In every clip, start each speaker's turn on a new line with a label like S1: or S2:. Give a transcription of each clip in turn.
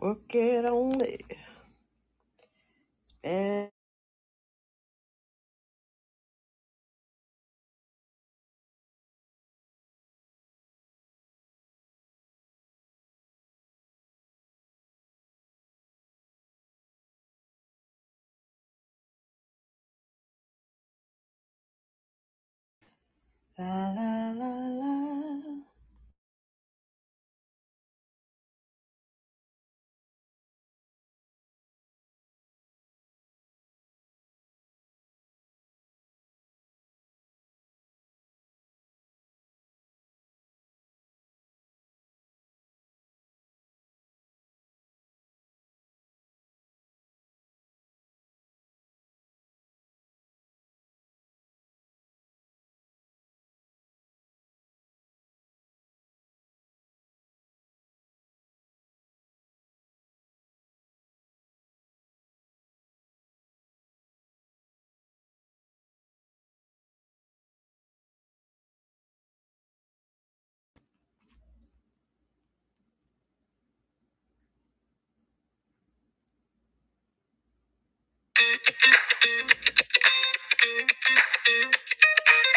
S1: Work it on only. And la la la la.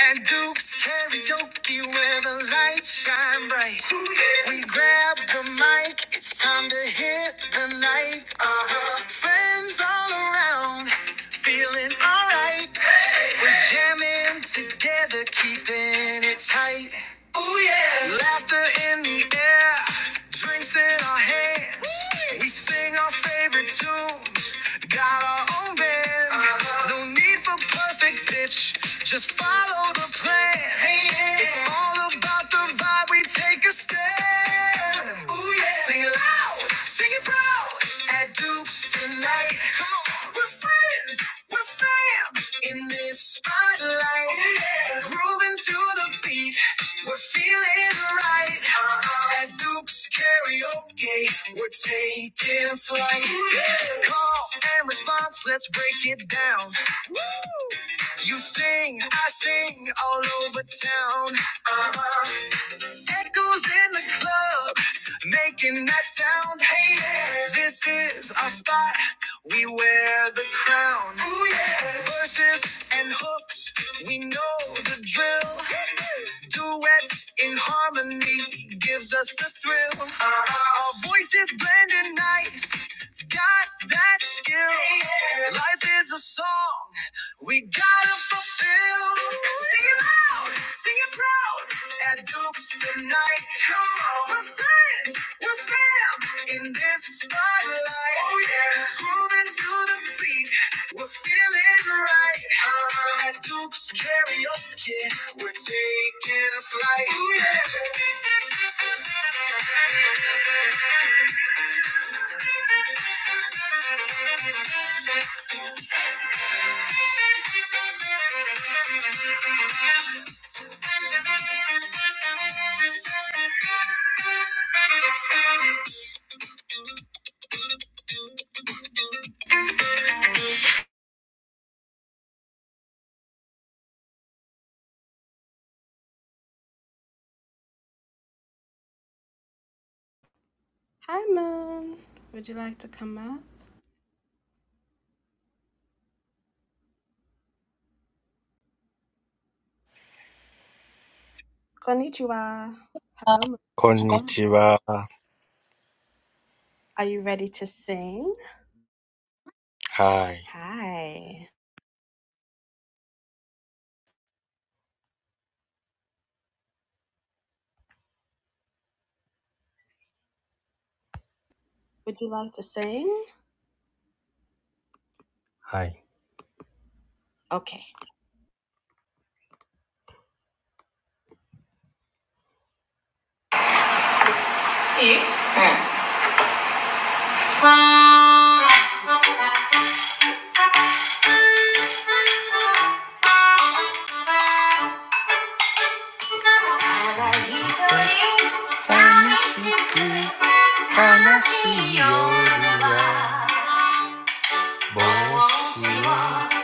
S1: And Duke's karaoke where the lights shine bright. We grab the mic, it's time to hit the night. Uh-huh. Friends all around, feeling alright. We're jamming together, keeping it tight. Ooh yeah. Laughter in the air, drinks in our hands. Ooh. We sing our favorite tunes, got our own band. Uh-huh. No need for perfect pitch, just follow the plan. Hey, yeah. It's all about the vibe, we take a stand. Ooh yeah. Sing it loud, sing it proud. At Duke's tonight, Come on. we're friends, we're fam in this spotlight, Ooh yeah. grooving to the beat. We're feeling right at Duke's Karaoke. We're taking flight. Call and response, let's break it down. You sing, I sing all over town. Uh-huh. Echoes in the club, making that sound. Hey, yeah. this is our spot. We wear the crown. Ooh, yeah. Verses and hooks, we know the drill. Duets in harmony gives us a thrill. Our voices blending nice, got that skill. Life is a song we gotta fulfill. Sing it loud, sing it proud. At Duke's tonight, come on. We're friends, we're fam in this spotlight. Oh yeah, grooving to the beat. We're feeling right. At Duke's karaoke, we're taking a flight.
S2: Konnichiwa. Hi. Hi. 寂しく悲しい夜は帽子を片手に外へ出てみれば青空に輝く月の光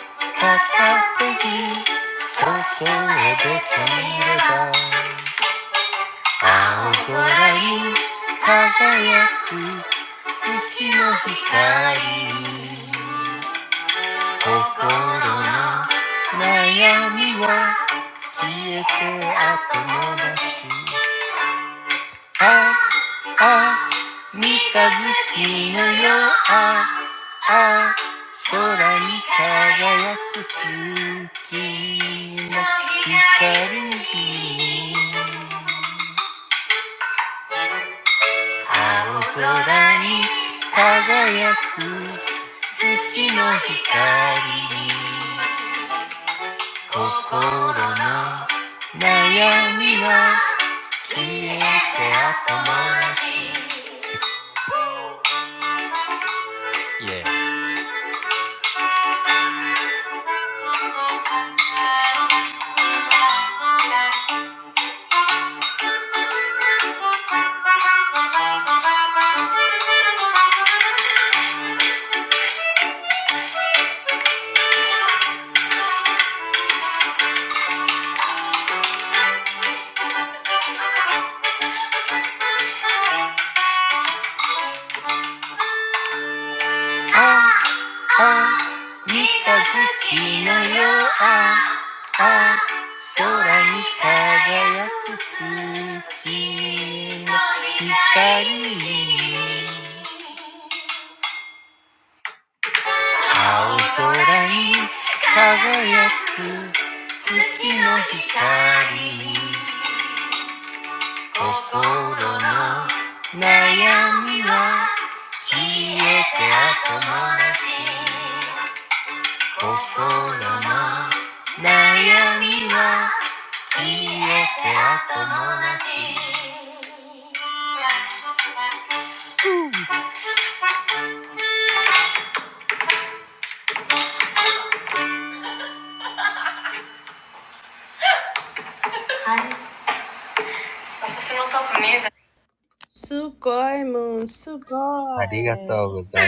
S2: 心の悩みは消えて後もなしああ三日月のよああ空に輝く月の光に青空に輝く月の光に心の悩みは消えて後回し。Yeah. ああ三日月のようああ空に輝く月の光青空に輝く月の光心の悩みは消えて後回し
S1: yeah.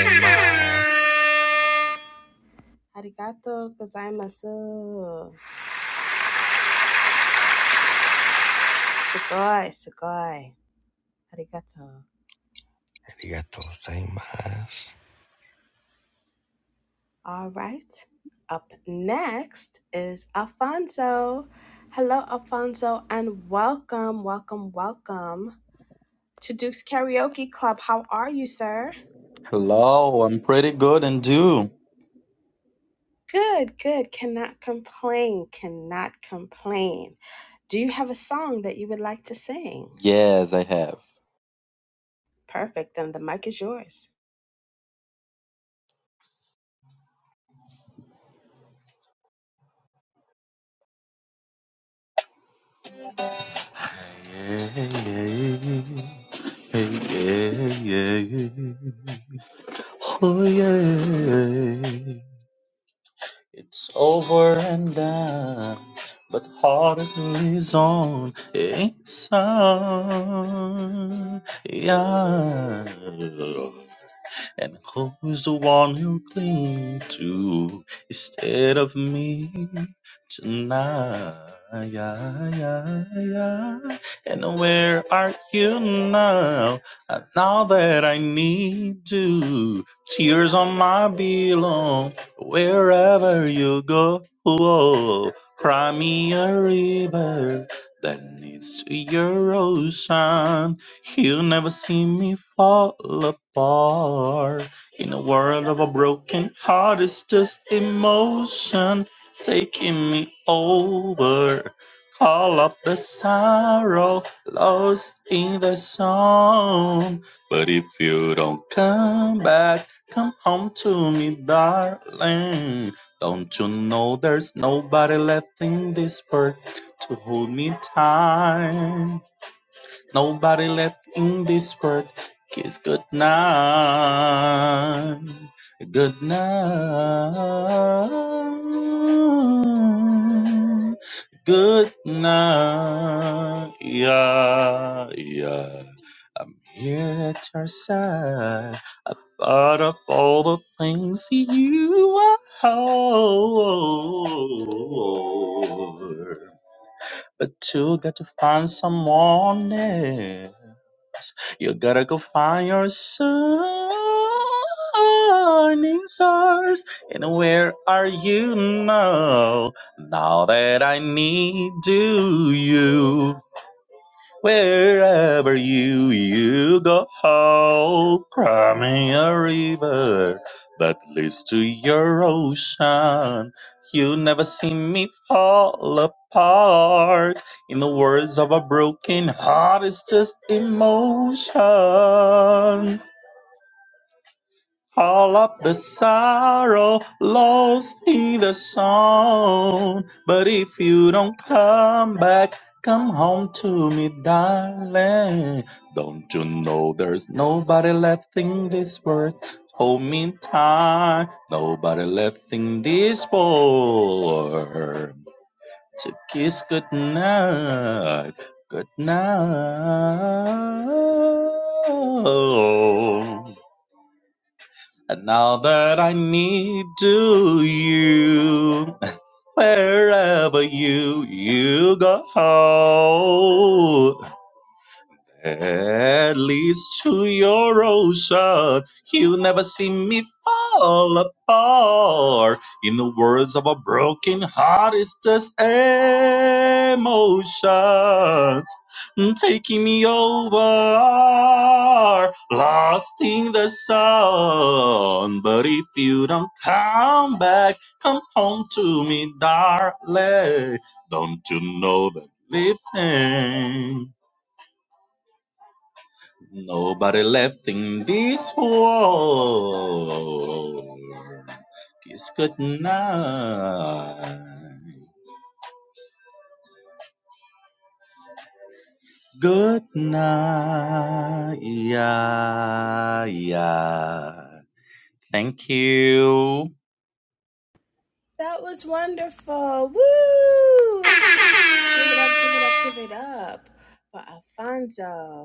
S2: 心の悩みは消えて後もなし私のトップ見えたありがとうございます。ありがとうございます。また、はい。あ、暑い夏がそこまで来てる。みんなが海へ繰り出していく。
S3: Hello, I'm pretty good and you? Yes, I have. Oh yeah, it's over and done, but heart is on inside. Yeah. And who's the one you cling to instead of me tonight? Yeah, yeah, yeah. And where are you now? Uh, Now that I need you, tears on my pillow. Wherever you go, cry me a river that leads to your ocean you will never see me fall apart. In a world of a broken heart, it's just emotion taking me over. Call up the sorrow lost in the song. But if you don't come back, come home to me, darling. Don't you know there's nobody left in this world to hold me tight? Nobody left in this world. Kiss good night. Good night. Good night. Yeah, yeah. I'm here at your side. Thought of all the things you are. But you got to find someone else. You gotta go find your shining stars. And where are you now? Now that I need you. Wherever you you go, cry me a river that leads to your ocean. You'll never see me fall apart. In the words of a broken heart, it's just emotion. All of the sorrow lost in the song. But if you don't come back, come home to me, darling. Don't you know there's nobody left in this world? Hold me tight, nobody left in this world. To kiss goodnight, goodnight. And now that I need to you, wherever you you go, at least to your ocean, you'll never see me fall apart. In the words of a broken heart, it's just emotions taking me over, lost in the sun. But if you don't come back, come home to me, darling. Don't you know that lifting? Nobody left in this world. Kiss good night. Good night. Yeah, yeah. Thank you.
S1: That was wonderful. Woo! Give it up, give it up, give it up for Alfonso.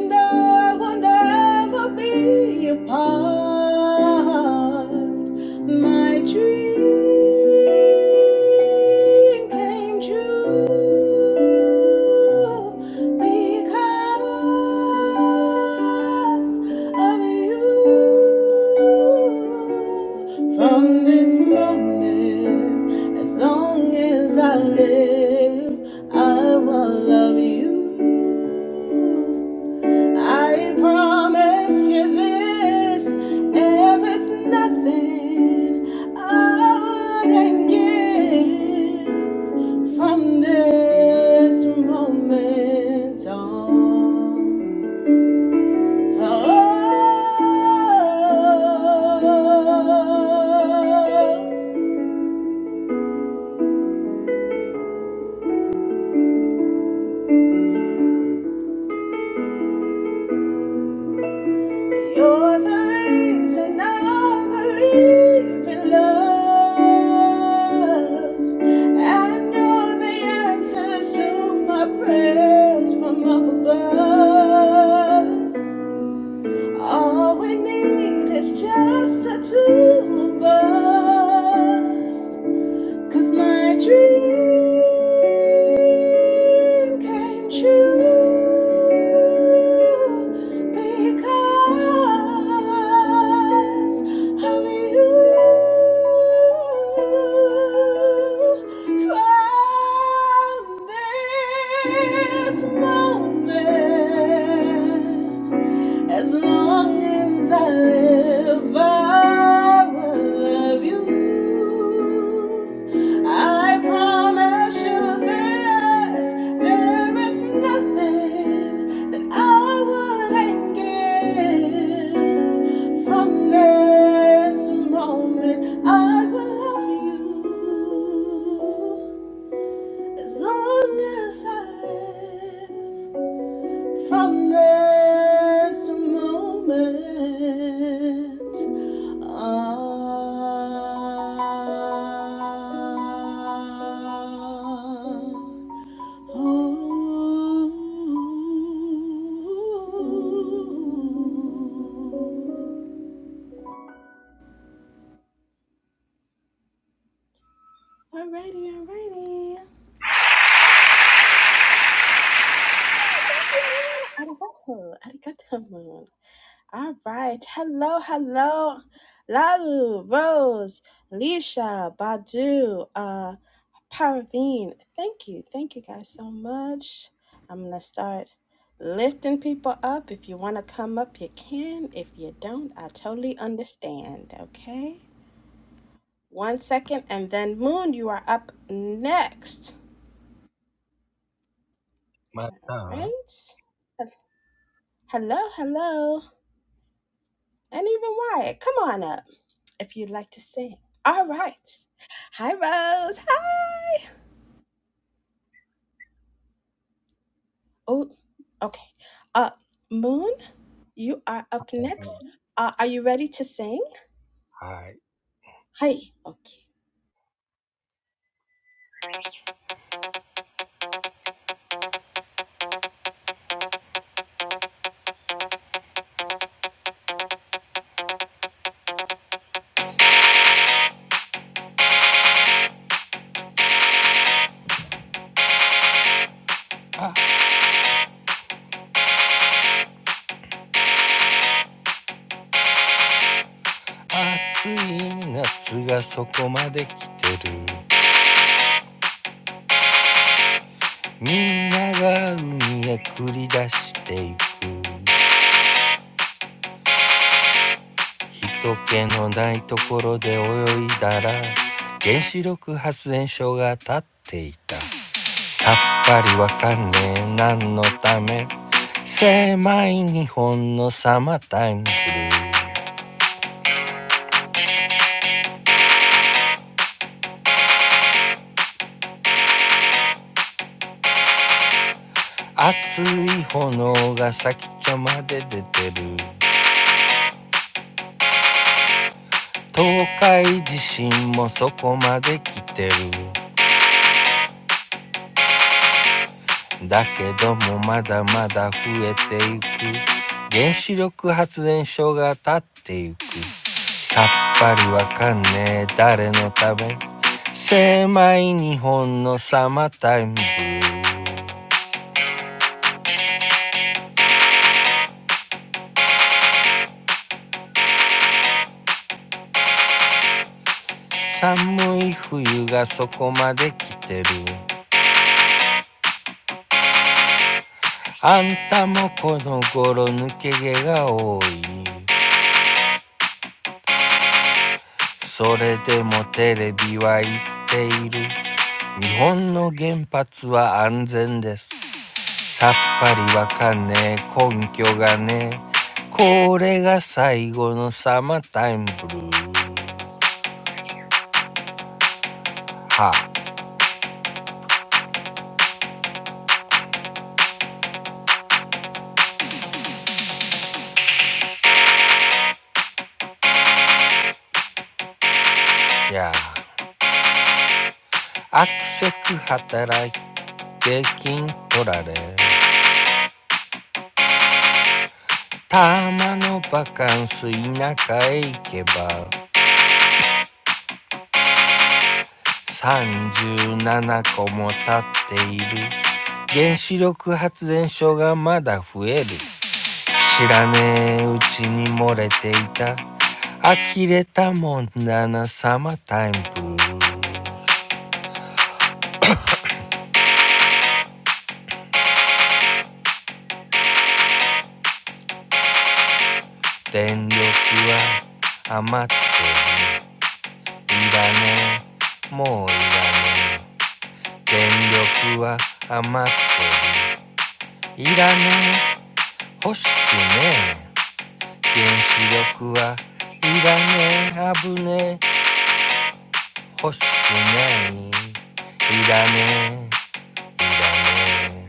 S1: and I will never be apart. My dream came true because of you. From this moment, as long as I live, I will love you. I promise you this, there is nothing I wouldn't give from this moment on. Oh, Cause my dream came true because of you. From this moment, as long as I live, I will love you. I promise you this, there is nothing that I wouldn't give. From this moment, I will love you. As long as I live. From this moment on. oh.
S2: 人気のないところで泳いだら原子力発電所が立っていたさっぱりわかんねえ何のため狭い日本のサマータイムブルー熱い炎が先っちょまで出てる東海地震もそこまで来てるだけどもまだまだ増えていく原子力発電所が立っていくさっぱりわかんねえ誰のため狭い日本のサマータイムブルー寒い冬がそこまで来てるあんたもこの頃抜け毛が多いそれでもテレビは言っている日本の原発は安全てすさっはりわかんねえ根拠かねえこれか最後のサマータイムフルーはあやあ悪せく働いて金取られたまのハカンス田舎へ行けは I don't know. I'm leaking. I'm tired. I'm a time bomb. Electricity is left over. I don't need it anymore. Electricity is left over. I don't need it. I don't want it. Nuclear power is dangerous. I don't need it. I don't need it.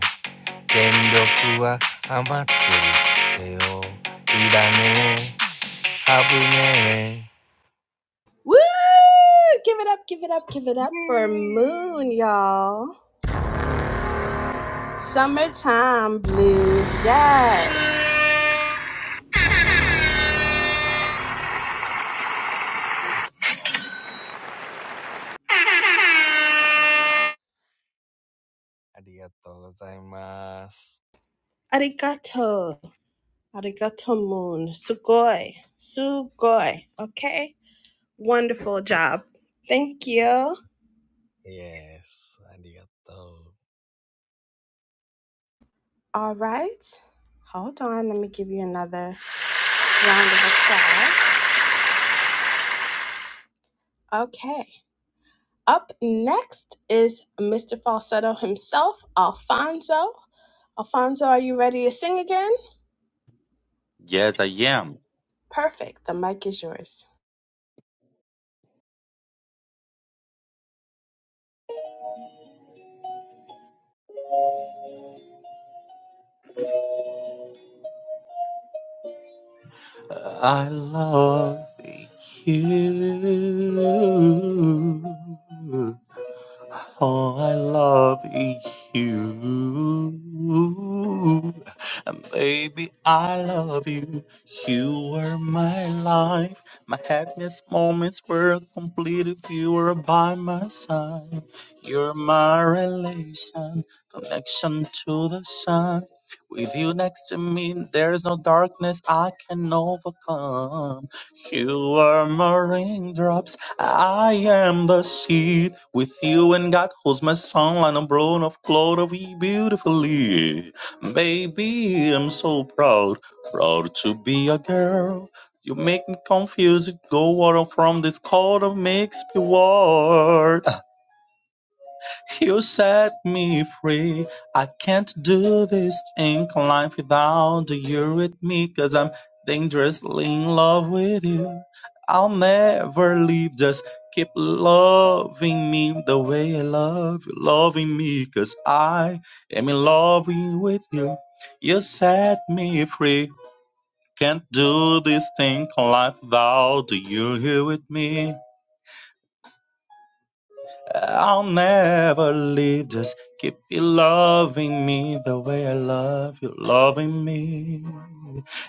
S3: Yes, I am. Uh, I love you. Oh, I love you. And baby, I love you. You were my life. My happiest moments were complete if you were by my side. You're my relation, connection to the sun. With you next to me, there's no darkness I can overcome. You are my raindrops I am the seed with you and God who's my son and brown of glory beautifully. Baby, I'm so proud, proud to be a girl. You make me confused, go out from this cold of makes me war. You set me free. I can't do this ink life without you with me, cause I'm dangerously in love with you. I'll never leave, just keep loving me the way I love you, loving me, cause I am in love with you. You set me free. Can't do this thing life without you here with me. I'll never leave. Just keep you loving me the way I love you, loving me.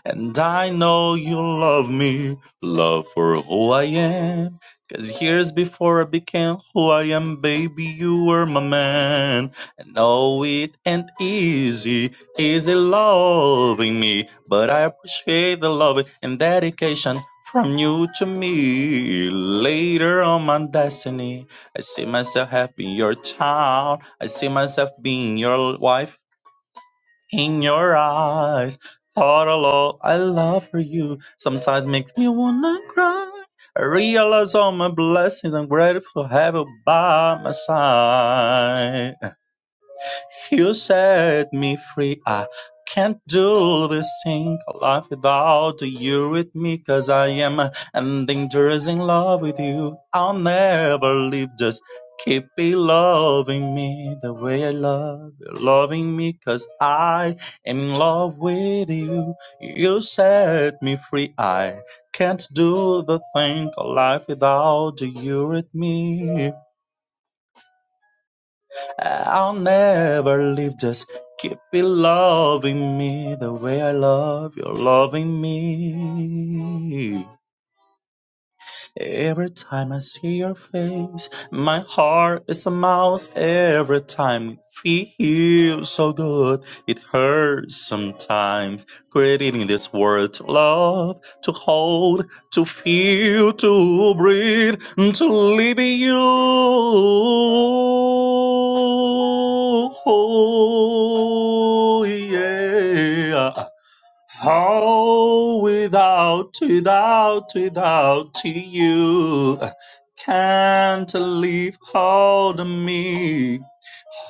S3: And I know you love me, love for who I am. 'Cause years before I became who I am, baby, you were my man. I know it ain't easy, easy loving me. But I appreciate the love and dedication from you to me. Later on, my destiny. I see myself having your child. I see myself being your wife in your eyes. Portalo, I love for you. Sometimes makes me wanna cry. I realize all my blessings. I'm grateful to have you by my side. You set me free. I can't do this thing called life without you with me, 'cause I am and dangerous in love with you. I'll never leave, just keep loving me the way I love you, loving me, 'cause I am in love with you. You set me free. I can't do the thing called life without you with me. Uh, I'll never leave. Just keep it loving me the way I love you're loving me. Every time I see your face, my heart is a mouse. Every time it feels so good, it hurts sometimes. Created in this world to love, to hold, to feel, to breathe, to live in you. Oh, yeah. How without, without, without you can't leave hold of me.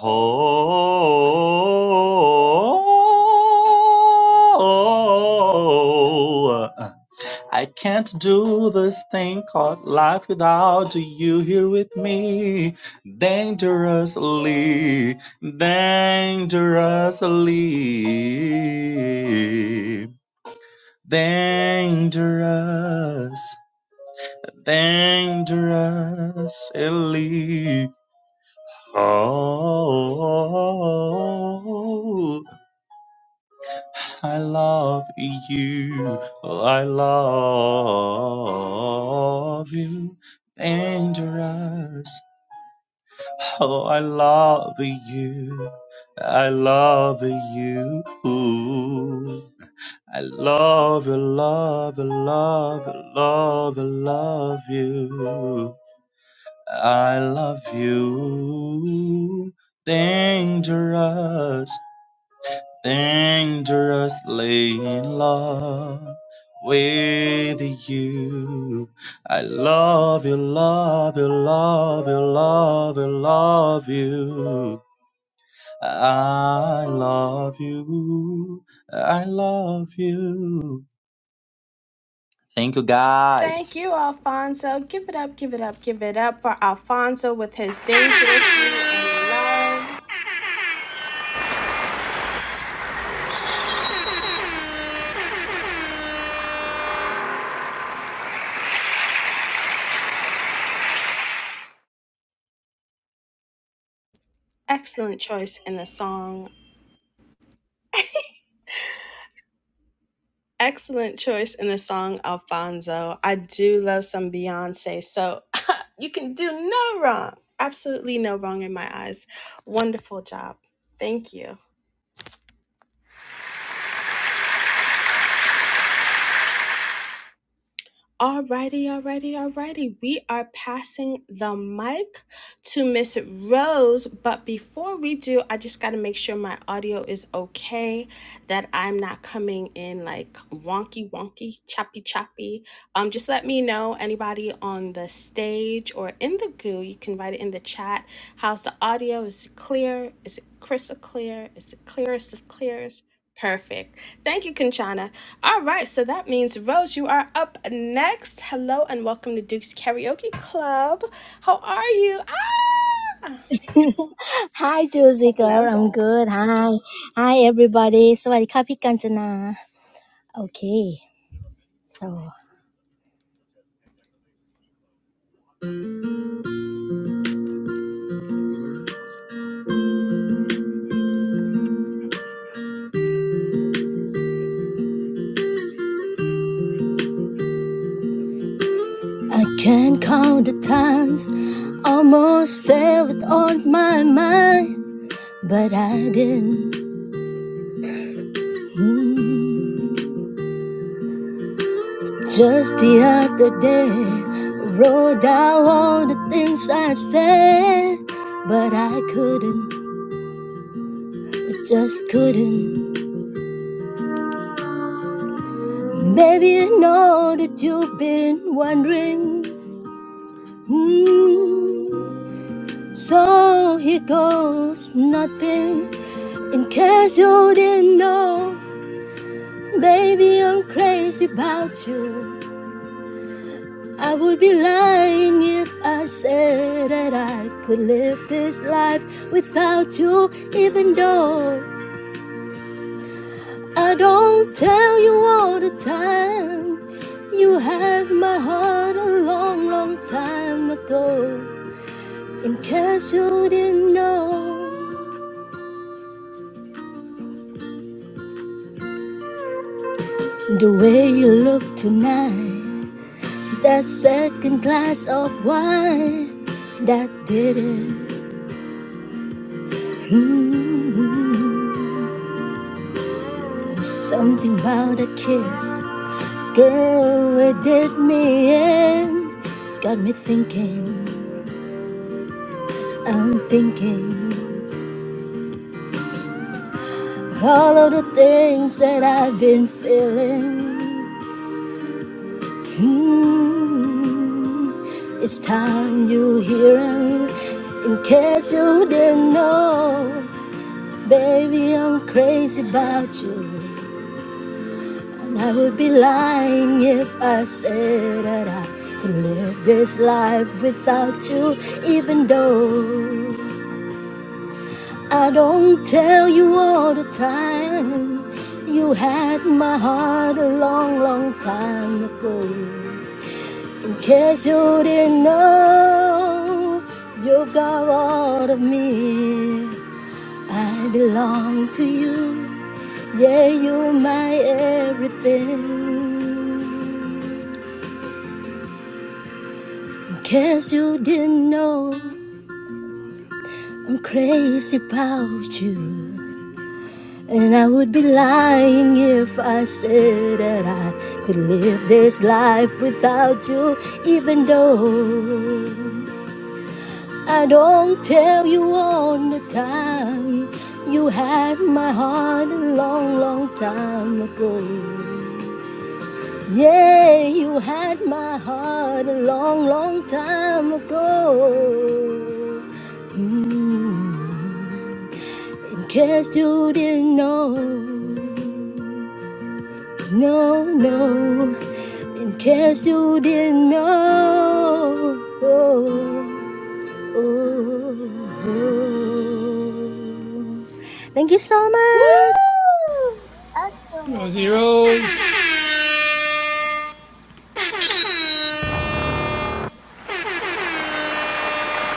S3: Oh, I can't do this thing called life without you here with me. Dangerously, dangerously. Dangerous, dangerous, elite. Oh, I love you. I love you. Dangerous. Oh, I love you. I love you. I love, you, love, you, love, you, love, you, love you. I love you. Dangerous, dangerously in love with you. I love you, love you, love you, love you, love you. I love you. I love you. Thank you guys.
S4: Hi, Juicy girl. I'm good. Hi. Hi, everybody. สวัสดีค่ะพี่กัญจนา. Okay. So, I can't count the times almost said with on my mind, but I didn't. Hmm. Just the other day, wrote down all the things I said, but I couldn't. I just couldn't. Baby, I know that you've been wondering. Hmm. So here goes nothing. In case you didn't know, baby, I'm crazy about you. I would be lying if I said that I could live this life without you, even though I don't tell you all the time. You had my heart a long, long time ago. In case you didn't know the way you look tonight, that second glass of wine that did it. Mm. Something about a kiss, girl, it did me in. Got me thinking, I'm thinking all of the things that I've been feeling. Hmm, It's time you hearing. In case you didn't know, baby, I'm crazy about you. And I would be lying if I said that I could live this life without you, even though I don't tell you all the time. You had my heart a long, long time ago. In case you didn't know, you've got all of me. I belong to you. Yeah, you're my everything. In case you didn't know, I'm crazy about you. And I would be lying if I said that I could live this life without you, even though. I don't tell you all the time. You had my heart a long, long time ago. Yeah, you had my heart a long, long time ago. Mm. In case you didn't know, no, no. In case you didn't know. Oh. Ooh. Thank you so
S1: Woo!
S4: much.
S1: Excellent.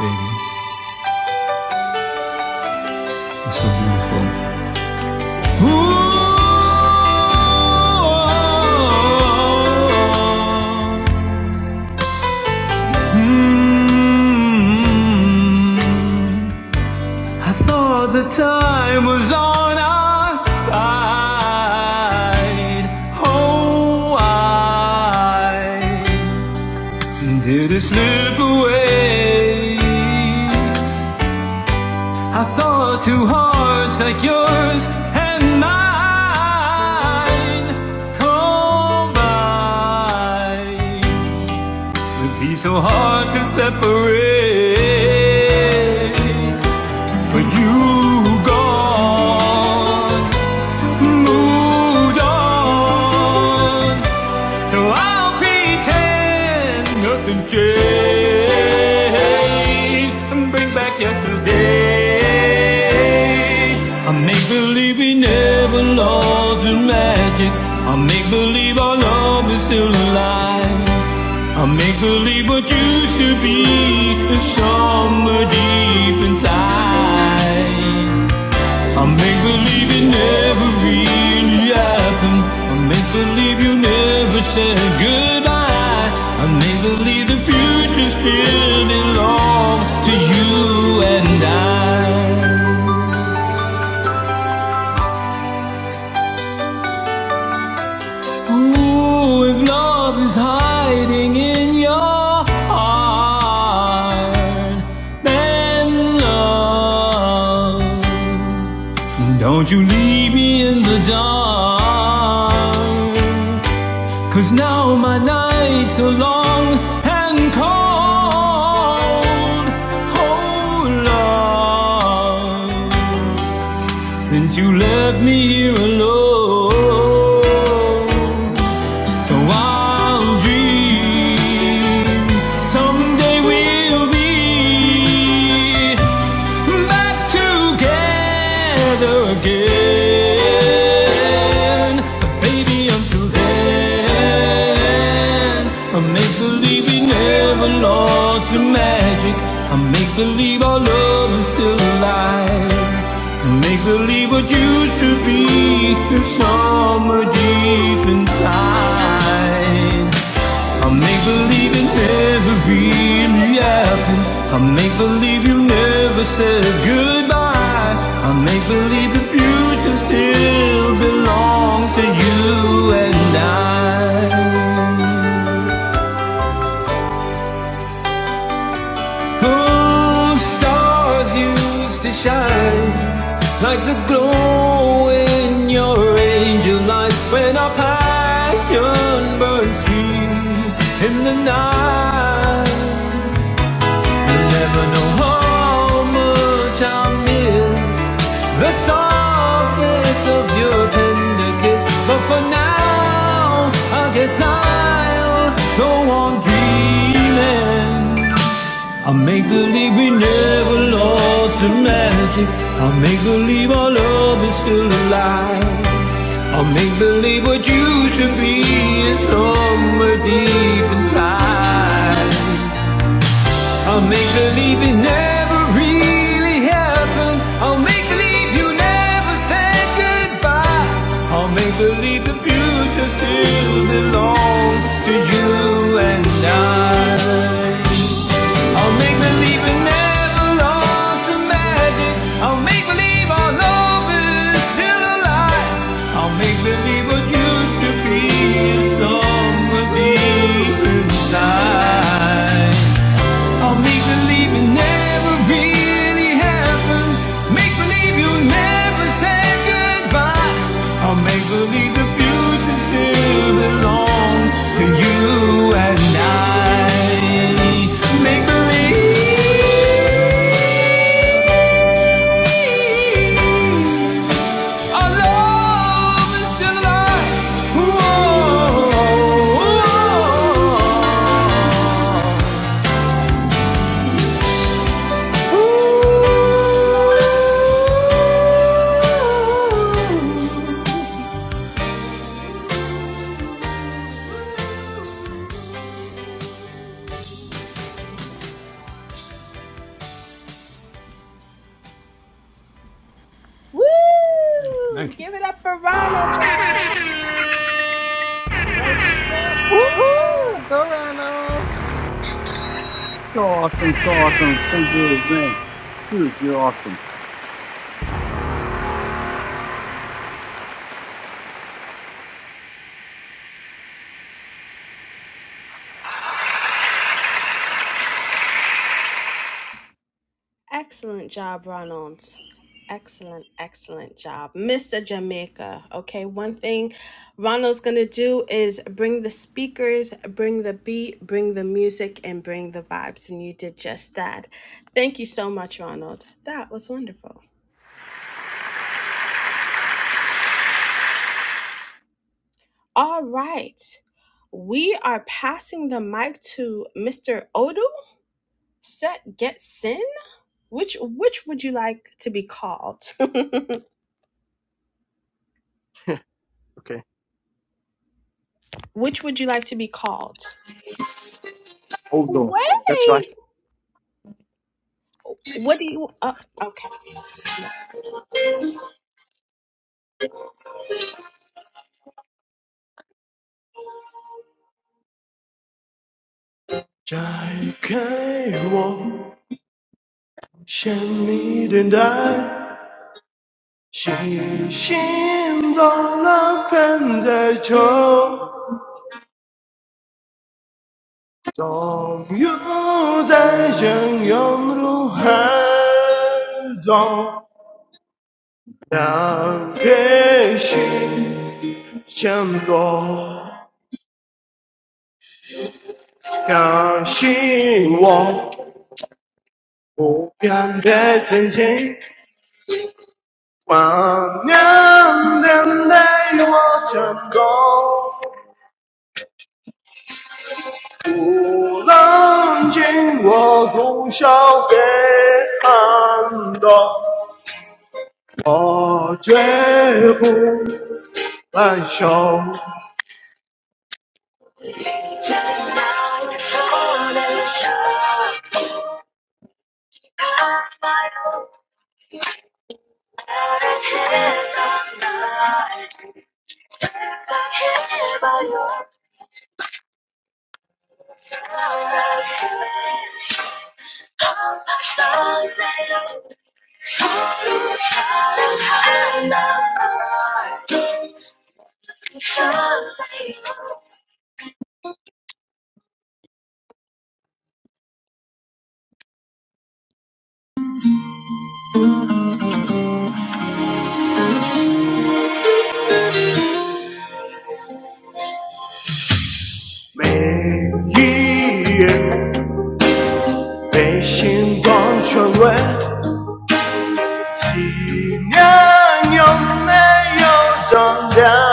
S5: Baby, you're so beautiful. I thought the time was on our side. Oh, I did it slip away? I thought two hearts like yours and mine combined would be so hard to separate. But you gone, moved on, so I'll pretend nothing changed and bring back yesterday. I make believe we never lost the magic. I make believe our love is still alive. I make believe what used to be the summer deep inside. I make believe it never really happened. I make believe you never said goodbye. I make believe the future still belongs to you and I. Ooh, if love is hiding in your heart, then love. Don't you leave me in the dark. Cause now my nights are long and cold. Oh, love, since you left me here alone. So I'll dream someday we'll be back together again. But baby, until then, I make believe we never lost the magic. I make believe our love is still alive. And Make believe what used to be is somewhere deep inside. I make believe it never really happened. I make believe you never said goodbye. I make believe the future still belongs to you and I. Whose stars used to shine like the glow in your angel light when our passion burned sweet in the night. You'll never know how much I miss the softness of your tender kiss, but for now, I guess I'll go on dreaming. I'll make believe we never lost the magic. I'll make believe our love is still alive. I'll make believe what used to be is somewhere deep inside. I'll make believe it never really happened. I'll make believe you never said goodbye. I'll make believe the future still belongs to you and I. I'll make believe it never lost the magic. I'll make believe our love is still alive. I'll make believe what used to be is somewhere deep inside. I'll make believe it never really happened. Make believe you never said goodbye. I'll make believe the future still belongs to you and I. Make believe our love is still alive. Whoa.
S6: Woohoo! Go Ronald.
S7: So awesome, so awesome. Thank you, man. Dude, you're awesome.
S8: OK. Hold on. That's right. 解开我向你等待，心。心总那分。在。愁，总有在汹涌如海中，让悲喜相多，相信我，不变的曾经。万年等待我成功，不让进我通宵别喊痛，我绝不罢休。怎样说的这 About you. 每一夜被星光穿越，思念有没有重量？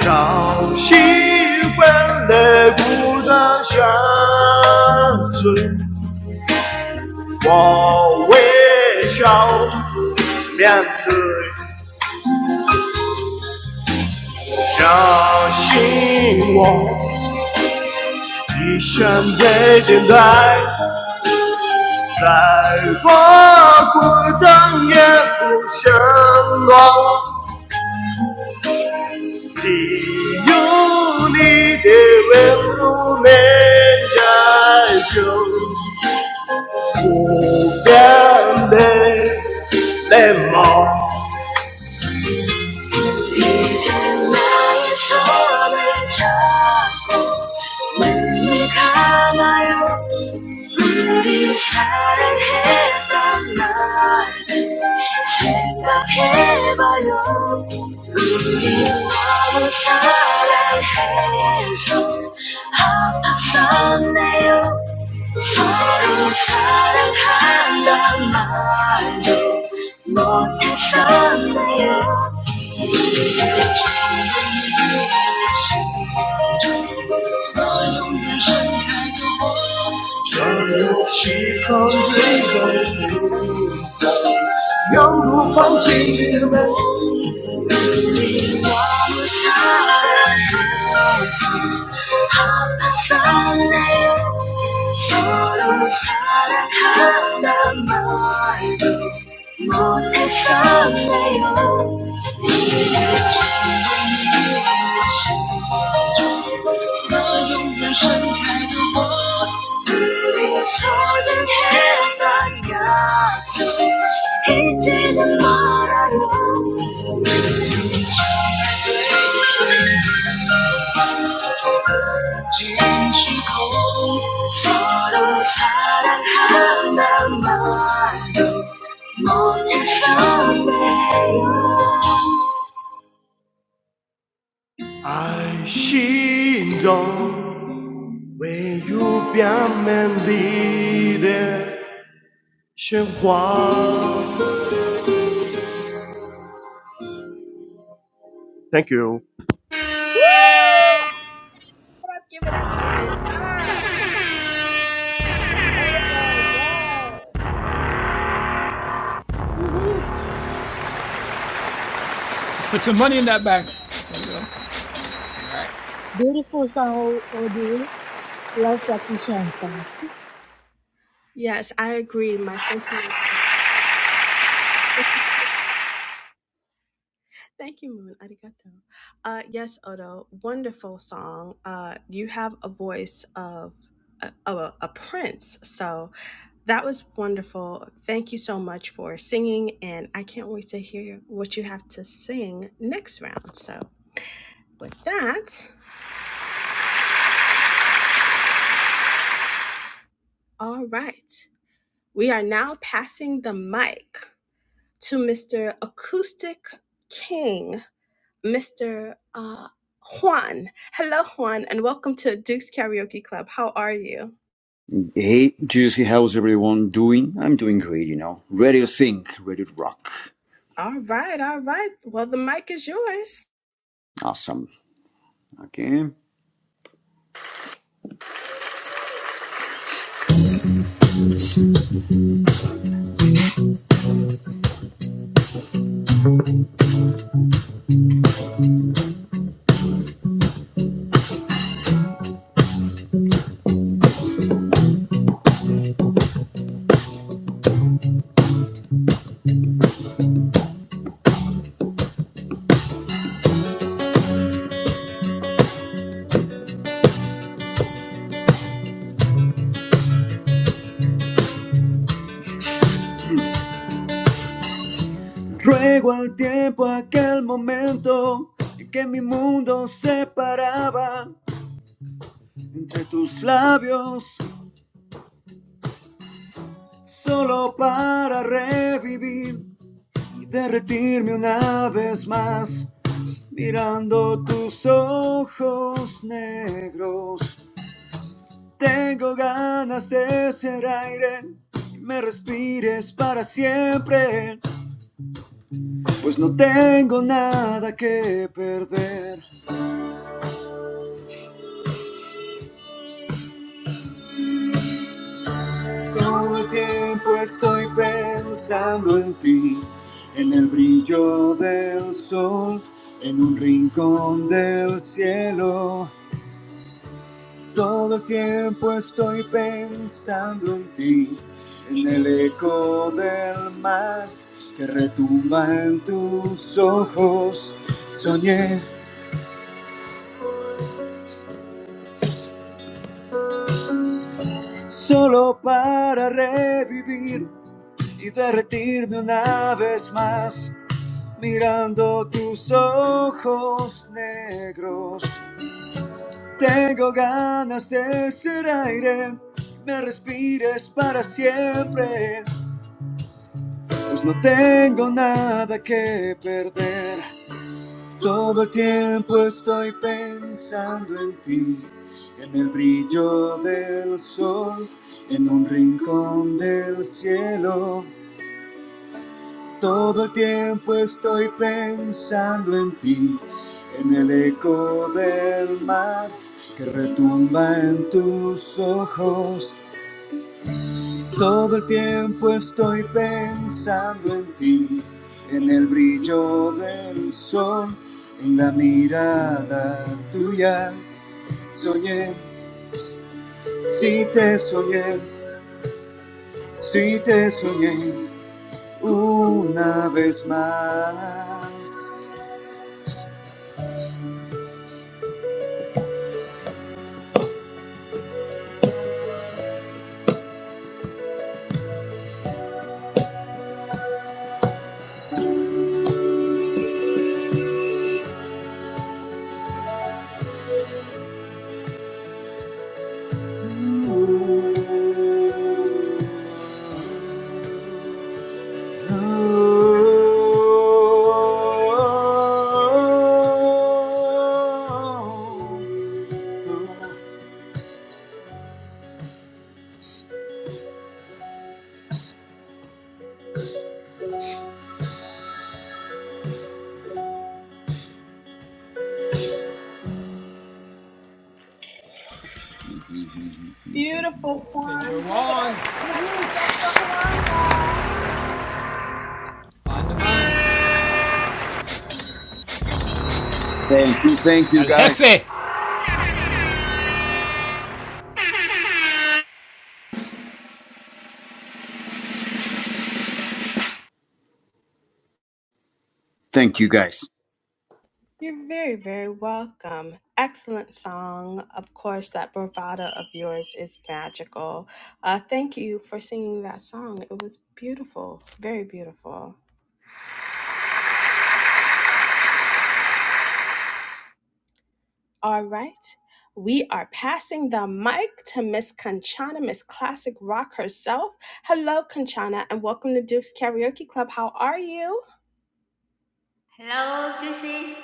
S8: 潮汐换来孤单相随。我微笑面对，相信我，一生在等待，在我孤单也不想我，只有你的温柔能解救不变的冷漠。遇见那一首的唱 눈이 감아요 우리 사랑했던 날 생각해봐요 우리 너무 사랑해서 아팠었네요 서로 사랑한단 말도 못했었네요 川流其后随风，永不放弃的梦。못했었나요? 우리가 소중한던 약속 잊지는 말아요 爱心中唯有表面里的喧哗。Thank you.
S4: Beautiful song, Odu. Love Jackie Chan. chant them.
S9: Hey, Juicy, how's everyone doing? I'm doing great, you know. Ready to think, ready to rock. Awesome. Okay. Ruego al tiempo aquel momento en que mi mundo se paraba entre tus labios, solo para revivir y derretirme una vez más, mirando tus ojos negros. Tengo ganas de ser aire y me respires para siempre, pues no tengo nada que perder. Todo el tiempo estoy pensando en ti, en el brillo del sol, en un rincón del cielo. Todo el tiempo estoy pensando en ti, en el eco del mar que retumba en tus ojos. Soñé solo para revivir y derretirme una vez más, mirando tus ojos negros. Tengo ganas de ser aire, me respires para siempre. Pues no tengo nada que perder. Todo el tiempo estoy pensando en ti, en el brillo del sol, en un rincón del cielo. Todo el tiempo estoy pensando en ti, en el eco del mar que retumba en tus ojos. Todo el tiempo estoy pensando en ti, en el brillo del sol, en la mirada tuya. Soñé, si te soñé, si te soñé una vez más. Oh, oh, oh, oh, oh. Thank you. Thank you, guys. Thank you, guys.
S10: Hello, Lucy.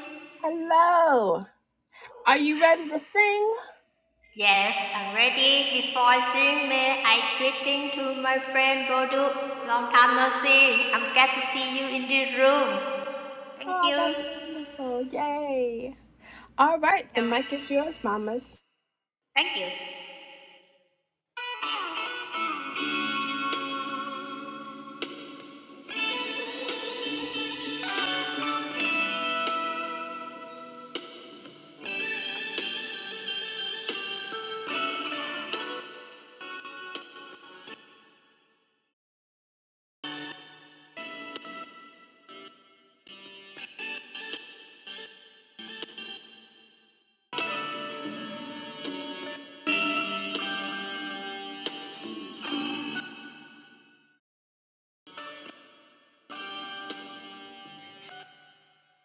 S10: Yes, I'm ready. Before I sing, may I greeting to my friend Bodu. Long time no see. I'm glad to see you in this room. Thank you. Shall we- Thank you.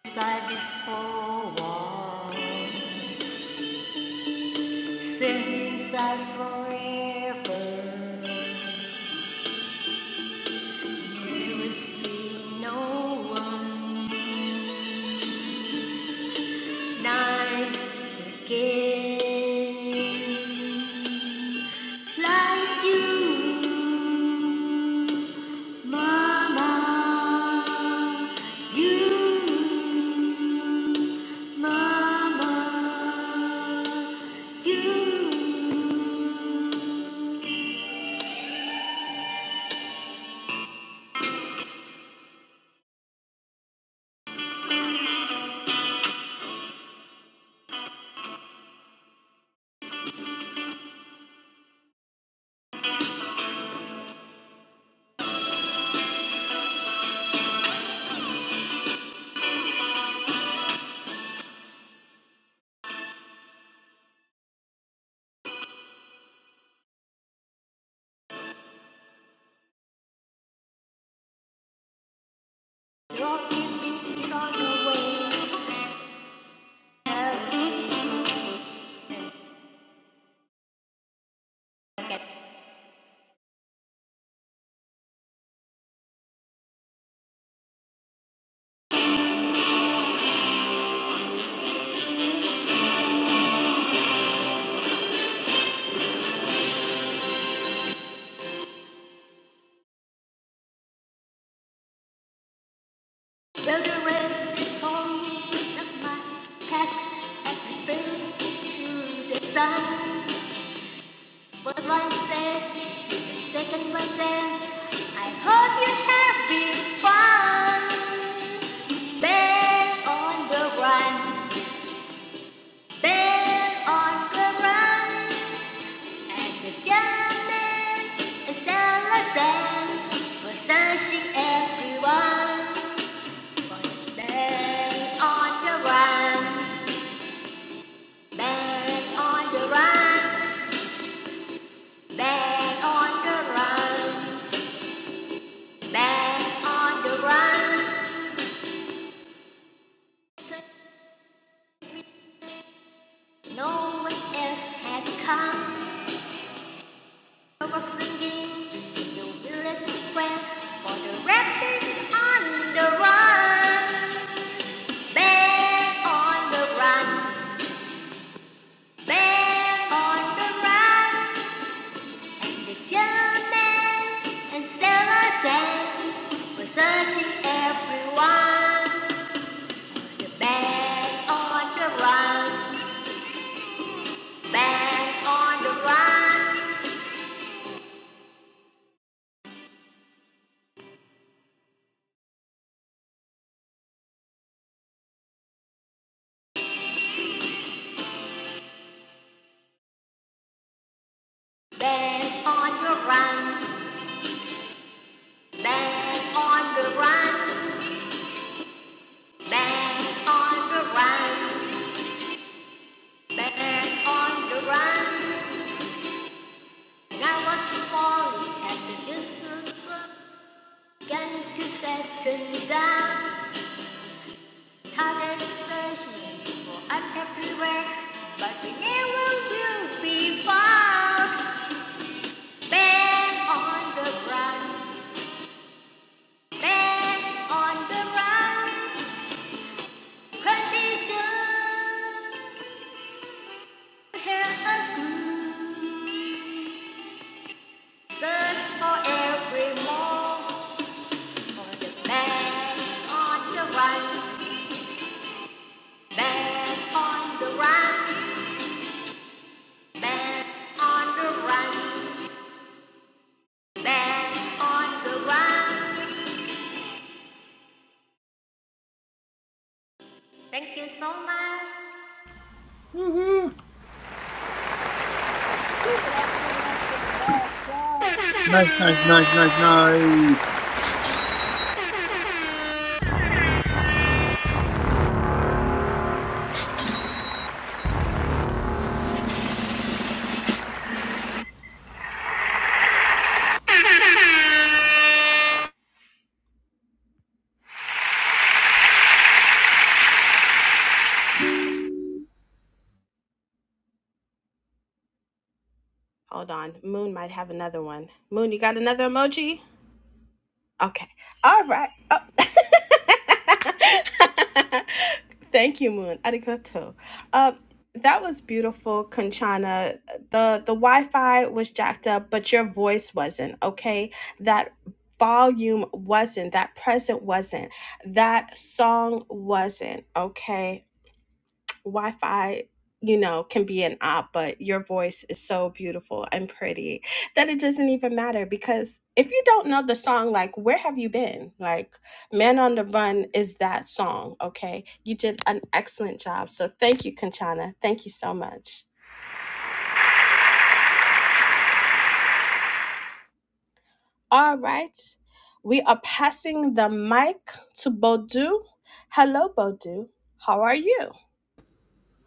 S10: Inside this four wall, sing inside forever. There is still no one nice again. Like you, Mama. You, Mama. You. Dropping it on your way. Have me forget. Though the rest is falling, not my task. I prefer it to the sun. But Wednesday, just the second Wednesday, I hope you're having fun. Bell on the run, bell on the run, and the German is Alexan for searching everyone. For the bell on the run, bell on the run, bell on the run, bell on the run. No one else had come. I was swinging in the village square for the rapids on the run. Bear on the run. Bear on the run. The gentleman and sailor said, We're searching everyone. The bear on the run. Bear on the run. Bear on the run. Back on the run, back on the run, back on the run. Now I see falling at the distance, began to settle down. Time is searching for us everywhere, but we never will be found. Back on the run, back on the run. Can they just hear a Thirst for every more, for the man on the run, man on the run, man on the run, man on the run. Thank you so much.
S7: Nice, nice, nice, nice, nice.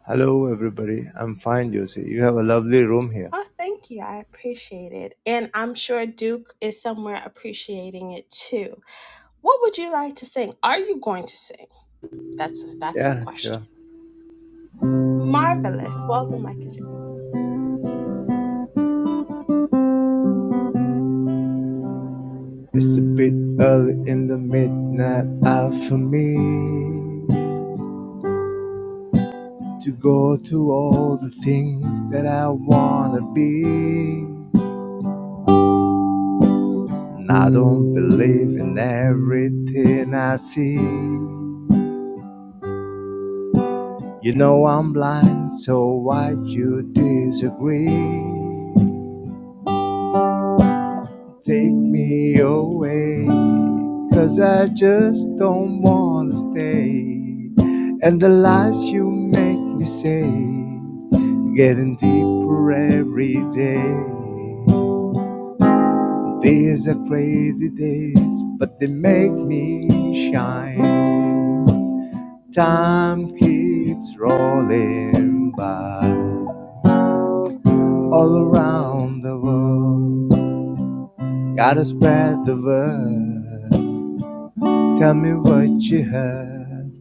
S11: Hello everybody, I'm fine Josie. You have a lovely room here. Yeah, sure. It's a bit early in the midnight hour for me to go to all the things that I wanna be. And I don't believe in everything I see. You know I'm blind, so why you disagree? Take me away, 'cause I just don't wanna stay. And the lies you make me say, getting deeper every day. These are crazy days, but they make me shine. Time keeps rolling by all around the world. Gotta spread the word. Tell me what you heard.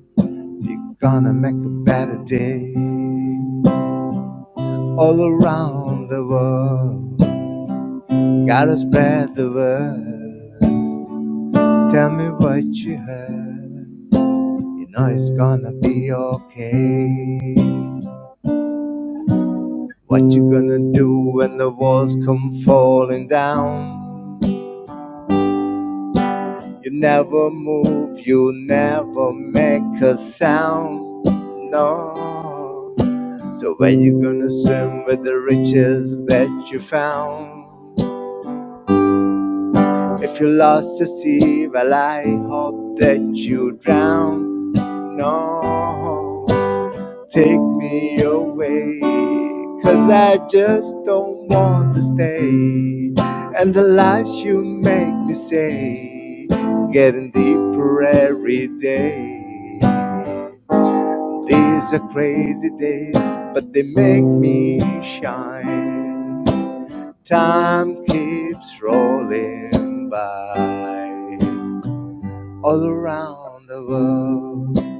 S11: You're gonna make a better day. All around the world, gotta spread the word. Tell me what you heard. You know it's gonna be okay. What you gonna do when the walls come falling down? You never move, you never make a sound. No. So when you gonna swim with the riches that you found? If you lost the sea, well I hope that you drown. No, take me away, 'cause I just don't want to stay. And the lies you make me say, getting deeper every day. These are crazy days, but they make me shine. Time keeps rolling by. All around the world,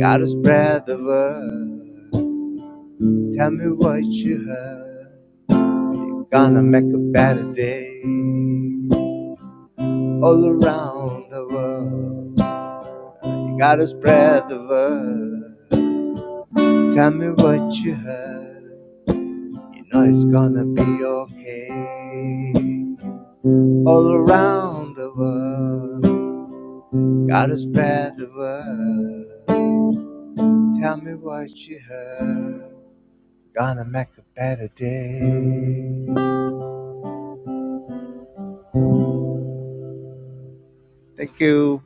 S11: gotta spread the word. Tell me what you heard. You're gonna make a better day. All around the world, you gotta spread the word. Tell me what you heard. You know it's gonna be okay. All around the world, God has spread the word. Tell me what you heard. Gonna make a better day. Thank you.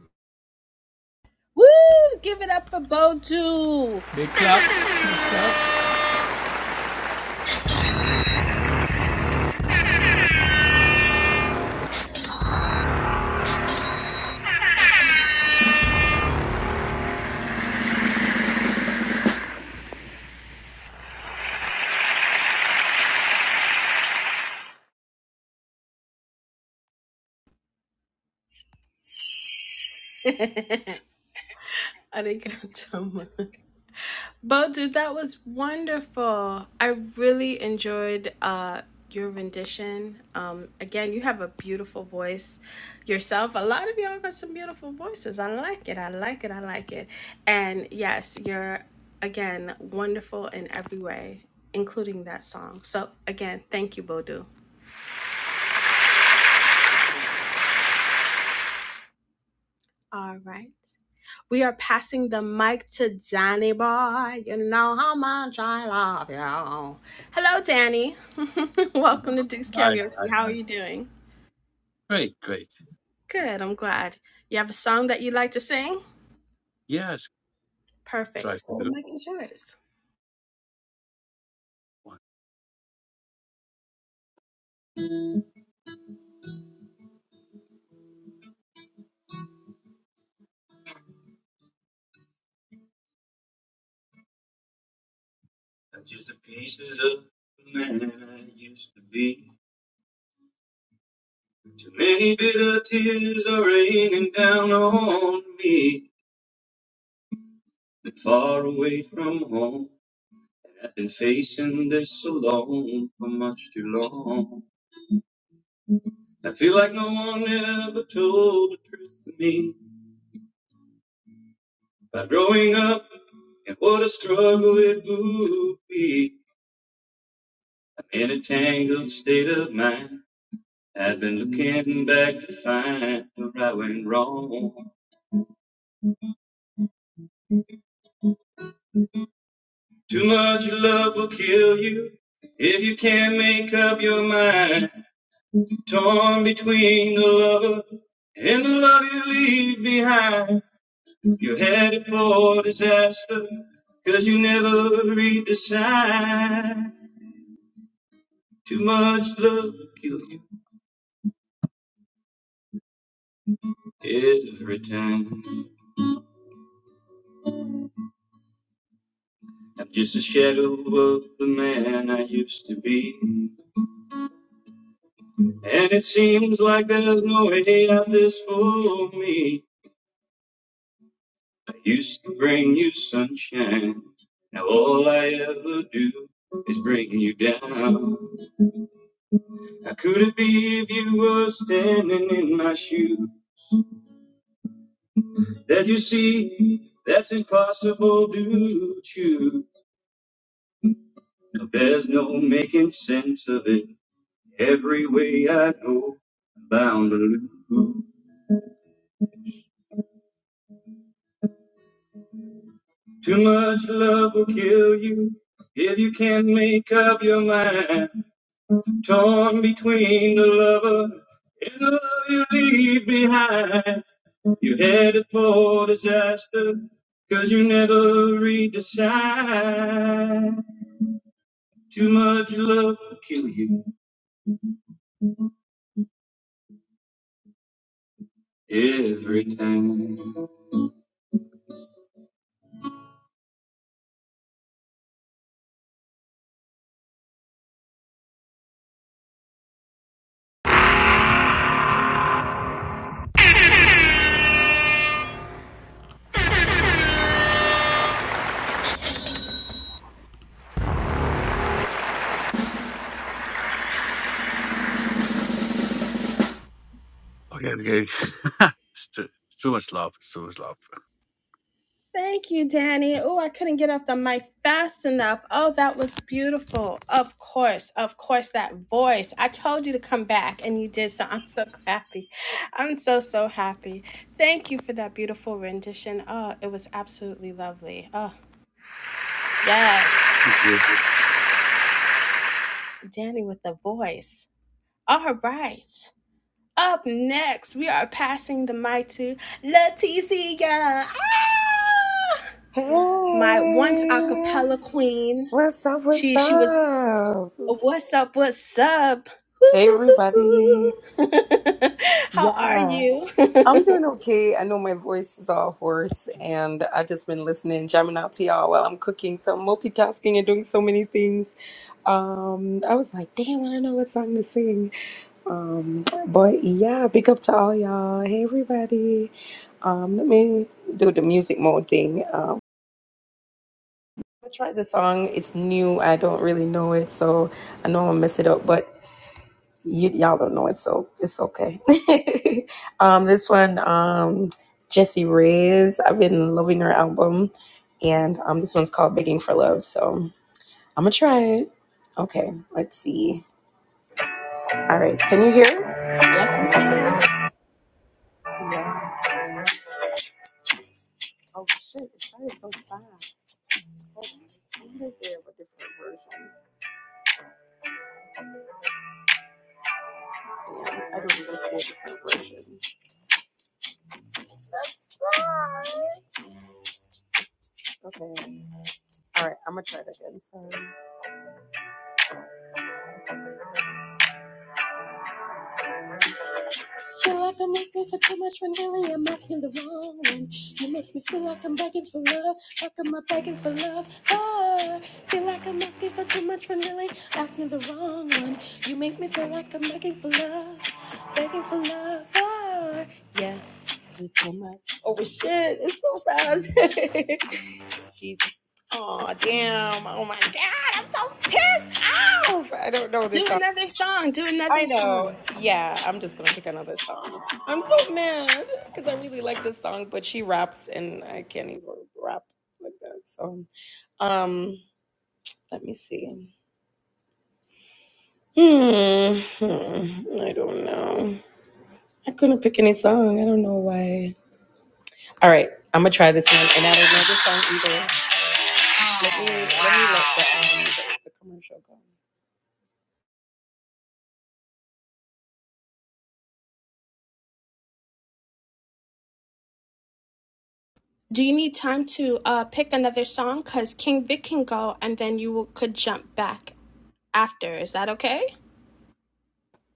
S7: Uh-huh. Hi, hi, hi. Great, great. Yes, try to
S1: Or
S7: do
S1: make the
S7: one. That's just the pieces of the man I used to be. Too many bitter tears are raining down on me. Been far away from home. I've been facing this alone for much too long. I feel like no one ever told the truth to me. By growing up, and what a struggle it would be. I'm in a tangled state of mind. I've been looking back to find the right and wrong. Too much love will kill you if you can't make up your mind. Torn between the lover and the love you leave behind. You're headed for disaster, cause you never read the sign. Too much love will kill you. Every time I'm just a shadow of the man I used to be. And it seems like there's no way out this for me. I used to bring you sunshine. Now all I ever do is bring you down. How could it be if you were standing in my shoe? That you see, that's impossible to choose. There's no making sense of it. Every way I go, I'm bound to lose. Too much love will kill you if you can't make up your mind. Torn between the lover and the love you leave behind. You are headed for disaster, cause you never read the sign. Too much love will kill you every time. Okay. thank you.
S6: Hey, what's up? What's up? Hey, everybody. Yeah, I'm doing okay. I know my voice is all hoarse, and I've just been listening, jamming out to y'all while I'm cooking. So I'm multitasking and doing so many things. Um, I was like, damn, I don't know what song to sing. Um, but yeah, big up to all y'all. Hey, everybody. Um, let me do the music mode thing. Um, I tried the song. It's new. I don't really know it, so I know I'm gonna mess it up. But y- y'all don't know it, so it's okay. um, this one, um, Jessie Reyes. I've been loving her album, and um, this one's called "Begging for Love." So I'm gonna try it. Okay, let's see. All right, can you hear? Yeah. Oh shit! It started so fast. Hold on. I wonder if they have a different version. Damn, I don't even see a different version. That's fine. Okay. All right, I'm gonna try it again. Sorry. Feel like I'm missing for too much when really I'm asking the wrong one. You make me feel like I'm begging for love. How come I'm begging for love? Ah, feel like I'm asking for too much when really asking the wrong one. You make me feel like I'm begging for love, begging for love. Ah, yes. Is it too much? Oh shit! It's so fast. She's Oh damn! Oh my god! I'm so pissed off. I don't know this song. I know. Yeah, I'm just gonna pick another song. I'm so mad because I really like this song, but she raps and I can't even rap like that. So, um, let me see. Hmm, hmm, I don't know. I couldn't pick any song. I don't know why. All right, I'm gonna try this one, and I don't know this song either. Let me let me let the um the, the commercial go.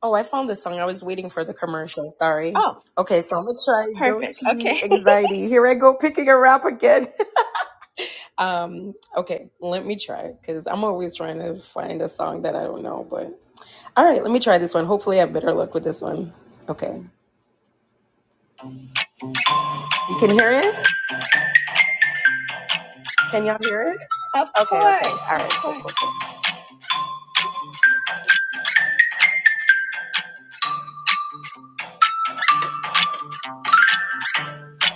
S6: Oh, I found this song. I was waiting for the commercial. Sorry. Okay, so I'm gonna try "Don't Dochi Anxiety. Here I go picking a rap again. okay, let me try because I'm always trying to find a song that I don't know. But all right, let me try this one. Hopefully, I have better luck with this one. Okay, you can hear it. Can y'all hear it? Okay, okay, all right, cool, cool, cool.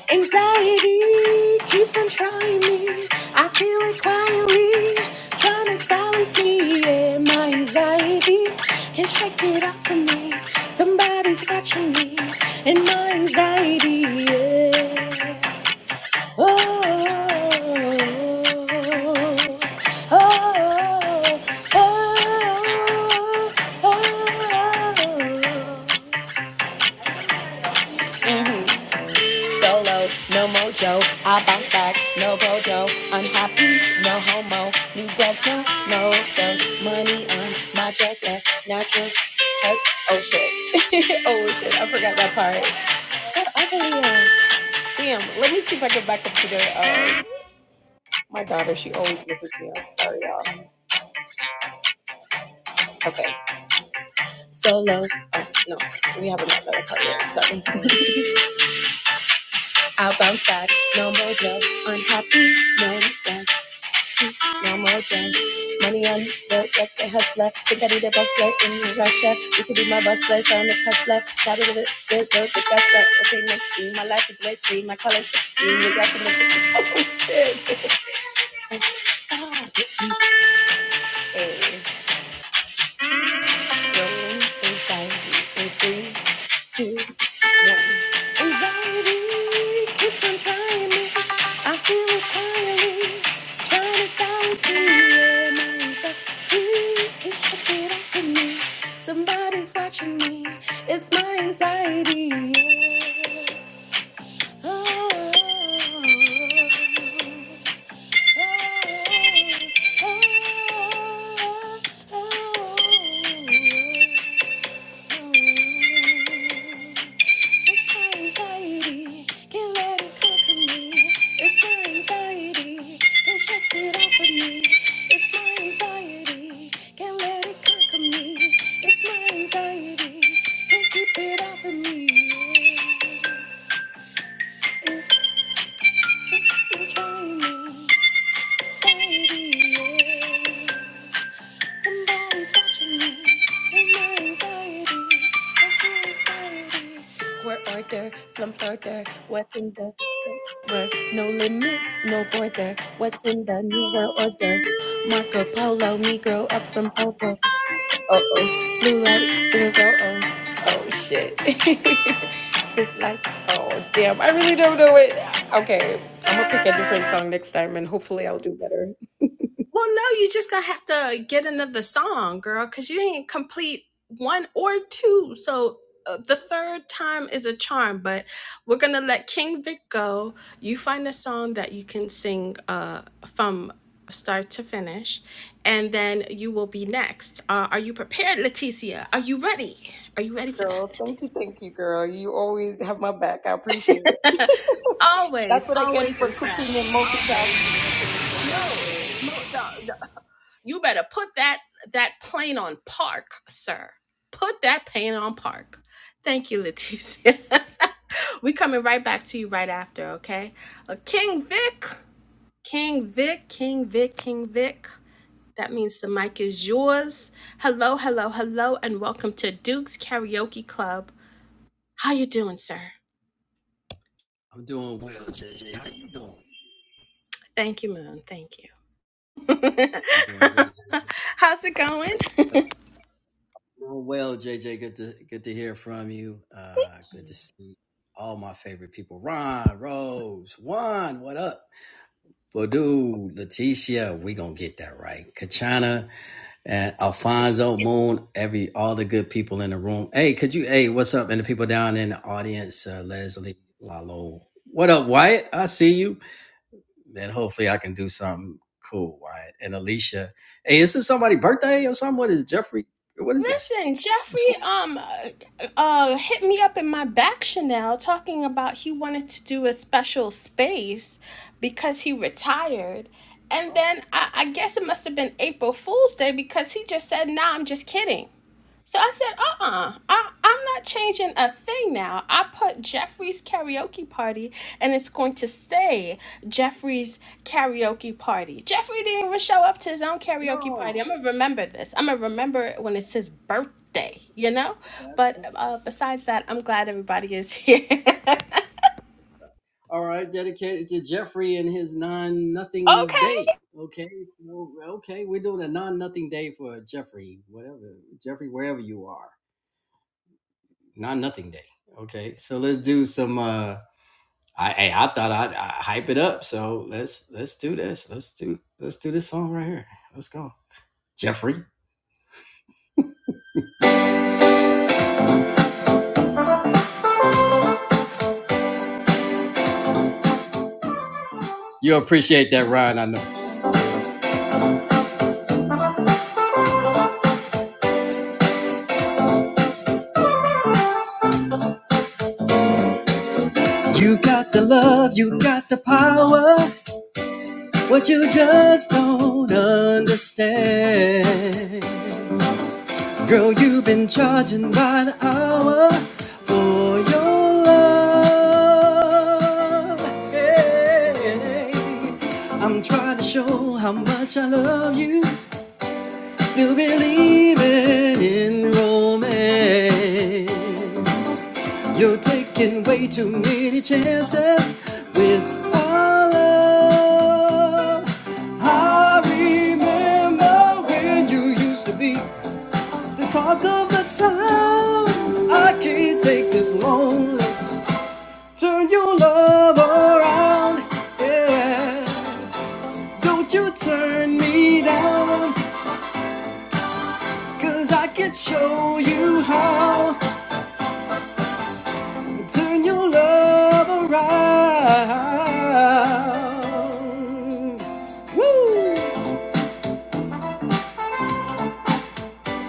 S6: Anxiety keeps on trying me. I feel it quietly, trying to silence me. Yeah, my anxiety can't shake it off from me. Somebody's watching me, and my anxiety, yeah. Oh, oh, oh, oh, oh. oh, oh. Solo, no mojo. I bounce back, no bojo. Unhappy, no homo. New grads, no, no girls. Money on my check, left natural. Oh, oh shit. oh shit, I forgot that part. Shut up, Aaliyah. Damn, let me see if I can back up to the. Um, my daughter, she always misses me up. Sorry, y'all. Okay. Solo. Oh, no, we haven't got that part yet. Sorry. I bounce back, no mojo. Unhappy, no girls. no more drugs. Money on the like the hustler. Think I need a bustler in Russia. You could be my bustler, so I'm the hustler. Shout it with the girl, the guster. Okay, next thing, my life is way free. My colors, you got the Oh shit. Stop. it. Hey. Anxiety, anxiety, in three, two, one. Anxiety keeps on trying me. I feel it quietly, trying to silence me. Yeah, my anxiety can shake it off of me. Somebody's watching me. It's my anxiety. Yeah. Oh, oh, oh, oh, oh. It's my anxiety, can't let it conquer me. It's my anxiety, can't shake it off of me. It's my anxiety, can't let it conquer me. It's my anxiety, can't keep it off of me. Yeah. it's driving me, anxiety, yeah. Somebody's watching me in my anxiety. I feel anxiety. Court order, slum starter. What's in the paper? No limits, no border. What's in the new world order? Marco Polo, Negro up from Popo. Oh oh, blue light, blue go oh. Oh shit. it's like, oh damn, I really don't know it. Okay, I'm gonna pick a different song next time and hopefully I'll do better. girl. Thank you, thank you, girl. You always have my back. I appreciate it. That's what I get for cooking and multitasking and doing so many
S12: I'm doing well, JJ. You're doing good. I'm Doing well, JJ. Good to good to hear from you. Uh, good to see all my favorite people. Ron, Rose, Juan, what up? Badu, Leticia, we gonna get that right. Kachana and Alfonso, Moon, every all the good people in the room. Hey, could you hey, what's up? And the people down in the audience, uh, Leslie, Lalo. What up, Wyatt? I see you. man, hopefully I can do something cool, Wyatt. And Alicia, hey, is this somebody's birthday or something? What is Jeffrey? What is this? What's going on? No. that's the- All right, dedicated to Jeffrey and his non nothing day. Okay, well, okay, we're doing a non nothing day for Jeffrey, whatever Jeffrey, wherever you are, non nothing day. Okay, so let's do some. uh I hey, I thought I'd, i hype it up, so let's let's do this. Let's do let's do this song right here. Let's go, Jeffrey. You'll appreciate that, Ryan, I know. You got the love, you got the power, what you just don't understand. Girl, you've been charging by the hour for your love. Hey, I'm trying to show how much I love you, still believing in romance. You're taking way too many chances with our love. I remember when you used to be the talk of the town. I can't take this lonely. Turn your love around, yeah. Don't you turn me down? 'Cause I can show you how. Turn your love around. Woo!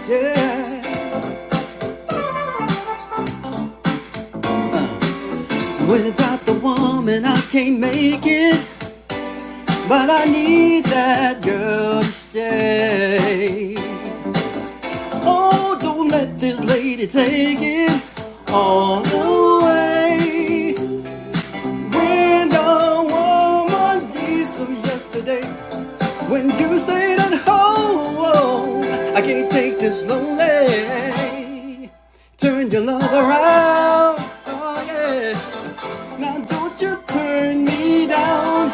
S12: Yeah. Without the woman, I can't make it. But I need that girl to stay. Oh, don't let this lady take it all away. When the woman sees from yesterday. When you stayed at home, I can't take this lonely. Turn your love around, oh yeah. Now don't you turn me down,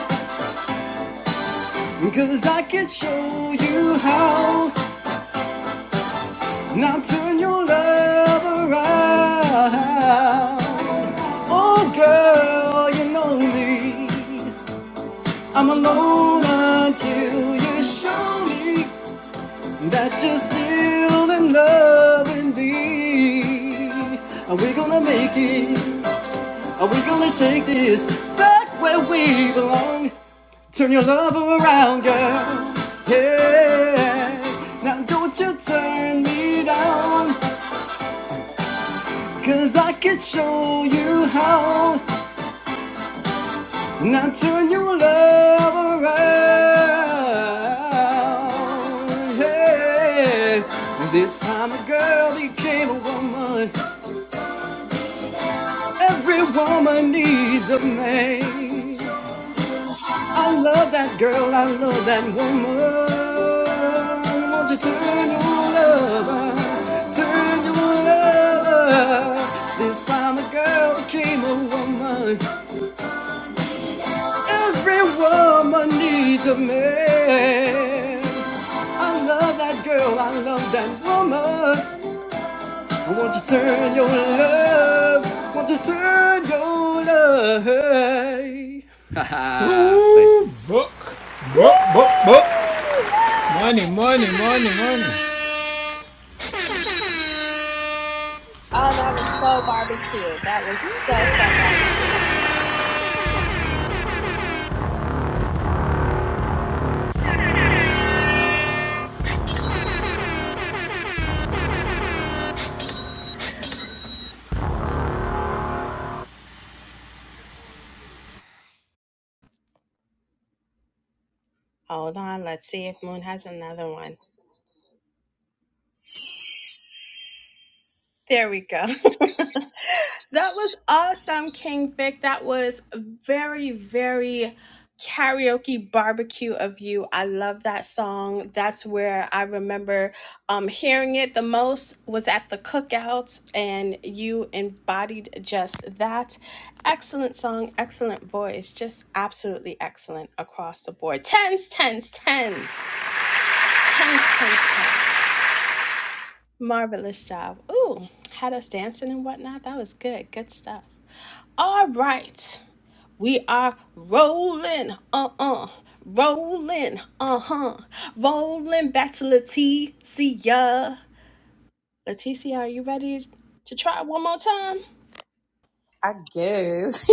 S12: cause I can show you how. Now turn your love around. Oh girl, you know me. I'm alone until you show me that you're still in love with me. Are we gonna make it? Are we gonna take this back where we belong? Turn your love around, girl. Yeah. Now don't you turn me down, cause I could show you how. Now turn your love around. Yeah. This time a girl became a woman. Every woman needs a man. I love that girl, I love that woman. Won't you turn your lover, turn your lover? This time a girl became a woman. Every woman needs a man. I love that girl, I love that woman. Won't you turn your love? Won't you turn your love? Thank you.
S6: things. I guess.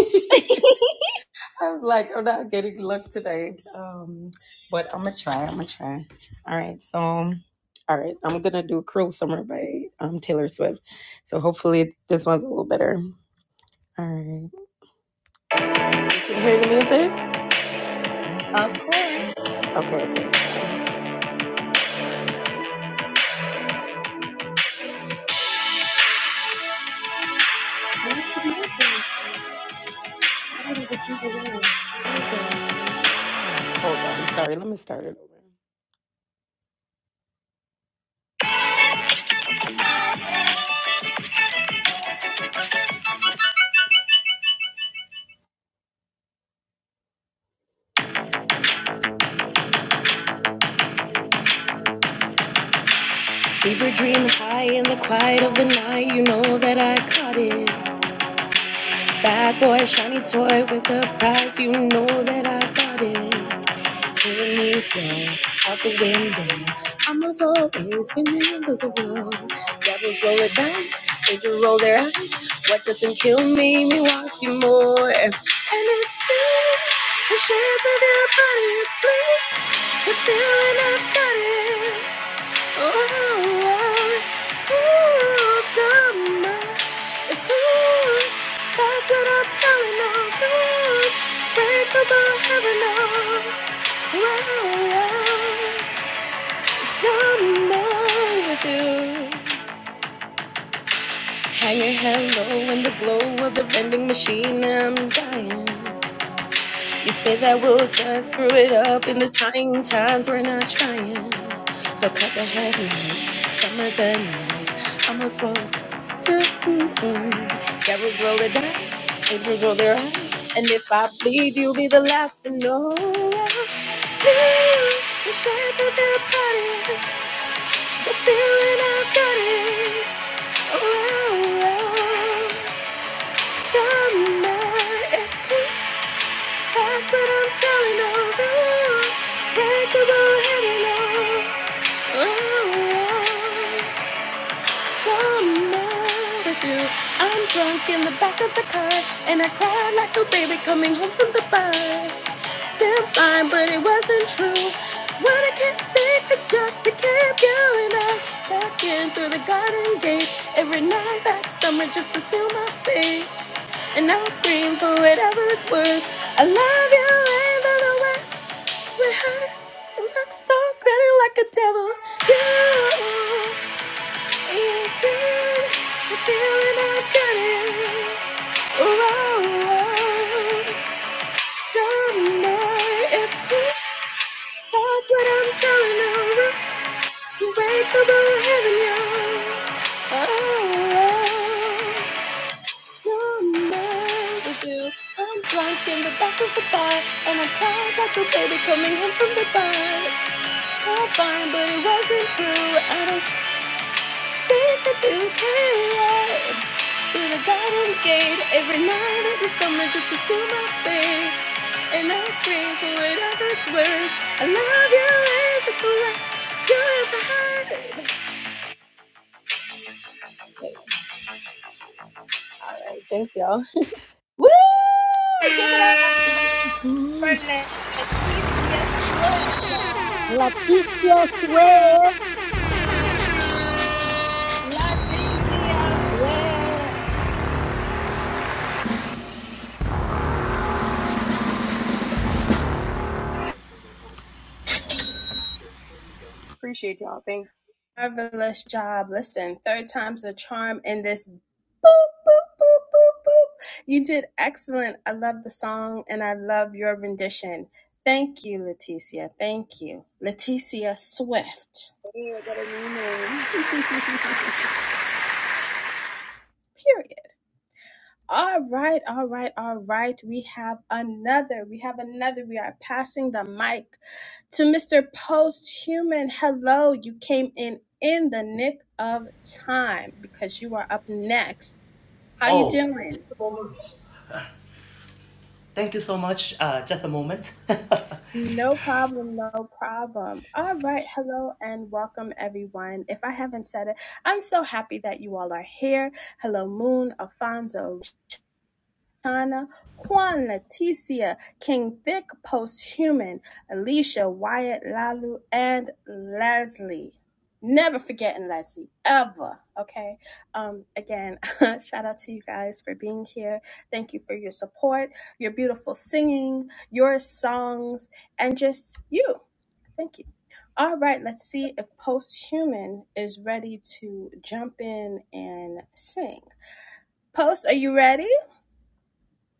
S6: I was like, I'm not getting luck tonight. Um, but I'm gonna try. I'm gonna try. All right. So, all right. I'm gonna do "Cruel Summer" by um, Taylor Swift. So hopefully this one's a little better. All right. Can you hear the music? Okay. Okay. Hold on. Sorry. Let me start it over. We were dreaming high in the quiet of the night. You know that I caught it. Bad boy, shiny toy with a prize. You know that I got it pulling me slow out the window. I must always remember the rule. Devils roll the dice, angels roll their eyes. What doesn't kill me, me wants you more. And it's deep, the shape of your body is bleak. The feeling I've got it. Oh, oh, oh, so it's cool. That's what I'm telling all girls. Breakable heaven on. Wow, wow. Someone with you. Hanging hello in the glow of the vending machine. I'm dying. You say that we'll just screw it up in these trying times. We're not trying. So cut the headlights. Summer's enough. Almost woke. Devils roll the dice, angels roll their eyes. And if I bleed, you'll be the last to know. You, you shape of their bodies, the feeling I've got is. Oh, oh, oh. Summer is cool, that's what I'm telling all those breakable heaven. Oh, oh, oh. So mad at you. I'm drunk in the back of the car, and I cried like a baby coming home from the bar. Seemed fine, but it wasn't true. What I kept secrets just to keep you and I sucking through the garden gate every night that summer just to seal my fate. And I'll scream for whatever it's worth. I love you and though the West. It hurts. It looks so grinning like a devil. You. Is it the feeling I've got is oh, oh, oh. Somewhere it's cool. That's what I'm telling her. Unbreakable heaven, y'all. Oh, oh. Somewhere we do. I'm drunk in the back of the bar, and I'm proud like a baby coming home from the bar. All fine, but it wasn't true. I don't think that you care. Through the garden gate every night of the summer just to see my face. And I scream for whatever's worth. I love you if it's the last you ever heard. All right, thanks y'all.
S4: Leticia Swift.
S6: Appreciate y'all. Thanks. Hey, I got a new name.
S13: Oh, thank you so much. Uh, just a moment.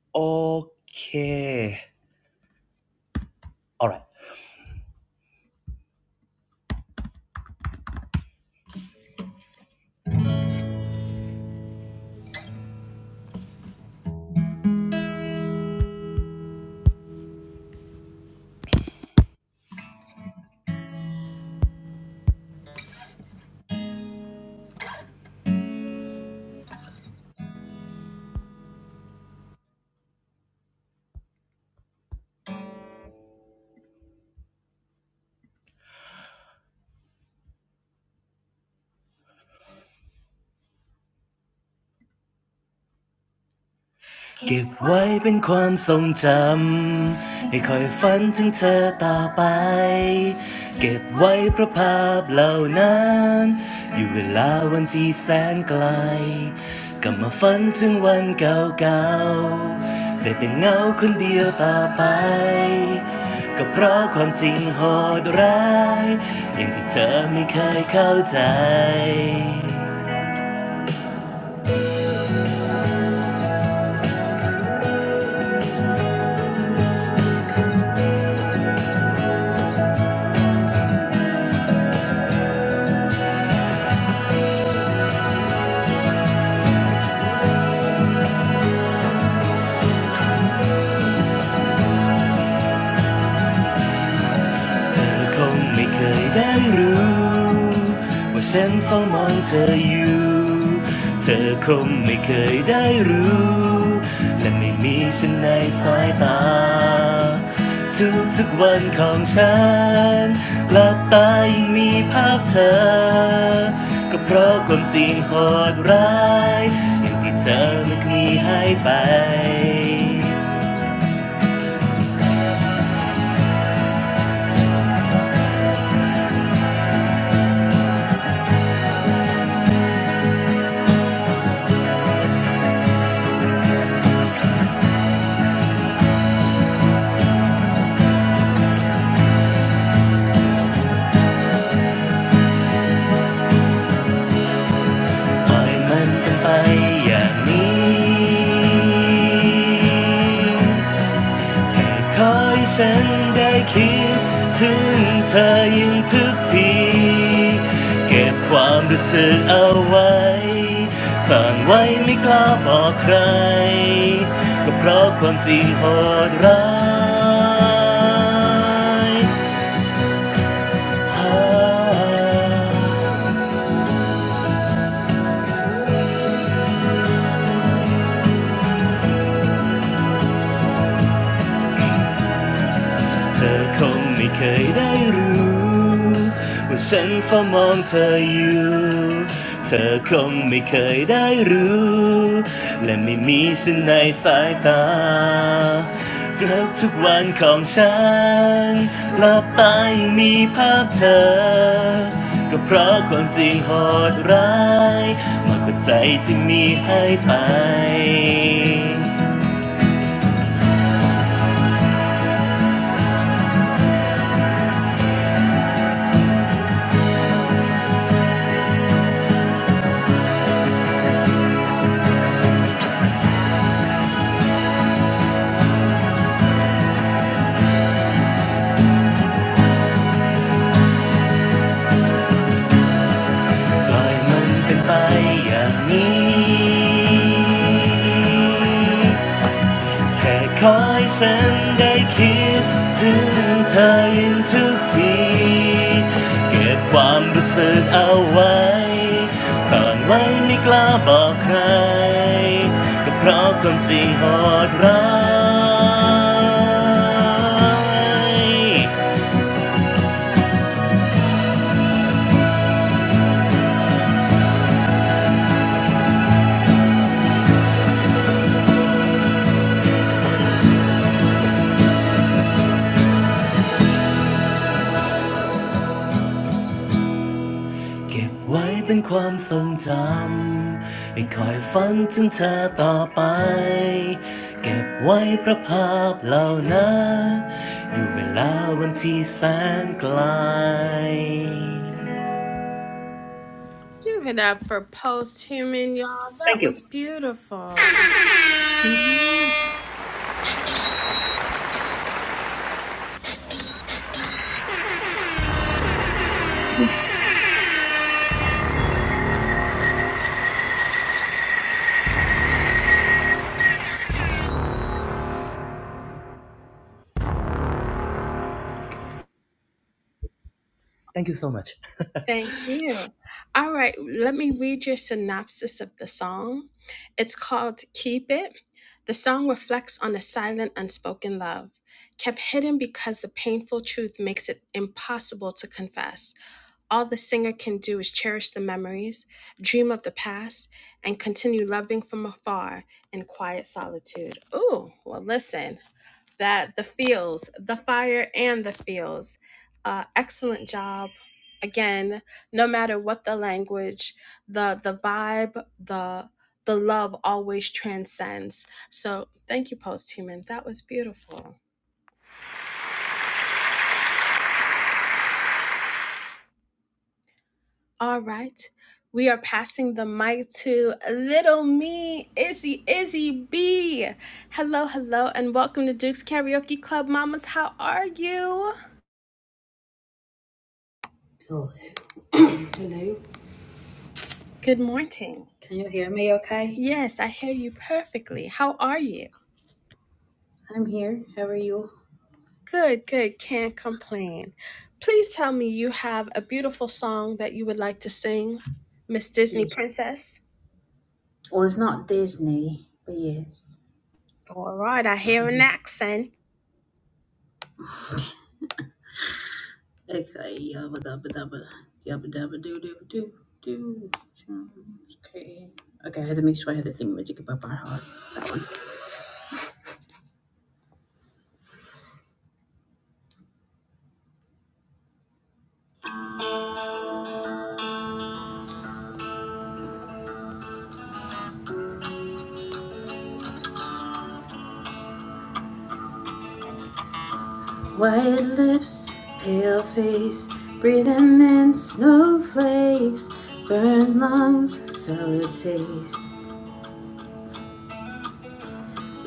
S13: okay. All right. เก็บไว้เป็นความทรงจำให้คอยฝันถึงเธอต่อไป เก็บไว้เพราะภาพเหล่านั้น อยู่เวลาวันที่แสนไกลกลับมาฝันถึงวันเก่าๆ แต่แต่เงาคนเดียวต่อไป ก็เพราะความจริงโหดร้ายอย่างที่เธอไม่เคยเข้าใจ เธอคงไม่เคยได้รู้ว่าฉันเฝ้ามองเธออยู่ เธอคงไม่เคยได้รู้และไม่มีฉันในสายตาทุกทุกๆวันของฉันหลับตายังมีภาพเธอก็เพราะความจริงโหดร้ายอย่างที่เธอจะมีให้ไป ปล่อยมันเป็นไปอย่างนี้ให้คอยฉันได้คิดถึงเธอยิ่งทุกทีเก็บความรู้สึกเอาไว้ซ่อนไว้ไม่กล้าบอกใครก็เพราะความจริงโหดร้าย เธอคงไม่เคยได้รู้ว่าฉันเฝ้ามองเธออยู่ เธอคงไม่เคยได้รู้และไม่มีฉันในสายตาเกือบทุกวันของฉันหลับตายังมีภาพเธอ ก็เพราะความจริงโหดร้ายมากกว่าใจที่มีให้ไป ปล่อยมันเป็นไปอย่างนี้ แค่คอยฉันได้คิดถึงเธออยู่ทุกทีเก็บความรู้สึกเอาไว้ซ่อนไว้ไม่กล้าบอกใคร ก็เพราะความจริงโหดร้าย เก็บไว้เป็นความทรงจำให้คอยฝันถึงเธอต่อไปเก็บไว้เพราะภาพเหล่านั้นอยู่เวลาวันที่แสนไกล thank you Thank you so much
S14: Hello. Hello. Can you hear me okay? I'm here. How are you? Yeah. Well, it's not Disney, but yes. Okay. Yabba dabba dabba. Yabba dabba doo doo doo doo. Okay. Okay, I had to make sure I had the thing magic about my heart. White lips, pale face, breathing in snowflakes, burned lungs, sour taste.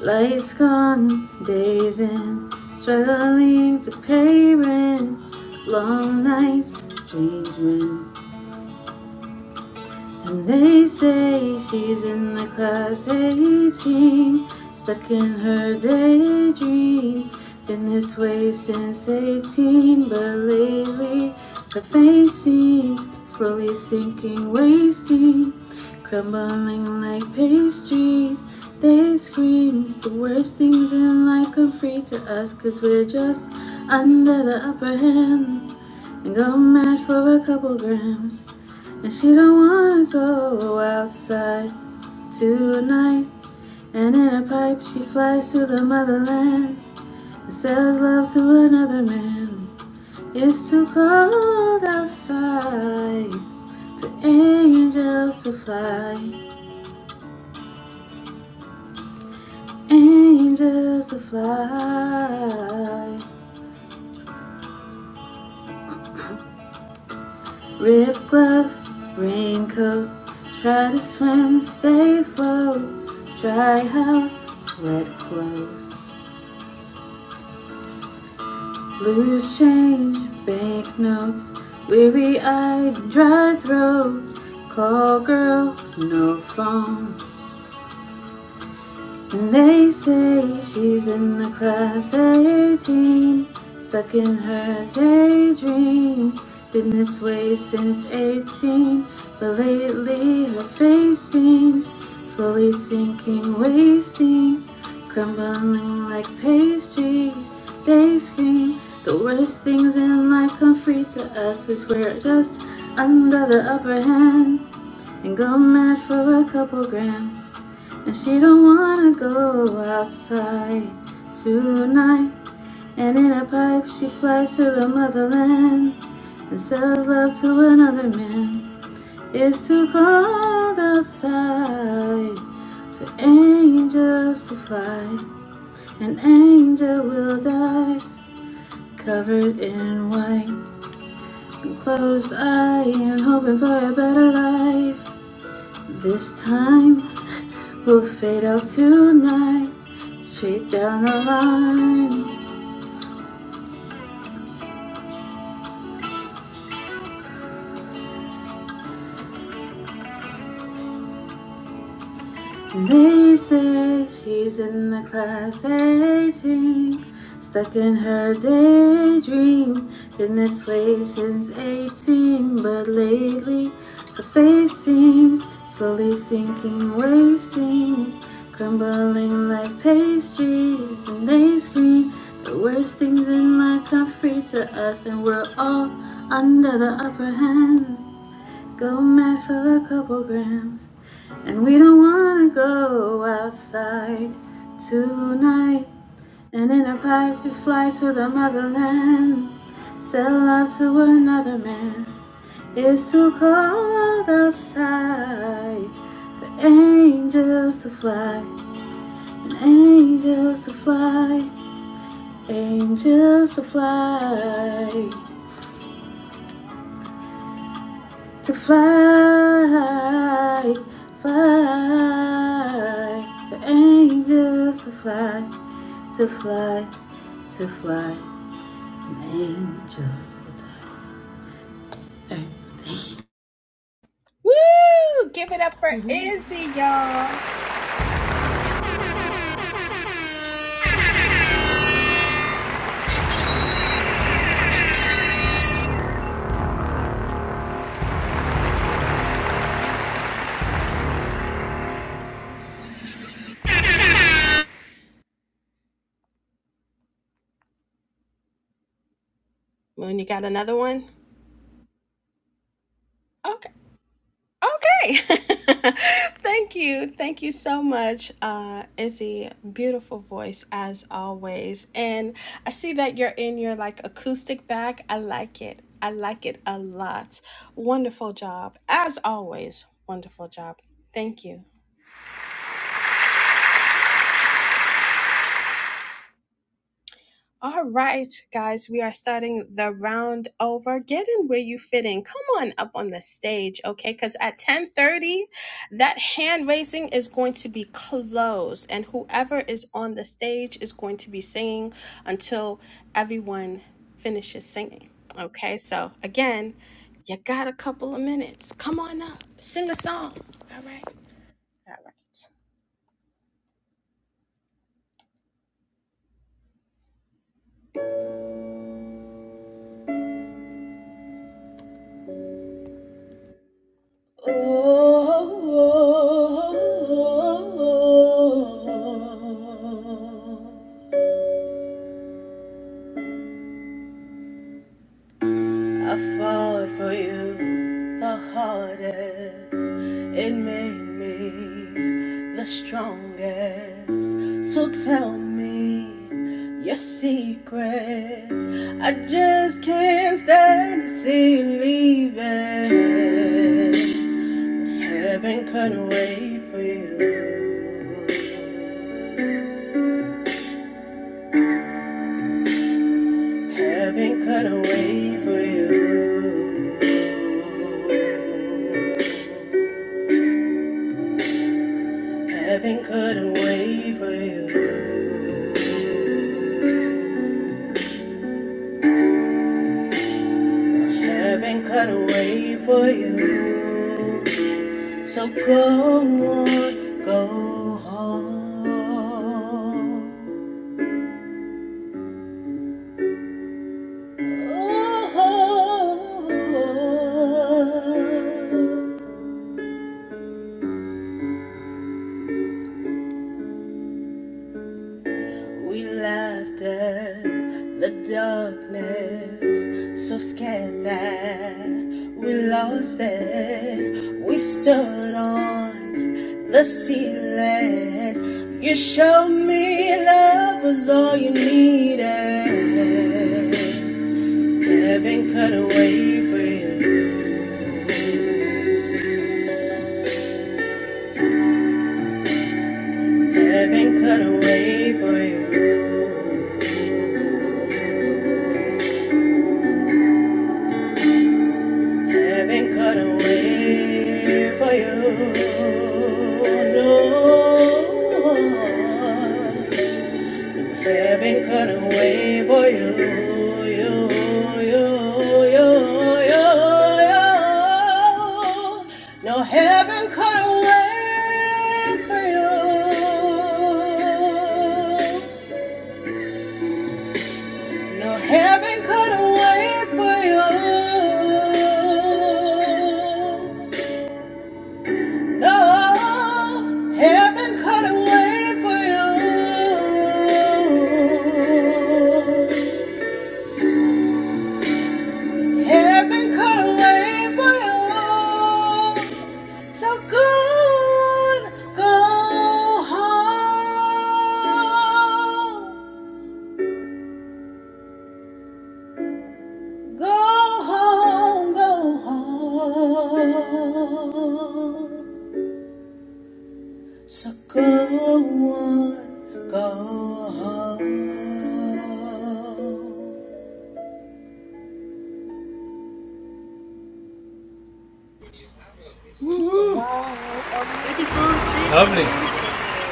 S14: Lights gone, days in, struggling to pay rent. Long nights, strange men, and They say she's in the class 18, stuck in her daydream. Been this way since 18, but lately her face seems slowly sinking, wasting, crumbling like pastries. They scream the worst things in life come free to us, cause we're just under the upper hand and go mad for a couple grams. And she don't wanna go outside tonight. And in a pipe she flies to the motherland and sells love to another man. It's too cold outside for angels to fly, angels to fly. Rib gloves, raincoat, try to swim, stay float. Dry house, wet clothes. Loose change, banknotes, weary eyed, dry throat. Call girl, no phone. And they say she's in the class at 18, stuck in her daydream. Been this way since 18, but lately her face seems slowly sinking, wasting, crumbling like pastries. They scream the worst things in life come free to us is we're just under the upper hand and go mad for a couple grams. And she don't wanna go outside tonight. And in a pipe, she flies to the motherland and sells love to another man. It's too cold outside for angels to fly. An angel will die, covered in white and closed eye, and hoping for a better life. This time, we'll fade out tonight. Straight down the line. They say she's in the class 18, stuck in her daydream. Been this way since 18, but lately her face seems slowly sinking, wasting, crumbling like pastries. And they scream the worst things in life come free to us, and we're all under the upper hand. Go mad for a couple grams. And we don't wanna go outside tonight. And in a pipe we fly to the motherland. Sell love to another man. It's too cold outside for angels to fly. And angels to fly. Angels to fly. To fly. Fly. For angels to fly. to fly, to fly an angel. Okay.
S1: Oh, heaven couldn't wait for you. Heaven couldn't wait for you. Heaven cut away for you. Heaven cut away for you. So go on, go home. Oh, we laughed at the darkness. Heaven cut away for you. Heaven cut away for you. Heaven cut away for you. No. Heaven cut away for you. You, you, you, you, you. No heaven cut away for you. No heaven could wait for you. No heaven could wait for you. Heaven could wait for you. So good, go home. Go home, go home. Sa kawan kahaw
S6: wow, I'm
S10: Beautiful to see.
S6: before.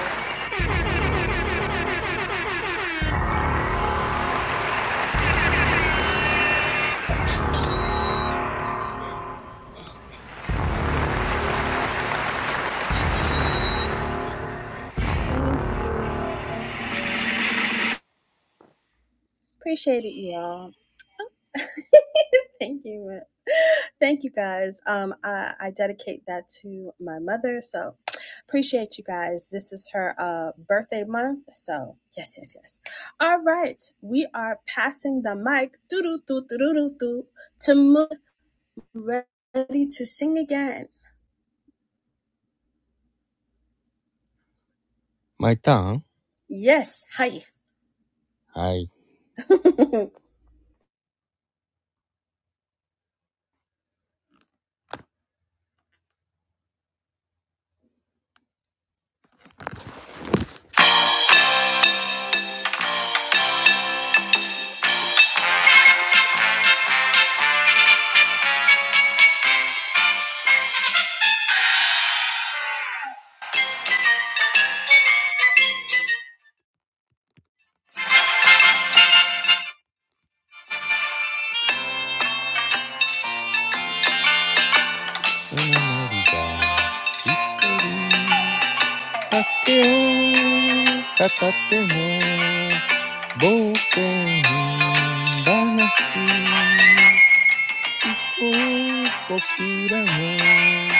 S2: Yes.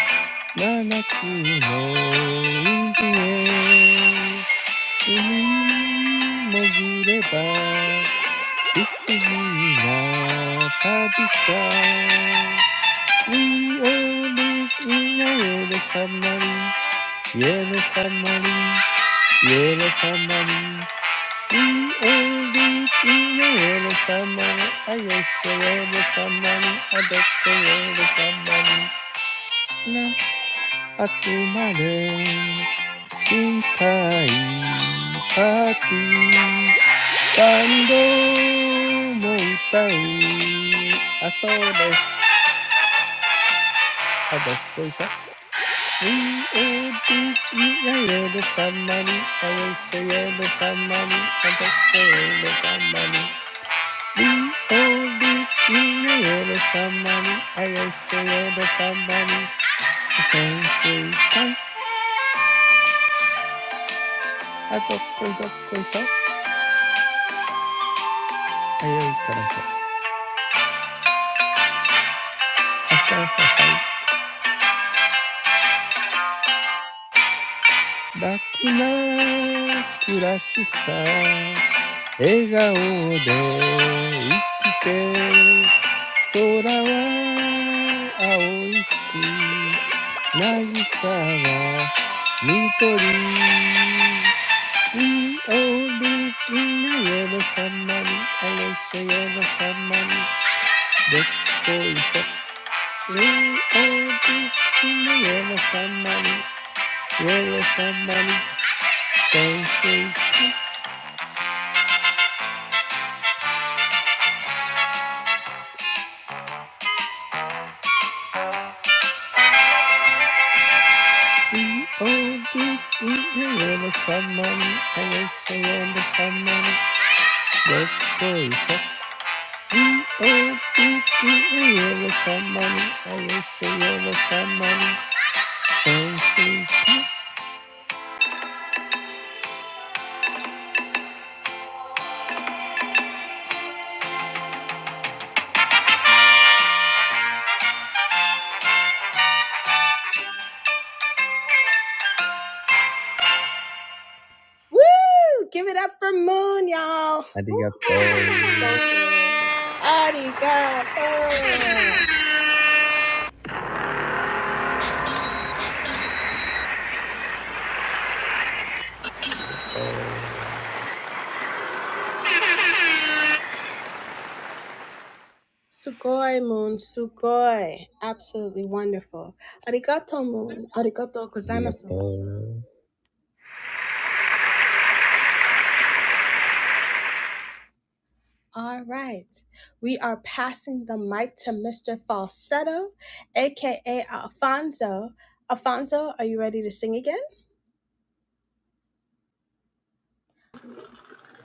S2: 七つの海へ海に潜れば不思議な旅さ We all live in a yellow submarine Yellow submarine Yellow submarine We all live in a yellow submarine I guess a yellow submarine I bet a yellow submarine La At the stag party, band on the beat. Ah, so they're a dorky dorky show. We're the only ones on the show. We're the only ones on the show. We're the only ones on the show. We're the only ones on the show. We're the only ones on the show. 楽な暮らしさ笑顔で生きて空は青いし渚は緑We all live in a yellow sunlight, a lace yellow sunlight, that boy said. We all live in a yellow sunlight, yellow sunlight, They say we all do we remember someone I wish I remember someone that they said we all do we remember someone I wish I remember someone They say
S6: Woohoo!
S2: Arigato
S6: So good.
S2: Arigato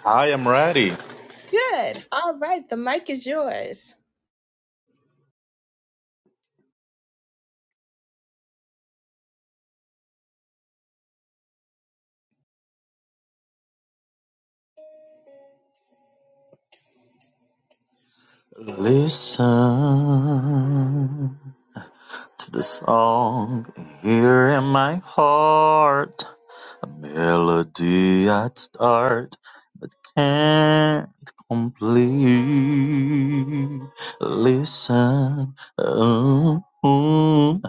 S3: I am ready. Listen to the song here in my heart. A melody I'd start but can't complete. Listen um, to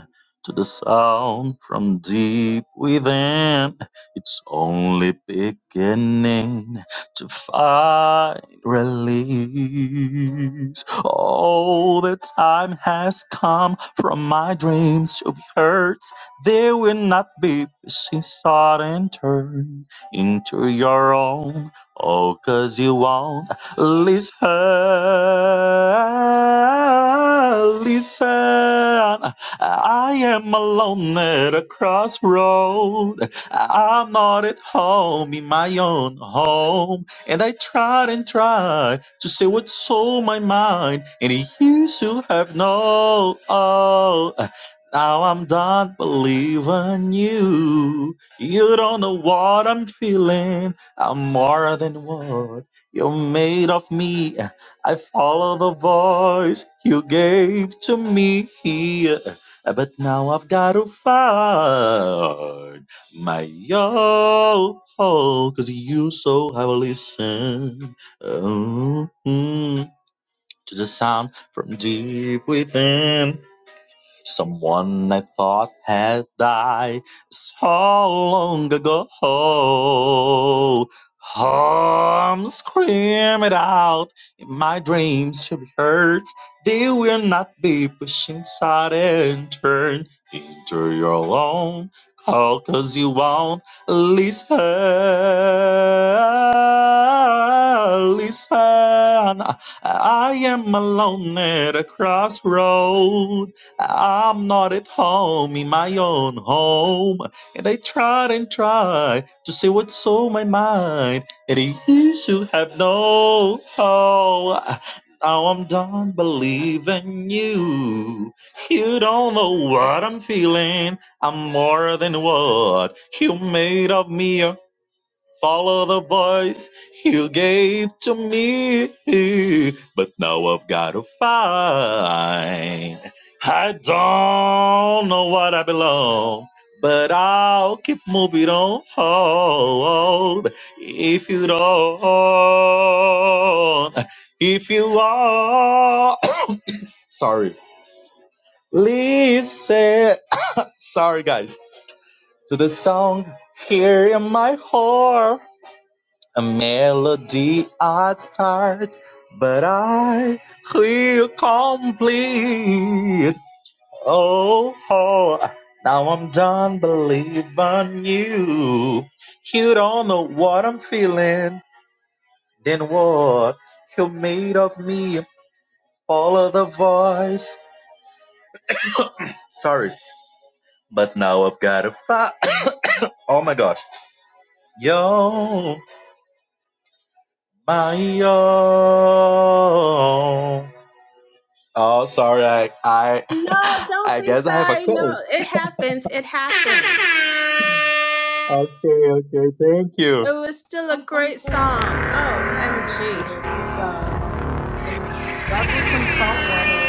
S3: the sound from deep within. It's only beginning to find release. Oh, the time has come from my dreams to be heard there will not be beside sudden turn into your own. Oh, cause you won't listen. Listen, I am alone at a crossroad. I'm not at home in my own home. And I tried and tried to say what's on my mind. And it used to have no oh, now I'm done believing you. You don't know what I'm feeling. I'm more than what you made of me. I follow the voice you gave to me. But now I've got to find my all. Cause you so heavily sing oh, mm, to the sound from deep within. Someone I thought had died so long ago. Oh, I'm screaming out in my dreams to be heard. They will not be pushed inside and turned into your own. call 'cause you won't listen. Listen, I am alone at a crossroad. I'm not at home in my own home, and I tried and tried to see what's on my mind, and you should have no hope. Now I'm done believing you. You don't know what I'm feeling. I'm more than what you made of me. Follow the voice you gave to me, but now I've got to find. I don't know what I belong, but I'll keep moving on. If you don't, if you are, sorry, listen, sorry guys, to the song here in my heart. a melody I'd start, but I feel complete. Oh, oh, now I'm done believing you. You don't know what I'm feeling, then what you made of me. Follow the voice. Sorry, but now I've got a fight. oh my gosh. Yo, my yo. Oh, sorry. I I, I guess I have a cold. Okay, okay. Thank you.
S6: Alfonso, you did really, you did good. Good job. And gargle some salt water.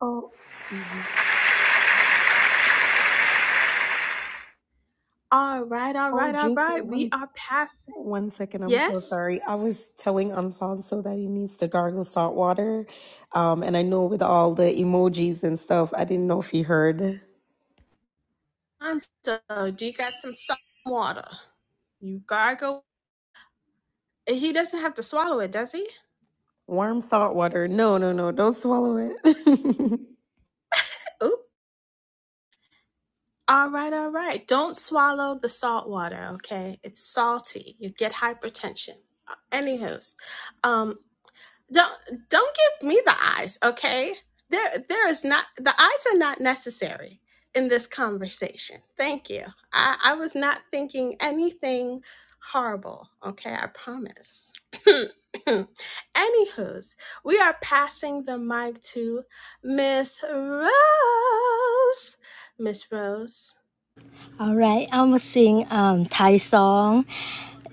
S6: Oh, mhm. oh, juicy one One second, I'm so sorry. I was telling Alfonso that he needs to gargle salt water. Um, and I know with all the emojis and stuff, I didn't know if he heard. Warm salt water. No, no, no, don't swallow it. yes,
S4: All right, I'm gonna sing um Thai song.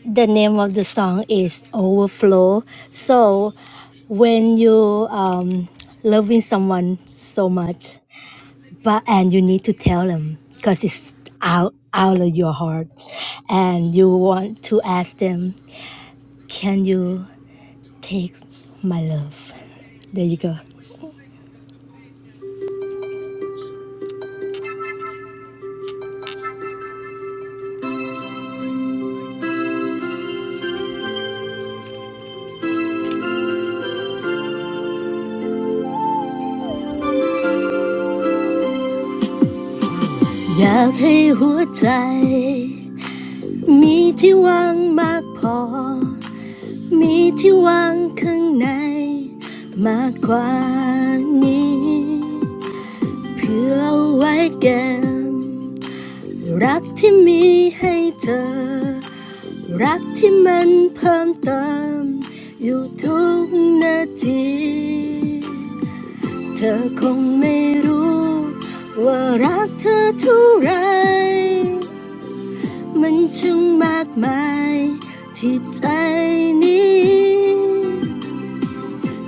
S4: The name of the song is Overflow. So when you um loving someone so much, but and you need to tell them because it's out out of your heart, and you want to ask them, can you take my love? There you go. อยากให้หัวใจ มีที่วางข้างใน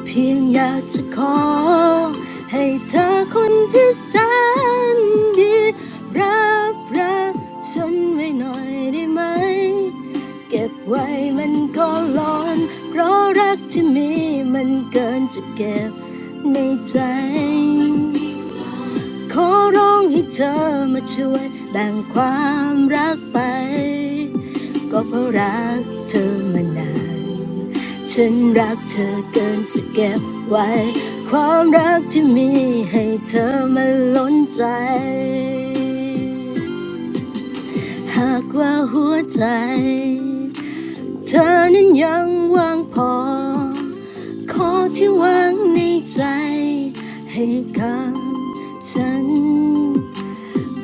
S4: เพียงอยากจะขอ ขอร้องให้เธอมาช่วยแบ่งความรักไปก็เพราะรักเธอมานานฉันรักเธอเกินจะเก็บไว้ความรักที่มีให้เธอมาล้นใจหากว่าหัวใจเธอนั้นยังว่างพอขอที่ว่างในใจให้กับฉัน เพื่อเอาไว้แก้รักที่ฉันให้ไปรักที่มันล้นใจให้ล้นเท่ากันเธอคงไม่รู้ว่ารักเธอเท่าไรมันช่างมากมายที่ใจนี้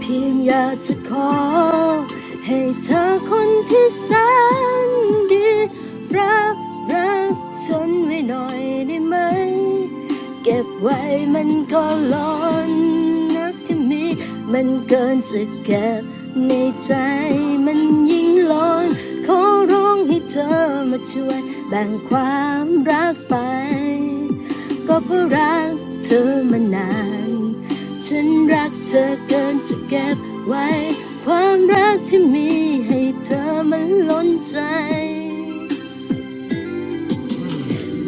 S4: เพียงอยากจะขอ เก็บไว้มันก็ร้อนนักที่มีมันเกินจะเก็บในใจมันยิ่งร้อนขอร้องให้เธอมาช่วยแบ่งความรักไปก็เพราะรักเธอมานานฉันรักเธอเกินจะเก็บไว้ความรักที่มีให้เธอมันล้นใจ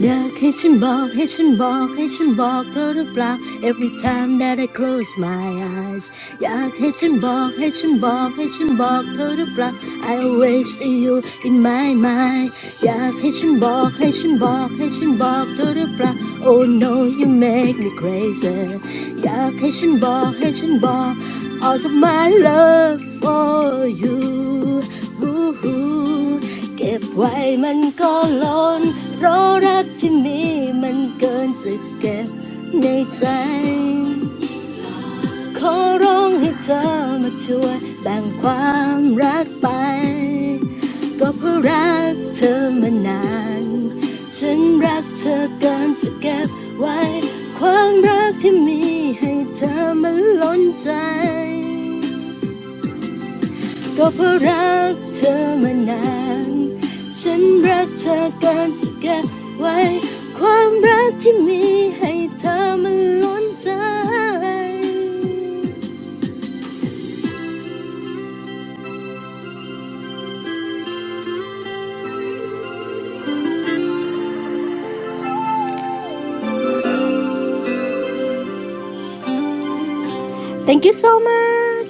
S4: อยากให้ฉันบอกให้ฉันบอกให้ฉันบอกเธอหรือเปล่า Every time that I close my eyes อยากให้ฉันบอกให้ฉันบอกให้ฉันบอกเธอหรือเปล่า I always see you in my mind อยากให้ฉันบอกให้ฉันบอกให้ฉันบอกเธอหรือเปล่า Oh no you make me crazy อยากให้ฉันบอกให้ฉันบอก All of my love for you Oh, keep white, it will fall. The love that we have is too much to keep in my heart. I'm begging you to come and help me share my love. Just because I've loved you for so long, I love you too much to keep. The love that we have is too much to keep. ก็เพราะรักเธอมานานฉันรักเธอเกินจะเก็บไว้ความรักที่มีให้เธอมันล้นใจ Thank you so much.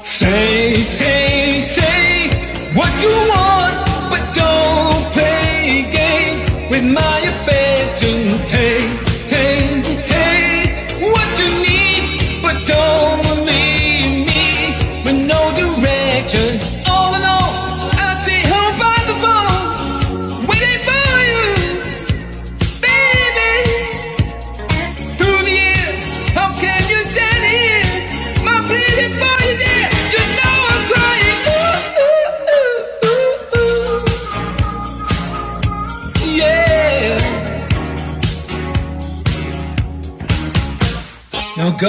S5: Say, say, say what you want, but don't play games with my affection. Take, take, take what you need, but don't leave me with no direction. All in all, I see her by the phone, waiting for you, baby. Through the years, how can you stand here? My pleading for you, dear. You know I'm crying. ooh, ooh, ooh, ooh. Yeah. Now go,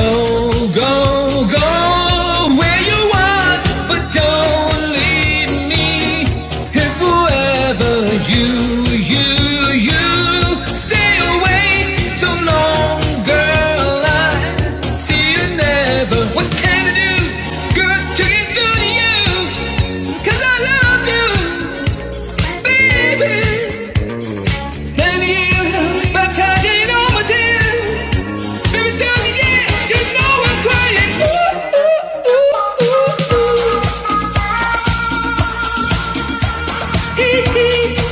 S5: go, go where you want, but don't leave me here forever. You, you, you stay away so long, girl. I see you never. What can I do, girl, to get through to you? 'Cause I love you, baby. Can you baptize in all my tears? Let tell you, yeah, you know I'm crying. Ooh, ooh, ooh, ooh,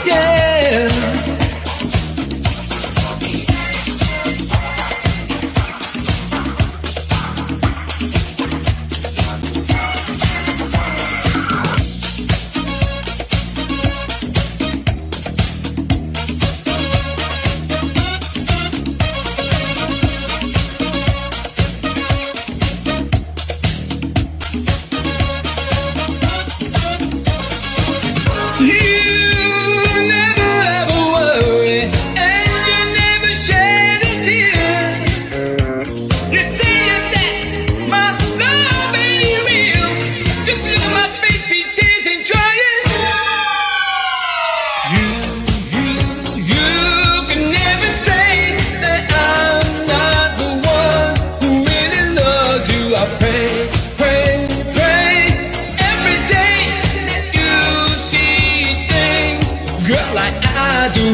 S5: yeah. You never ever worry, and you never shed a tear.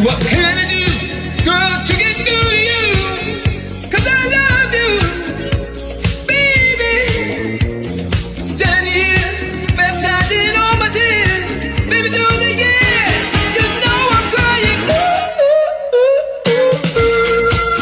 S5: What can I do, girl, to get through to you? 'Cause I love you. Baby, stand here, baptized all my tears. Baby, do it again. You know I'm crying. ooh, ooh, ooh, ooh.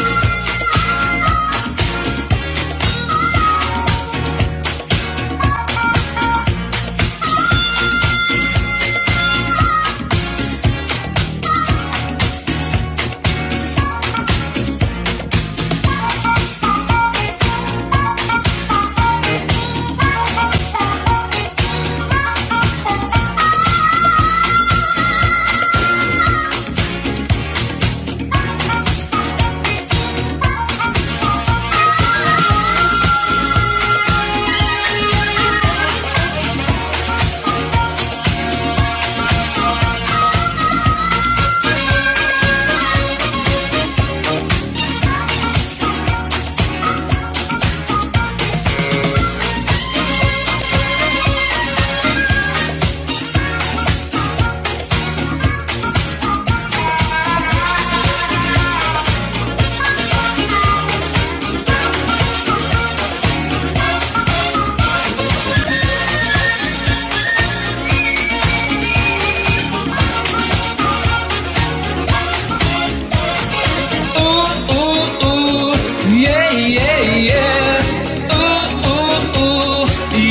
S5: ooh, ooh, ooh, yeah, yeah, yeah. Ooh, ooh, ooh,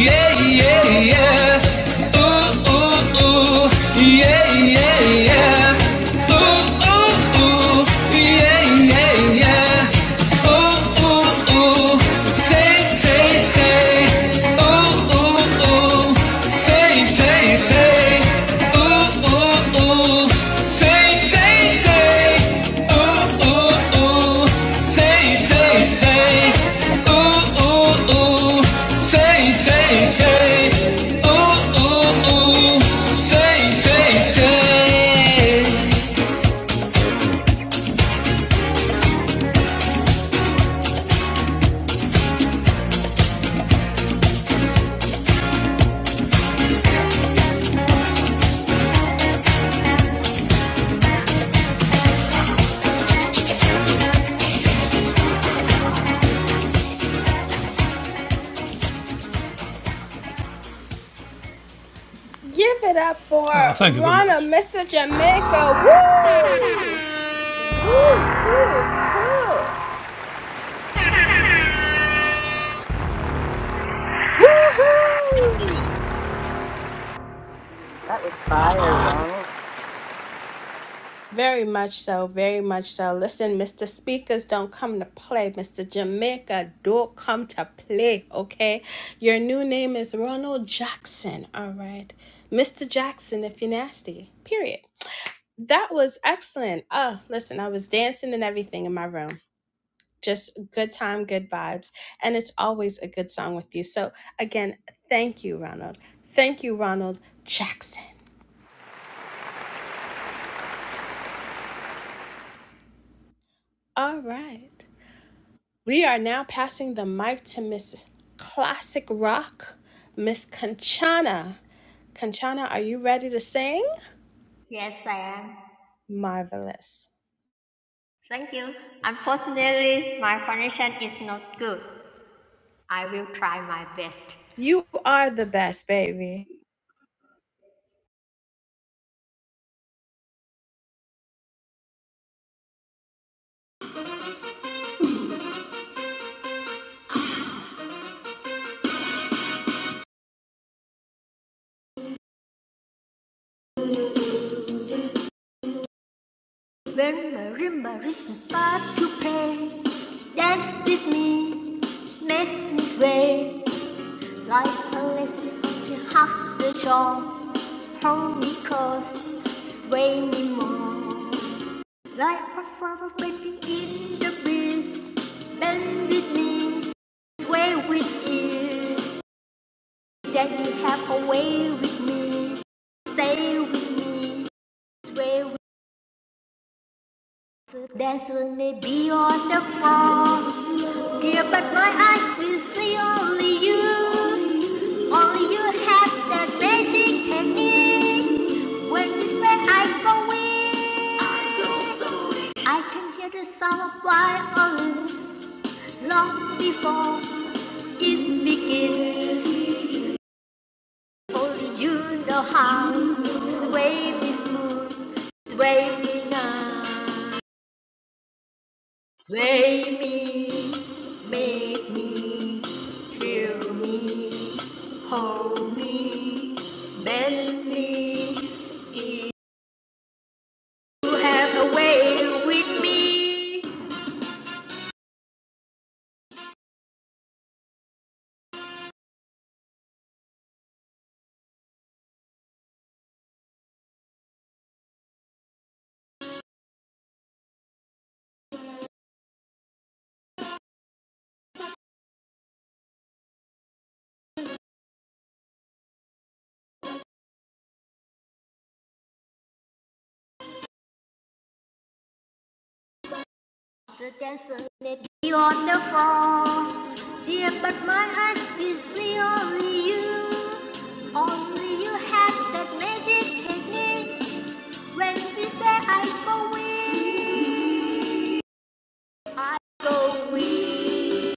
S5: yeah, yeah, yeah. Ooh, ooh, ooh, yeah, yeah, yeah. Ooh, ooh, ooh, yeah, yeah, yeah. say, say, say. Ooh, ooh, Say, say, say. Ooh, ooh, ooh. Say, say, say. Ooh, Say, say, say. Ooh, Say, say, say. ooh. Say, say, say.
S15: Woohoo! That was fire, Ronald.
S10: Yes, I am. Thank you. Unfortunately, my connection is not good. I will try my best. When Marie Marie start to play, dance with me, make me sway. Like a listen to half the shore, homely coast, sway me more. Like a flower baby in the breeze, bend with me, sway with ease. That you have a way with me, stay with me, sway with me. There's only beyond the fog, dear, but my eyes will see only you. Only you have that magic technique. When you sweat, I go weak. I go so weak. I can hear the sound of violence long before it begins. Only you know how. Sway me smooth, sway me now. Sway me, make me, thrill me, hold me, bend me. you have a way with me. The dancer may be on the floor, dear, but my eyes will see only you. Only you have that magic technique. When we sway, I go weak. I go weak.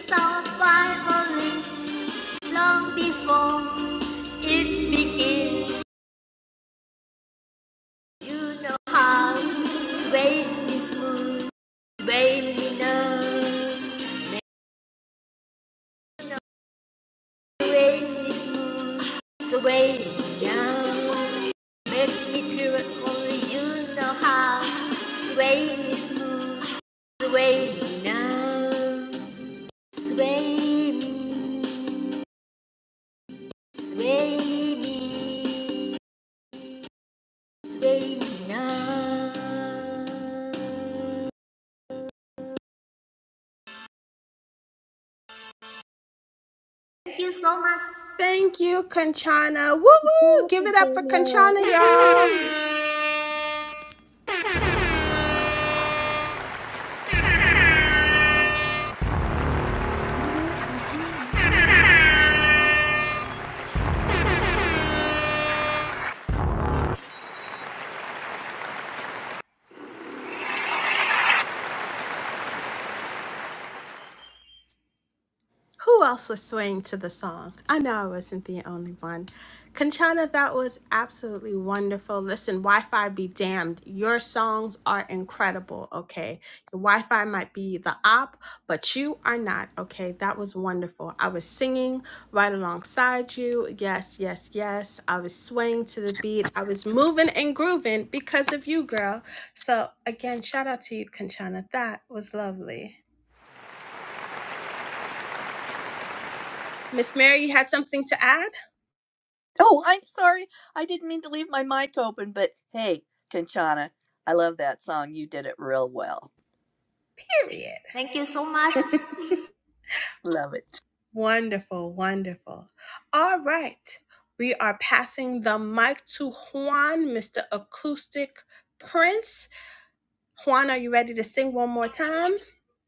S10: saw violence long before it begins. You know how sways me smooth, sway me numb, you know, sway me smooth, sway me young. Make me through only you know how. Sway me smooth, sway me numb, sway me, sway me. Baby, now. Thank you so much.
S15: Oh, I'm sorry. I didn't mean to leave my mic open, but hey, Kanchana, I love that song. You did it real well.
S10: Thank you so much.
S15: Love it.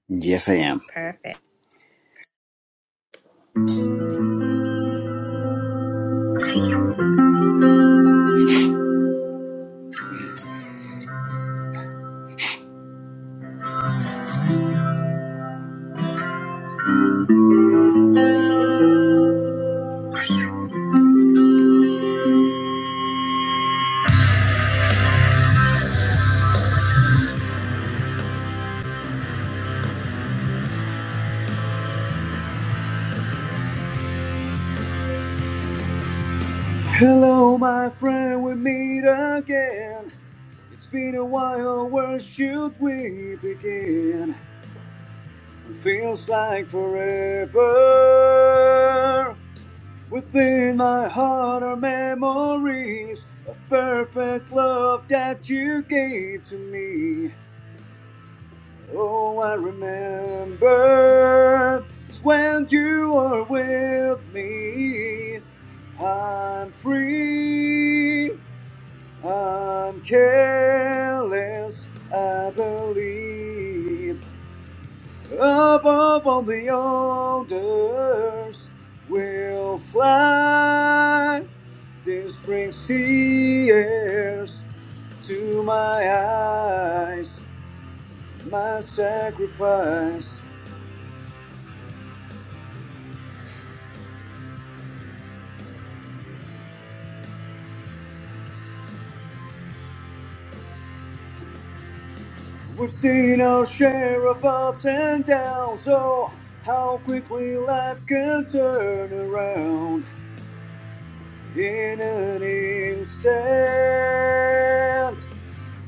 S9: Yes, I am. Hello, my friend. We meet again. It's been a while. Where should we begin? It feels like forever. Within my heart are memories of perfect love that you gave to me. Oh, I remember when you were with me. I'm free, I'm careless, I believe. Above all the others, we'll fly. This brings tears to my eyes, my sacrifice. We've seen our share of ups and downs, so how quickly life can turn around in an instant.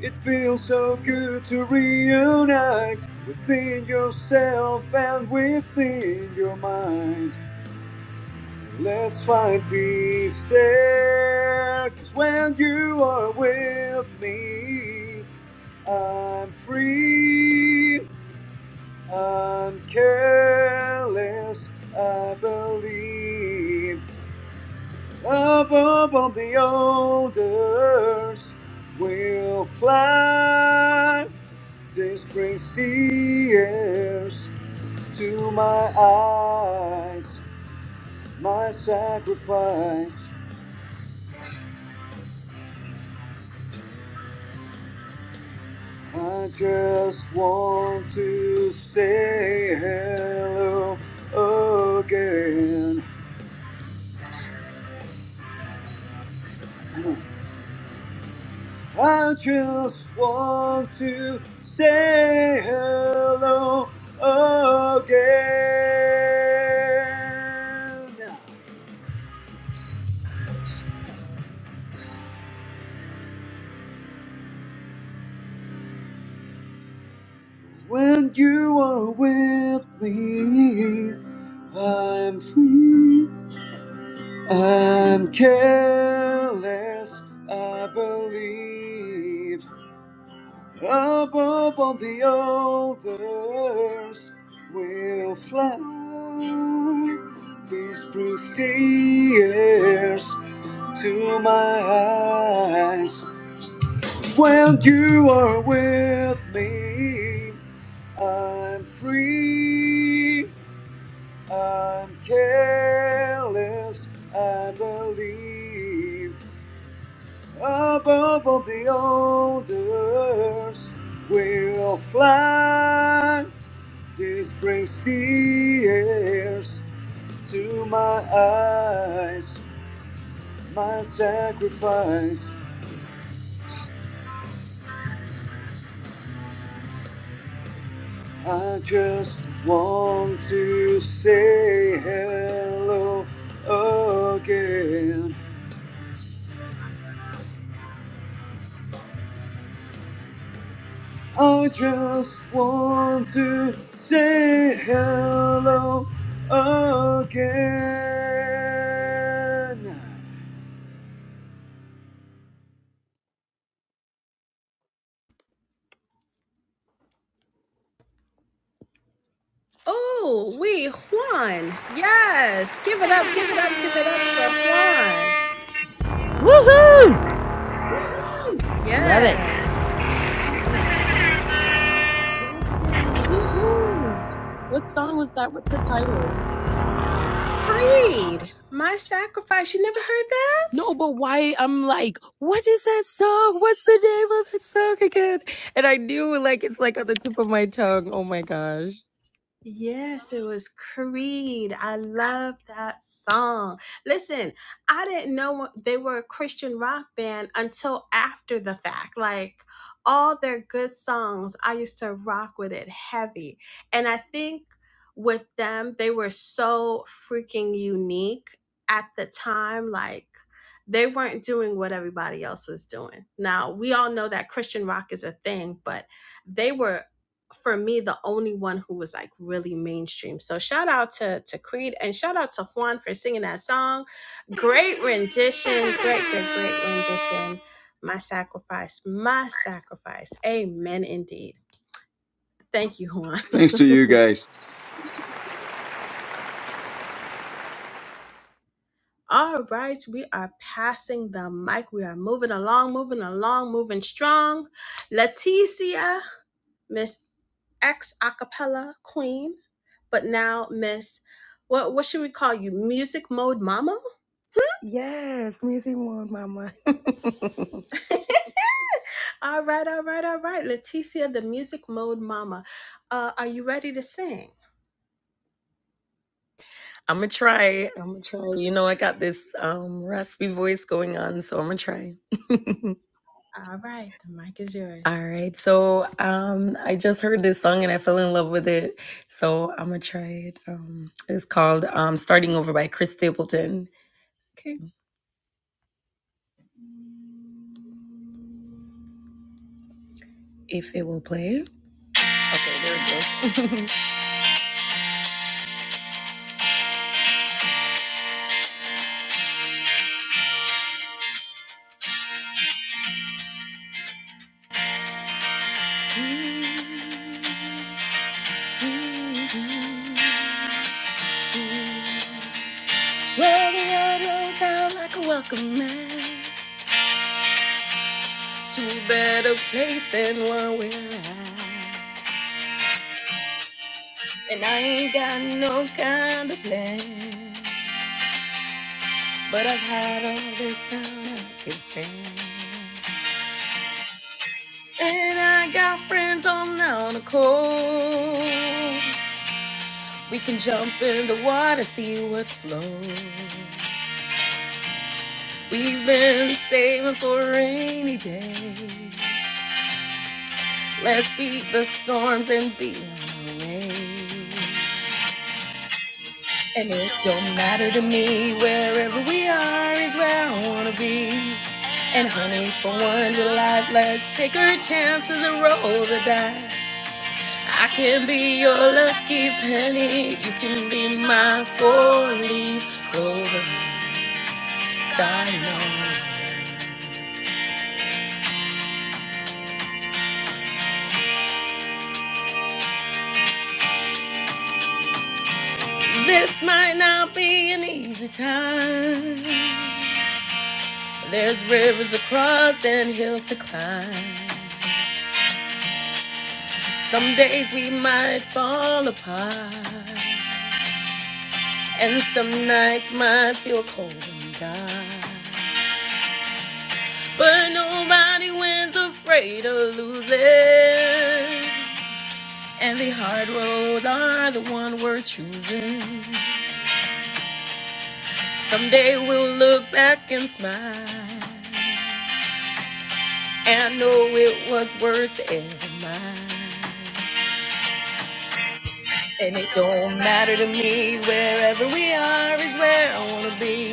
S9: It feels so good to reunite within yourself and within your mind. Let's find peace there, 'cause when you are with me, I'm free. I'm careless, I believe. Above all the others will fly. This brings tears to my eyes, my sacrifice. I just want to say hello again. I just want to say hello again. When you are with me, I'm free. I'm careless, I believe. above all the others will fly. This brings tears to my eyes. When you are with me, I'm free. I'm careless. I believe. Above all the others, we'll fly. This brings tears to my eyes. My sacrifice. I just want to say hello again. I just want to say hello again.
S15: Woohoo! Love it.
S6: man. Woohoo. What song was that? What's the title? No, but why? I'm like, what is that song? What's the name of the song again? And I knew, like, it's like on the tip of my tongue. Oh my gosh.
S9: Thanks to you guys.
S6: Yes, Missy Moon, Mama. I'm gonna try. I'm gonna try. You know, I got this um raspy voice going on, so I'm gonna try. All right. So, um I just heard this song and I fell in love with it. So, I'm gonna try it. Um it's called um Starting Over by Chris Stapleton. Okay. If it will play. Okay, there it goes. Well, the world will sound like a welcome mat to a better place than one we're at. And I ain't got no kind of plan. But I've had all this time I can sing. And I got friends on down the coast. We can jump in the water, see what flows. We've been saving for a rainy day. Let's beat the storms and be on our way. And it don't matter to me, wherever we are is where I wanna be. And honey, for one, your life, let's take our chances and roll the dice. I can be your lucky penny. You can be my four-leaf clover. Silo. This might not be an easy time. There's rivers to cross and hills to climb. Some days we might fall apart, and some nights might feel cold and dark. But nobody wins afraid of losing. And the hard roads are the one we're choosing. Someday we'll look back and smile and know it was worth every mile. And it don't matter to me, wherever we are is where I wanna be.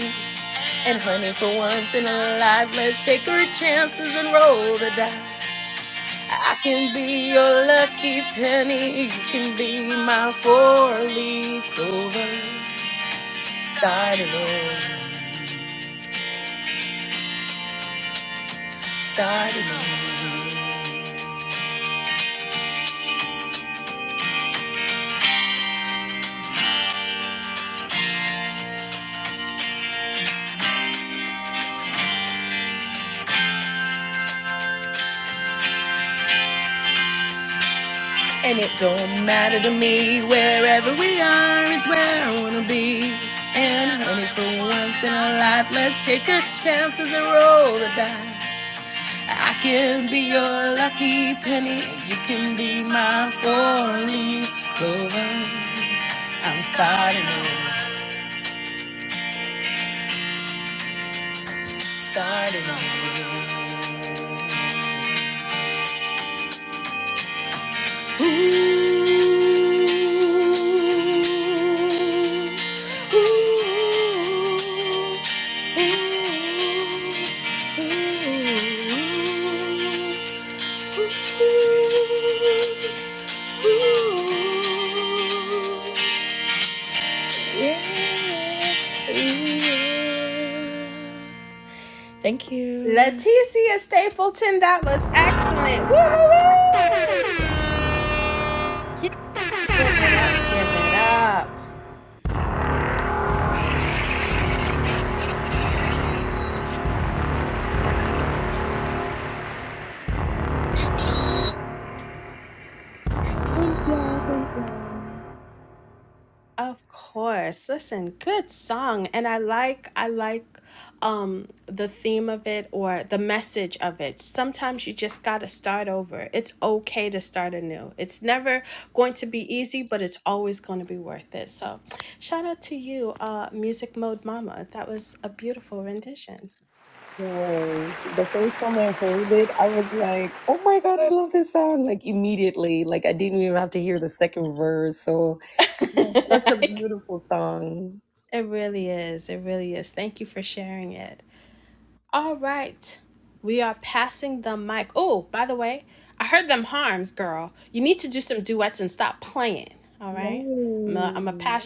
S6: And honey, for once in our lives, let's take our chances and roll the dice. I can be your lucky penny, you can be my four-leaf clover. Starting over, starting over. And it don't matter to me, wherever we are is where I wanna be. And honey, for once in our life, let's take our chances and roll the dice. I can be your lucky penny, and you can be my four-leaf clover. I'm starting over, starting over. Thank you. Thank y'all. Thank y'all. Boy, the first time I heard it, I was like, "Oh my God, I love this song!" Like immediately, like I didn't even have to hear the second verse. So, yeah, such a beautiful song. Yay!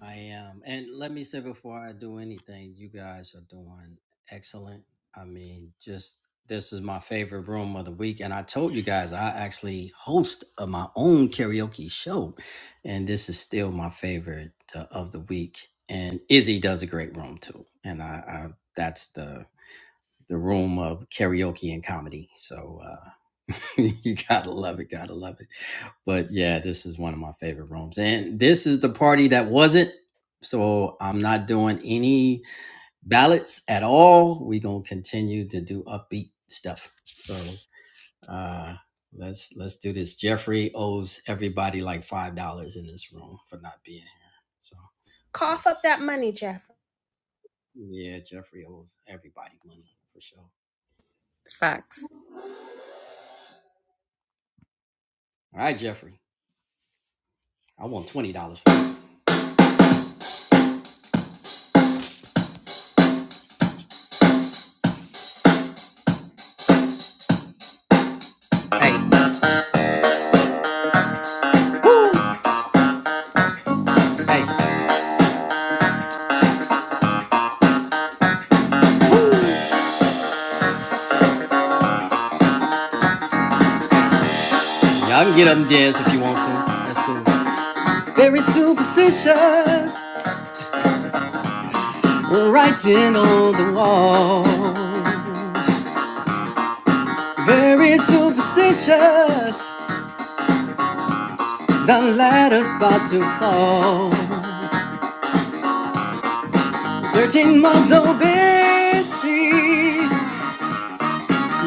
S12: I am. And let me say before I do anything, you guys are doing excellent. I mean, just this is my favorite room of the week. And I told you guys, I actually host of my own karaoke show. And this is still my favorite uh, of the week. And Izzy does a great room too. And I, I that's the the room of karaoke and comedy. So uh, you gotta love it, gotta love it. But yeah, this is one of my favorite rooms, and this is the party that wasn't. So I'm not doing any ballads at all. We gonna continue to do upbeat stuff. So uh, let's let's do this. Jeffrey owes everybody like five dollars in this room for not being here. So let's yeah, Jeffrey owes everybody money for sure. All
S6: Facts.
S12: right, Jeffrey, I want twenty dollars. for this. Hey, woo, hey, woo. Y'all can get up and dance if you want to. That's cool. Very superstitious, writing on the wall. Very superstitious, the ladder's about to fall. Thirteen month old baby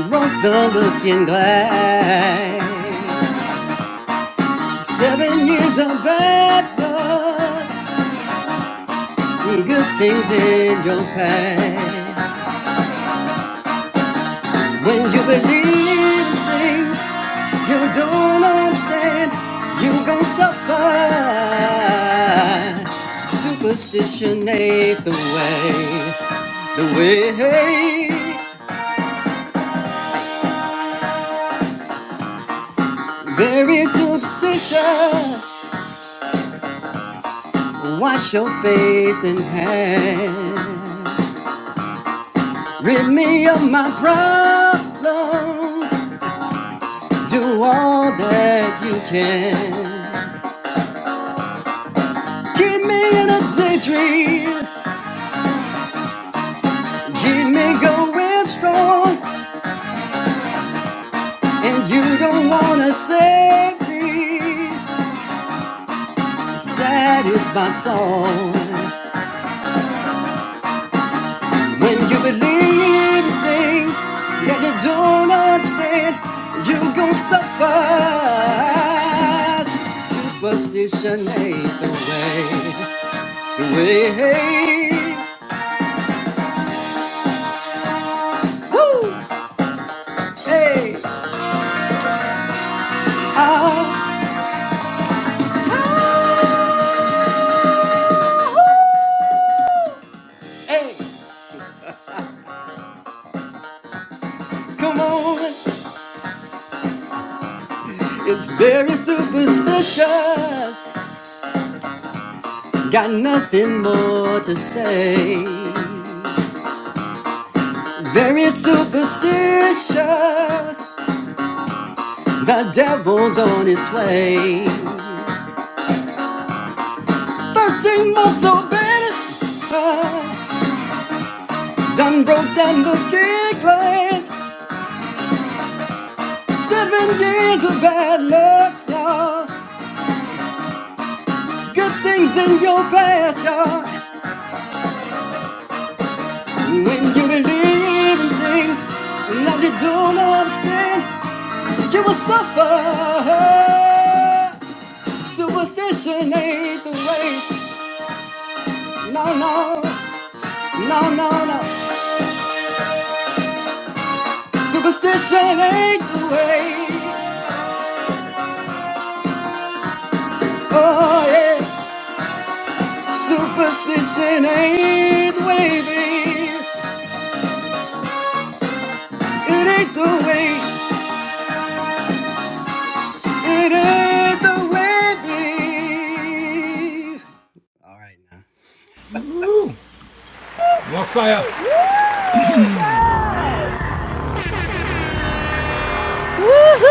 S12: broke the looking glass. Seven years of bad luck, good things in your past. When you believe in things you don't understand, you gon' suffer. Superstition ain't the way. The way very superstitious. Wash your face and hands. Rid me of my problems. Do all that you can. Keep me in a daydream. Keep me going strong, and you don't wanna save me. Sad is my song. When you believe in things that you don't understand, you gon' suffer. Superstition ain't the way. The way. Woo! Hey, ah, hey, come on. It's very superstitious. Got nothing more to say. Very superstitious. The devil's on his way. Thirteen month old baby. uh, Done broke down looking glass. Seven years of bad luck, y'all. Good things in your past, y'all. When you believe in things that you don't understand, you will suffer. Superstition ain't the way. No, no, no, no, no. Superstition ain't the way. Oh, yeah. Superstition ain't the way, babe. It ain't the way. It ain't the way, babe. All right, now.
S15: Woohoo!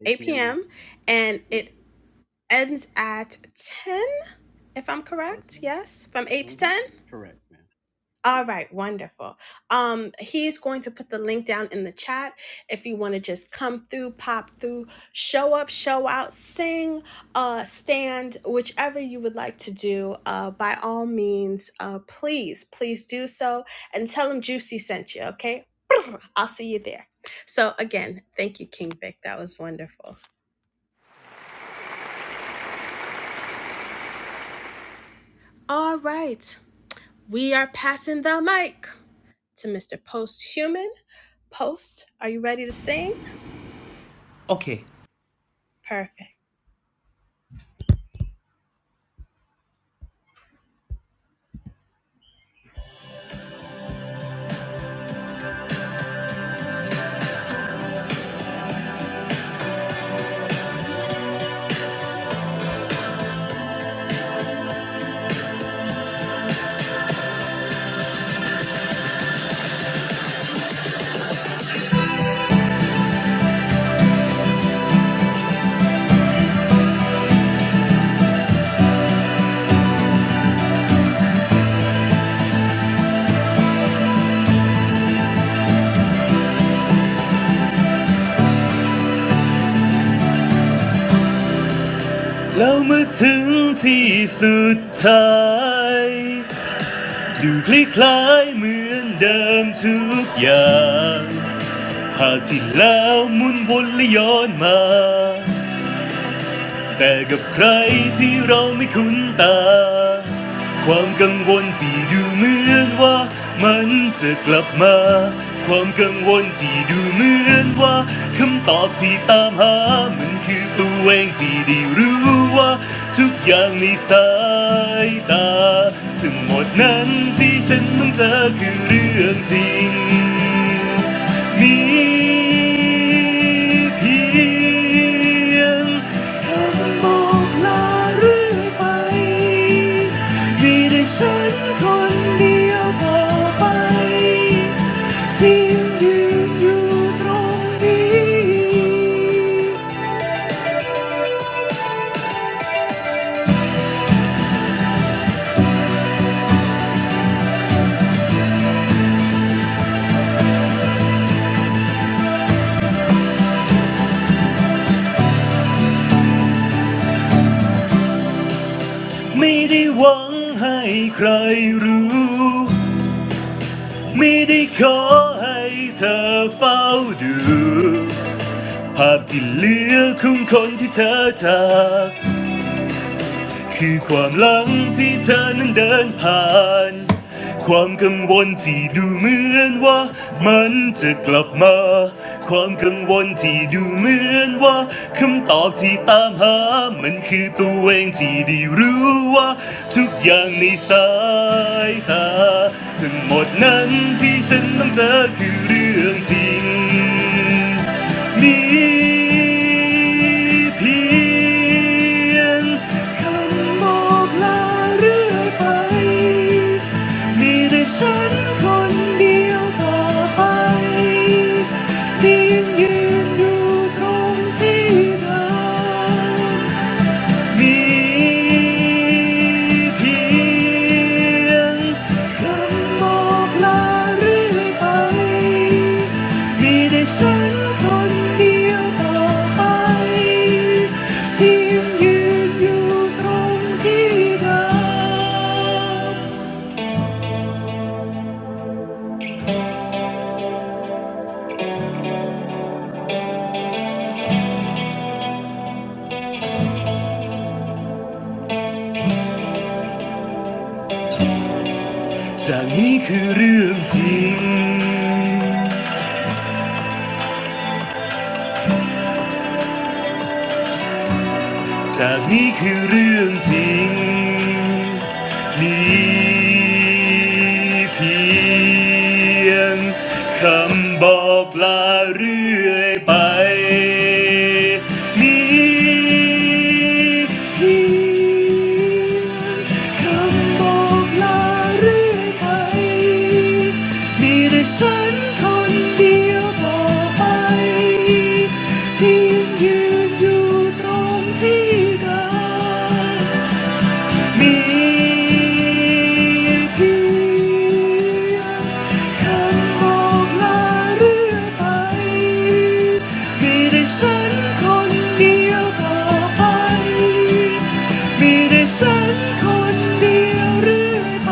S12: 8 p.m. Mm-hmm. Correct, man.
S13: โอเคแล้วเมื่อถึงที่สุดท้ายดูคล้ายๆเหมือนเดิมทุกอย่างภาพที่แล้วหมุนวนและย้อนมา แต่กับใครที่เราไม่คุ้นตา ความกังวลที่ดูเหมือนว่ามันจะกลับมา ความกังวลที่ดูเหมือนว่าคำตอบที่ตามหา มันคือตัวเองที่ได้รู้ ว่าทุกอย่างในสายตาทั้งหมดนั้นที่ฉันต้องเจอคือเรื่องจริงมีเพียงคำบอกลาเรื่อยไปมีแต่ฉันคนเดียวต่อไปที่ยืนอยู่ตรงนี้ ไม่ได้หวังให้ใครรู้ ไม่ได้ขอให้เธอเฝ้าดูภาพที่เหลือของคนที่เธอจาก คือความหลังที่เธอนั้นเดินผ่าน ความกังวลที่ดูเหมือนว่ามันจะกลับมา ความกังวลที่ดูเหมือนว่าคำตอบที่ตามหามันคือตัวเองที่ได้รู้ว่าทุกอย่างในสายตาทั้งหมดนั้นที่ฉันต้องเจอคือเรื่องจริง มีเพียงคำบอกลาเรื่อยไป มีแต่ฉันคนเดียวต่อไปที่ยยืนอยู่ตรงที่เดิม มีเพียงคำบอกลาเรื่อยไปมีแต่ฉันคนเดียวต่อไปที่ยังยืนอยู่ตรงที่เดิมจากนี้คือเรื่องจริง จากนี้คือเรื่องจริง มีเพียงคำบอกลาเรื่อยไป มีเพี พียงคำบอกลาเรื่อยไปมีแต่ฉันคนเดียวต่อไปที่ยืนอยู่ตรงที่เดิม มีเพียงคำบอกลาเรื่อยไปมีแต่ฉันคนเดียวต่อไปมีแต่ฉันคนเดียวเรื่อยไป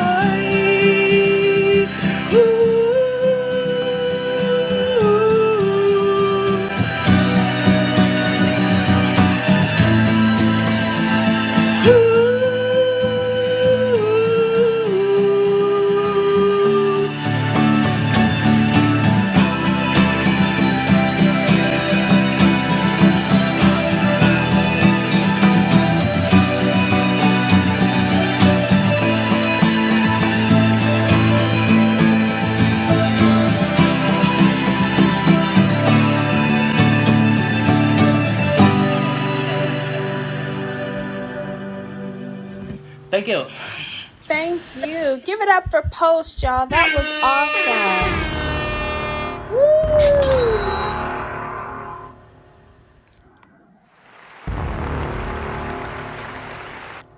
S13: Thank you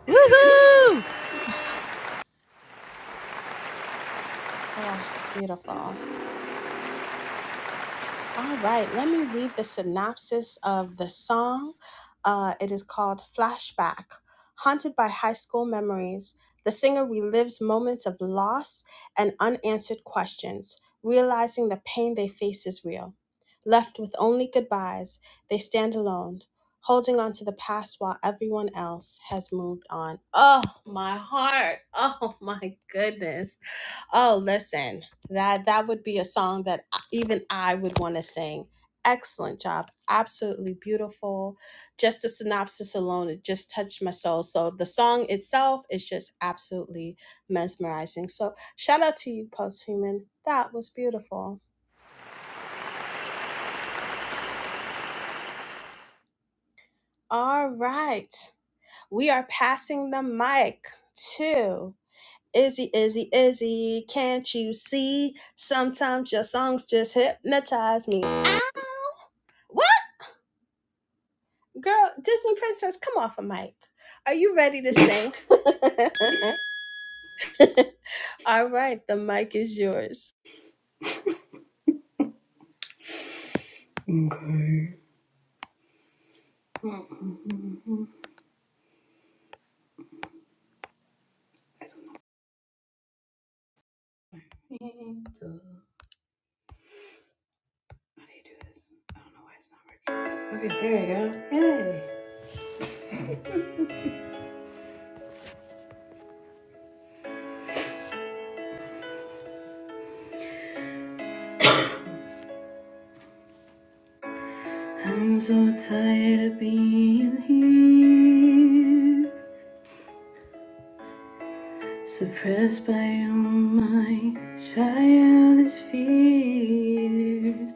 S15: Woohoo!
S14: Angel. How do you do this? I don't know why it's not working. Okay, there you go. Yay. I'm so tired of being here, suppressed by all my childish fears.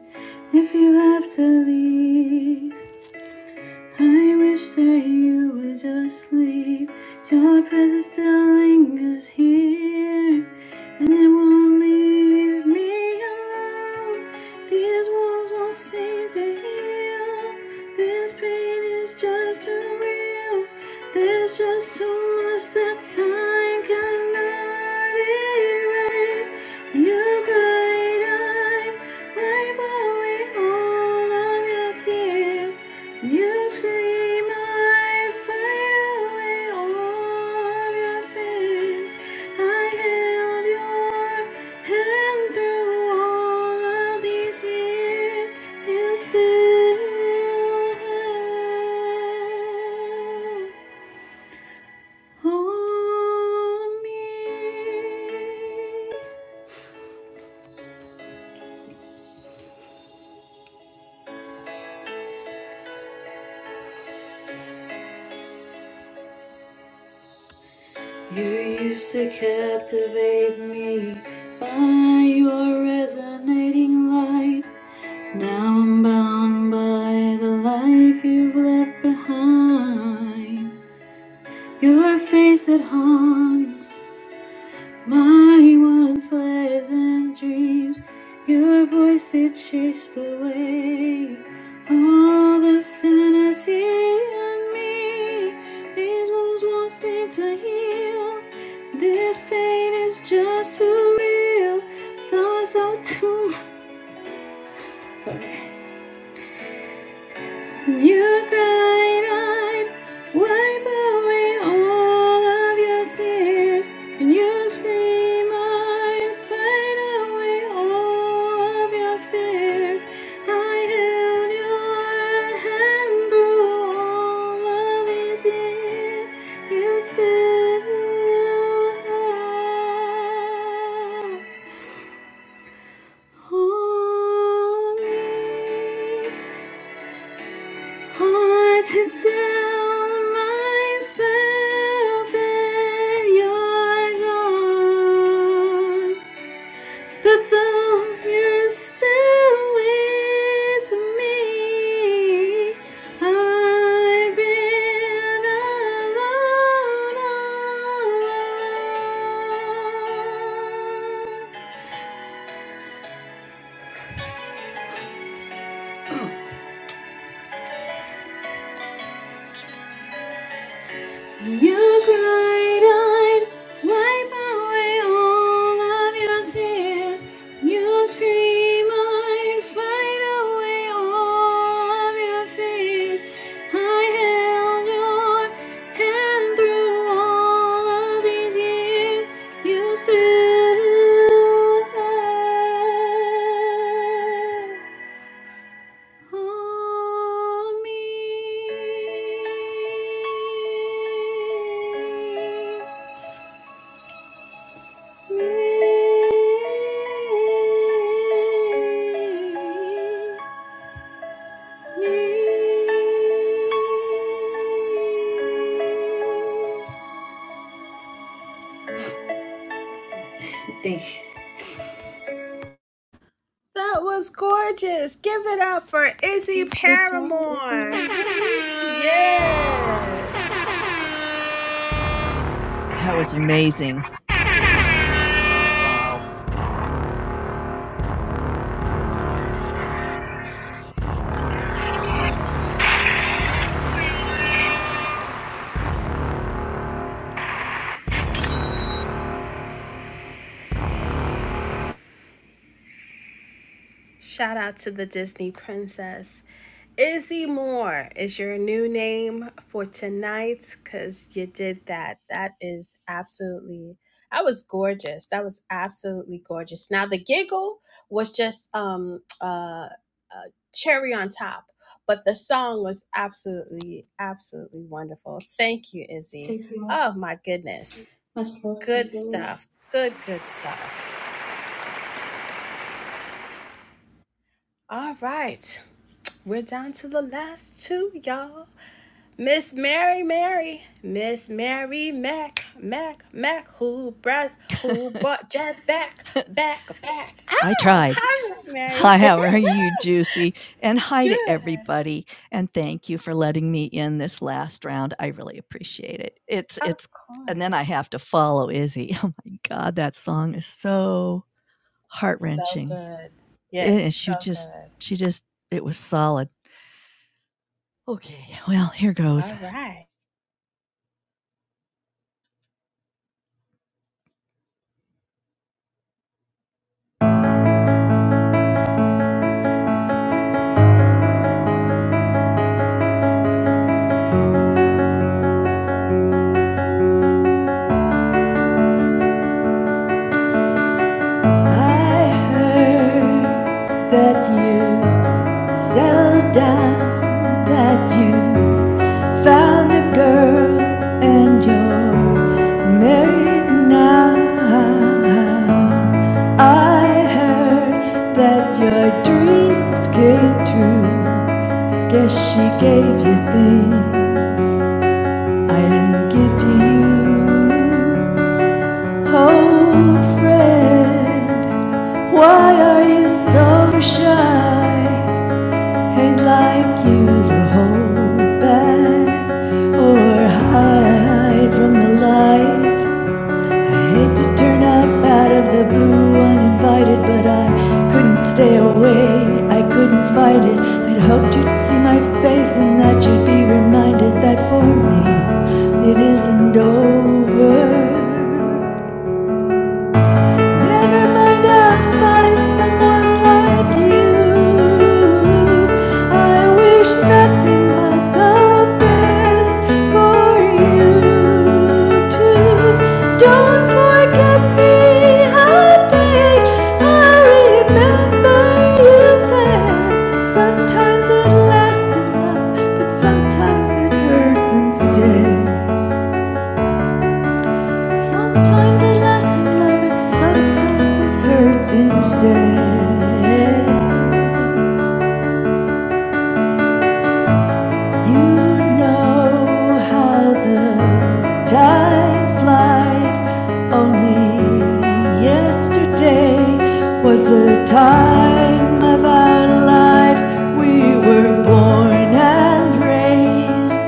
S14: If you have to leave, I wish that you would just leave. Your presence still lingers here, and it won't leave me alone. These wounds won't seem to heal. This pain is just too real. There's just too much that time cannot erase. And your bright eye, wipe away all of your tears. You scream, I fade away all of your fears. I held your hand through all of these years, and still have all me. You used to captivate me by your resonating light. Now I'm bound by the life you've left behind. Your face that haunts my once pleasant dreams. Your voice that chased away all the sanity in me. These wounds won't seem to heal. This pain is just too real. So, so too. Sorry. Your kind eyes wipe away all of your tears, and your scream eyed fight away all of your fears. I held your hand through all of these years. You still have. me. Hard to tell myself that you're gone, but though you're still with me, I've been alone all along. You cried eyed, wipe away all of your tears. You scream eyed, fight away all of your fears. I held your hand through all of these years. You still Thanks.
S6: Goodbye, everyone.
S15: That was amazing, Izzy. Wow. I tried. Hi, how are you, Juicy? And hi to everybody. And thank you for letting me in this last round. I really appreciate it. It's it's and then I have to follow Izzy. Oh my god, that song is so heart-wrenching. It And she just she just it was solid. Okay, well, here goes. I heard that you settled down, that you Found a girl and you're married now. I heard that your dreams came true. Guess she gave you things I didn't give to you. Oh, friend, why are you so shy? I'd like you to hold back or hide from the light. I hate to turn up out of the blue uninvited, but I couldn't stay away. I couldn't fight it. I'd hoped you'd see my face and that you'd be reminded that for me it isn't over. Never mind, I'll find someone like you. I wish nothing but the best for you too. Don't forget me, I beg. I remember you said sometimes it lasts in love, but sometimes it hurts instead. Sometimes it lasts in love, and sometimes it hurts instead. You know how the time flies. Only yesterday was the time of our lives. We were born and raised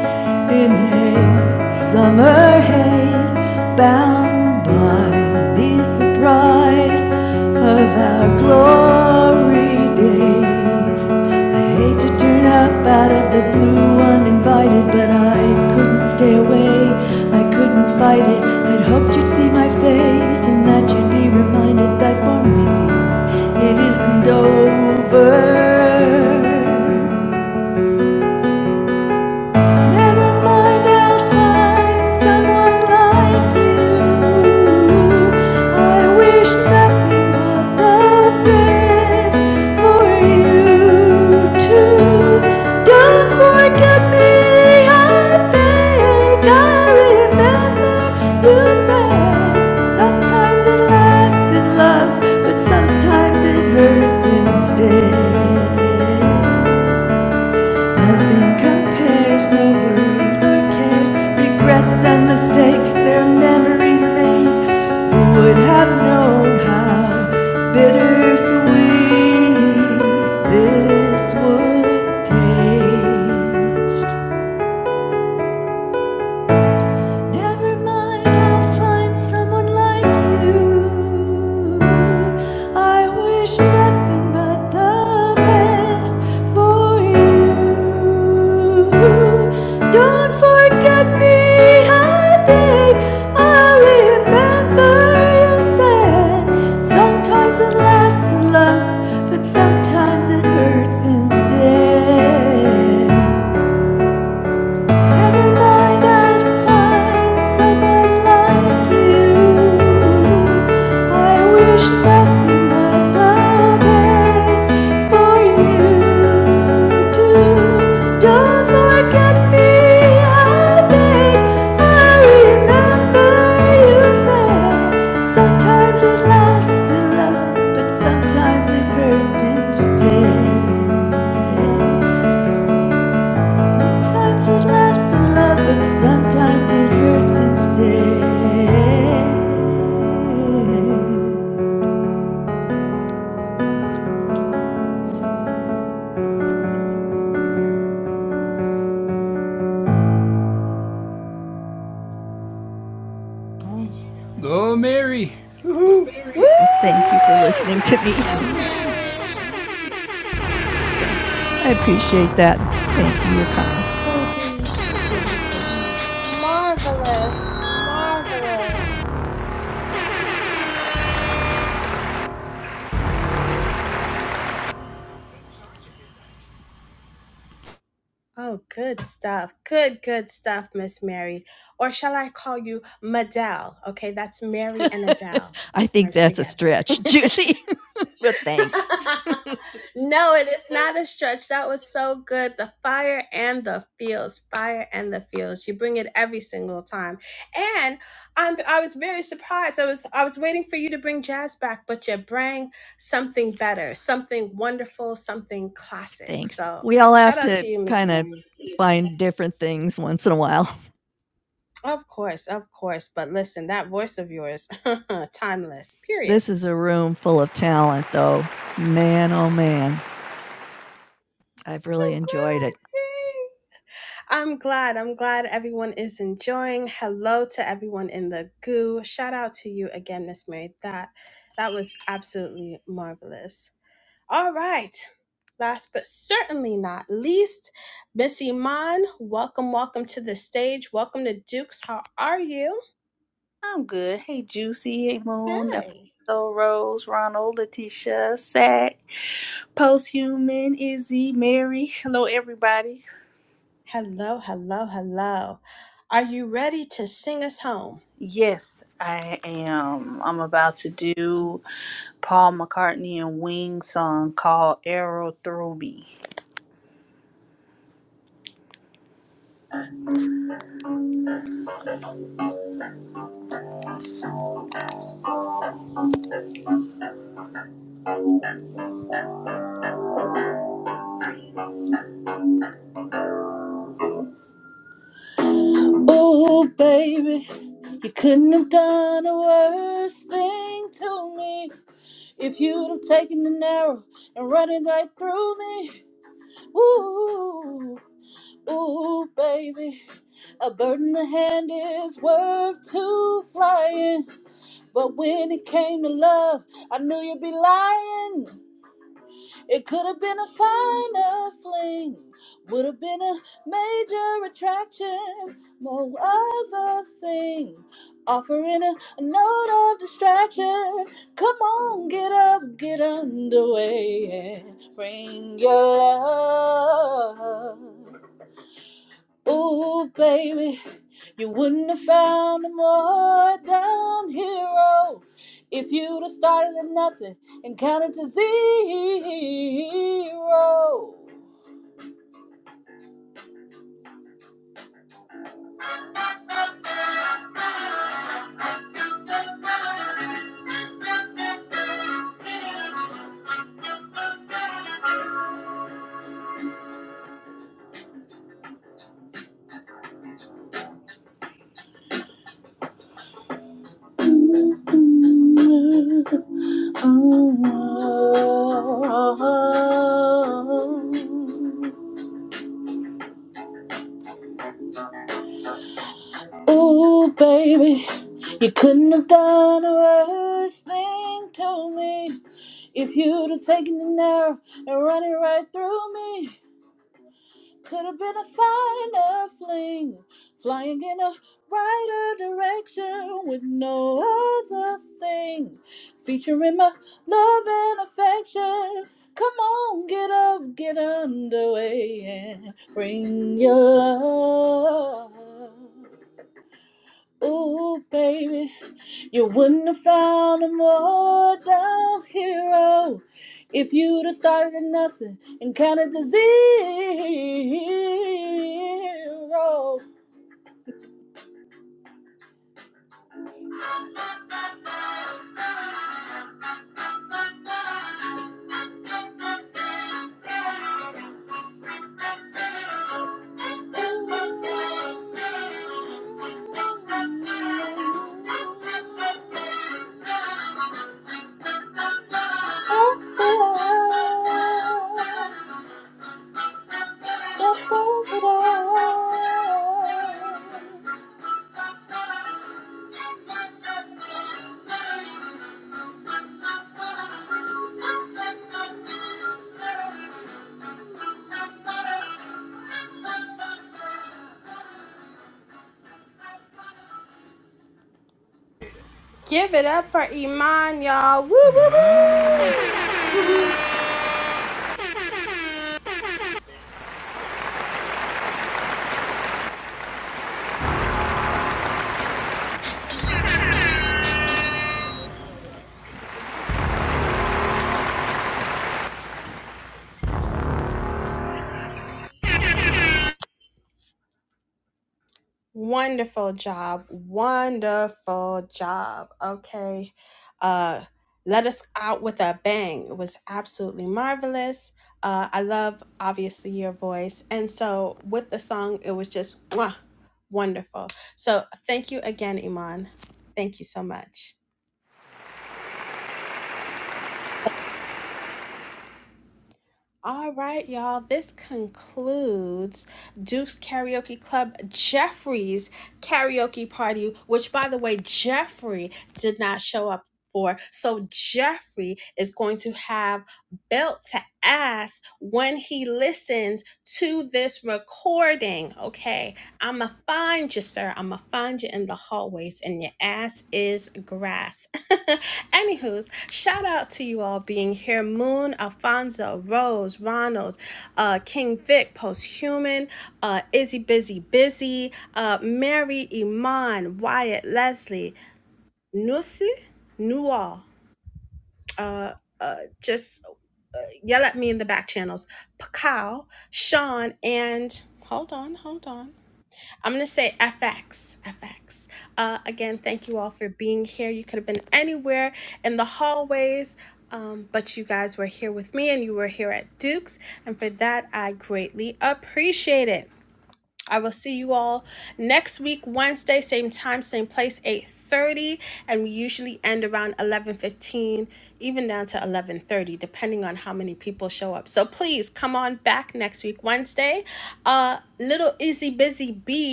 S15: in a summer haze, bound by the surprise of our glory days. I hate to turn up out of the blue uninvited, but I couldn't stay away. I couldn't fight it. I'd hoped you'd see my face and that you'd be reminded that for me it isn't over. Never mind, I'll find someone like you. I wish nothing but the best for you too. Don't forget me, I beg. I remember you said sometimes it lasts in love, but sometimes it hurts instead. Nothing compares, no worries or cares. Regrets and mistakes, their memories made. Who would have known how bittersweet this would taste? Never mind, I'll find someone like you. I wish nothing but the best for you. Don't forget me, I beg. I remember you said sometimes it lasts in love, but sometimes it hurts instead. Never mind, I'll find someone like you. I wish nothing but the best for you too. Don't forget me, I beg. I remember you said sometimes it lasts in love, but sometimes it hurts instead. Sometimes it lasts in love, but sometimes it hurts instead. Well, thank you for listening to me. Thanks. I appreciate that. Thank you. You're kind.
S6: So good, so good listening.
S15: I think that's a stretch, Juicy, but thanks. Thanks. We all have to kind of find different things once in a while. This is a room full of talent, though. Man, oh man. I've really enjoyed it.
S16: I'm good. Hey, Juicy. Hey, Moon. Episode Rose, Ronald, Letitia, Sack, Posthuman, Izzy, Mary. Hello, everybody. Yes, I am. I'm about to do Paul McCartney and Wings song called Arrow Through Me. Oh, baby, you couldn't have done a worse thing to me if you'd have taken an arrow and run it right through me. Ooh. Ooh, baby, a bird in the hand is worth two flying. But when it came to love, I knew you'd be lying. It could have been a finer fling, would have been a major attraction. No other thing, offering a, note of distraction. Come on, get up, get underway, and bring your love. Ooh, baby, you wouldn't have found a more down hero if you'd have started at nothing and counted to zero. Mm-hmm. Oh, wow. Ooh, baby, you couldn't have done a worse thing to me. If you'd have taken an arrow and run it right through me, could have been a finer fling, flying in a brighter direction with no other thing. Featuring my love and affection. Come on, get up, get underway, and bring your love. Ooh, baby, you wouldn't have found a more down hero if you'd have started at nothing and counted to zero. Oh, you.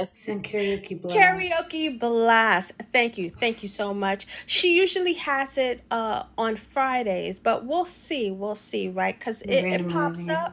S16: Yes,
S14: Send karaoke blast. Been randomizing it.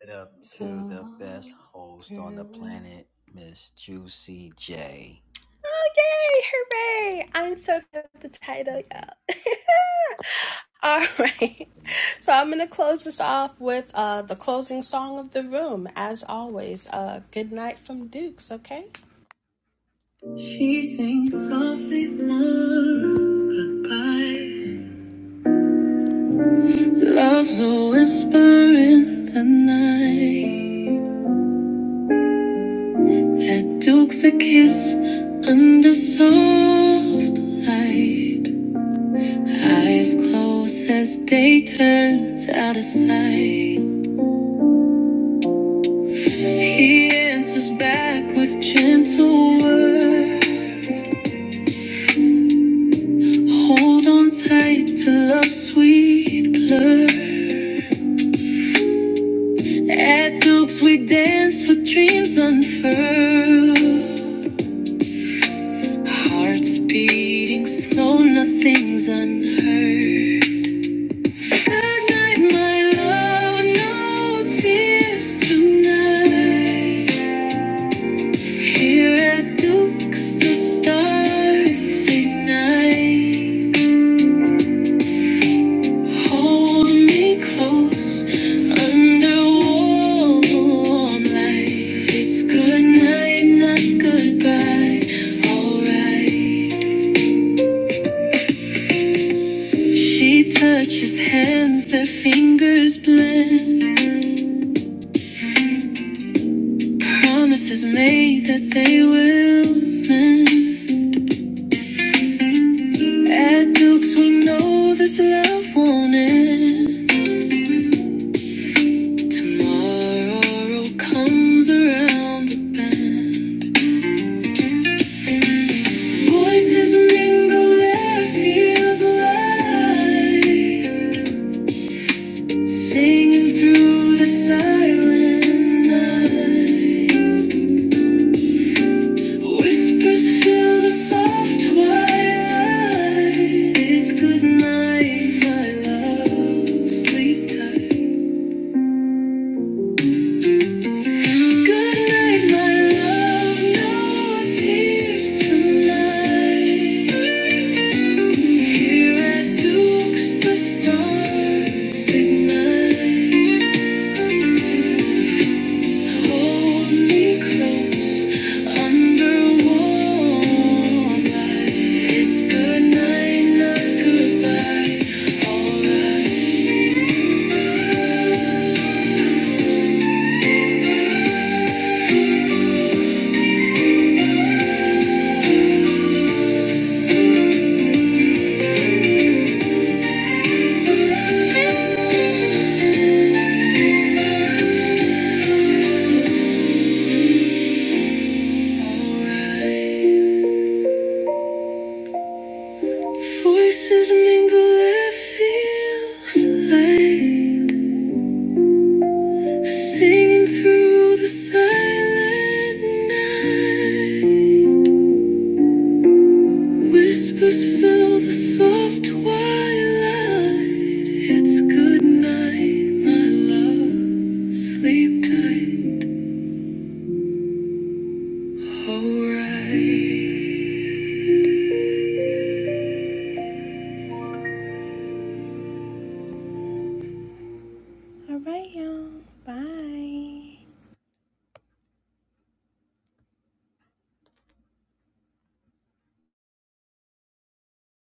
S12: It up
S14: So
S12: to the best
S14: long,
S12: host on the
S14: farewell.
S12: planet, Miss Juicy J. Amazing.
S1: She sings softly lullaby Love's a whisper in the night Duke's a kiss under soft light Eyes closed as day turns out of sight He answers back with gentle words Hold on tight to love's sweet blur. At Duke's we dance with dreams unfurled. Hearts beating slow, nothing's unheard. Good night, my love, no tears tonight. Here at Duke's the stars ignite. Hold me close under warm light. It's good night, not goodbye. Alright. She touches hands, their fingers blend. Promises made that they will mend. At Dukes, we know this love won't end. Tomorrow comes around the bend. Voices mingle and feels alive, singing through the silent night. Whispers fill the soft twilight. It's good night, my love. Sleep tight. Good night, my love. No tears tonight. Here at Duke's, the stars ignite. Hold me close under warm light. It's good night, not goodbye. Alright, alright. Voices mingle. It feels like. Singing through the silent night. Whispers fill the soft twilight. It's good night, my love. Sleep tight, alright.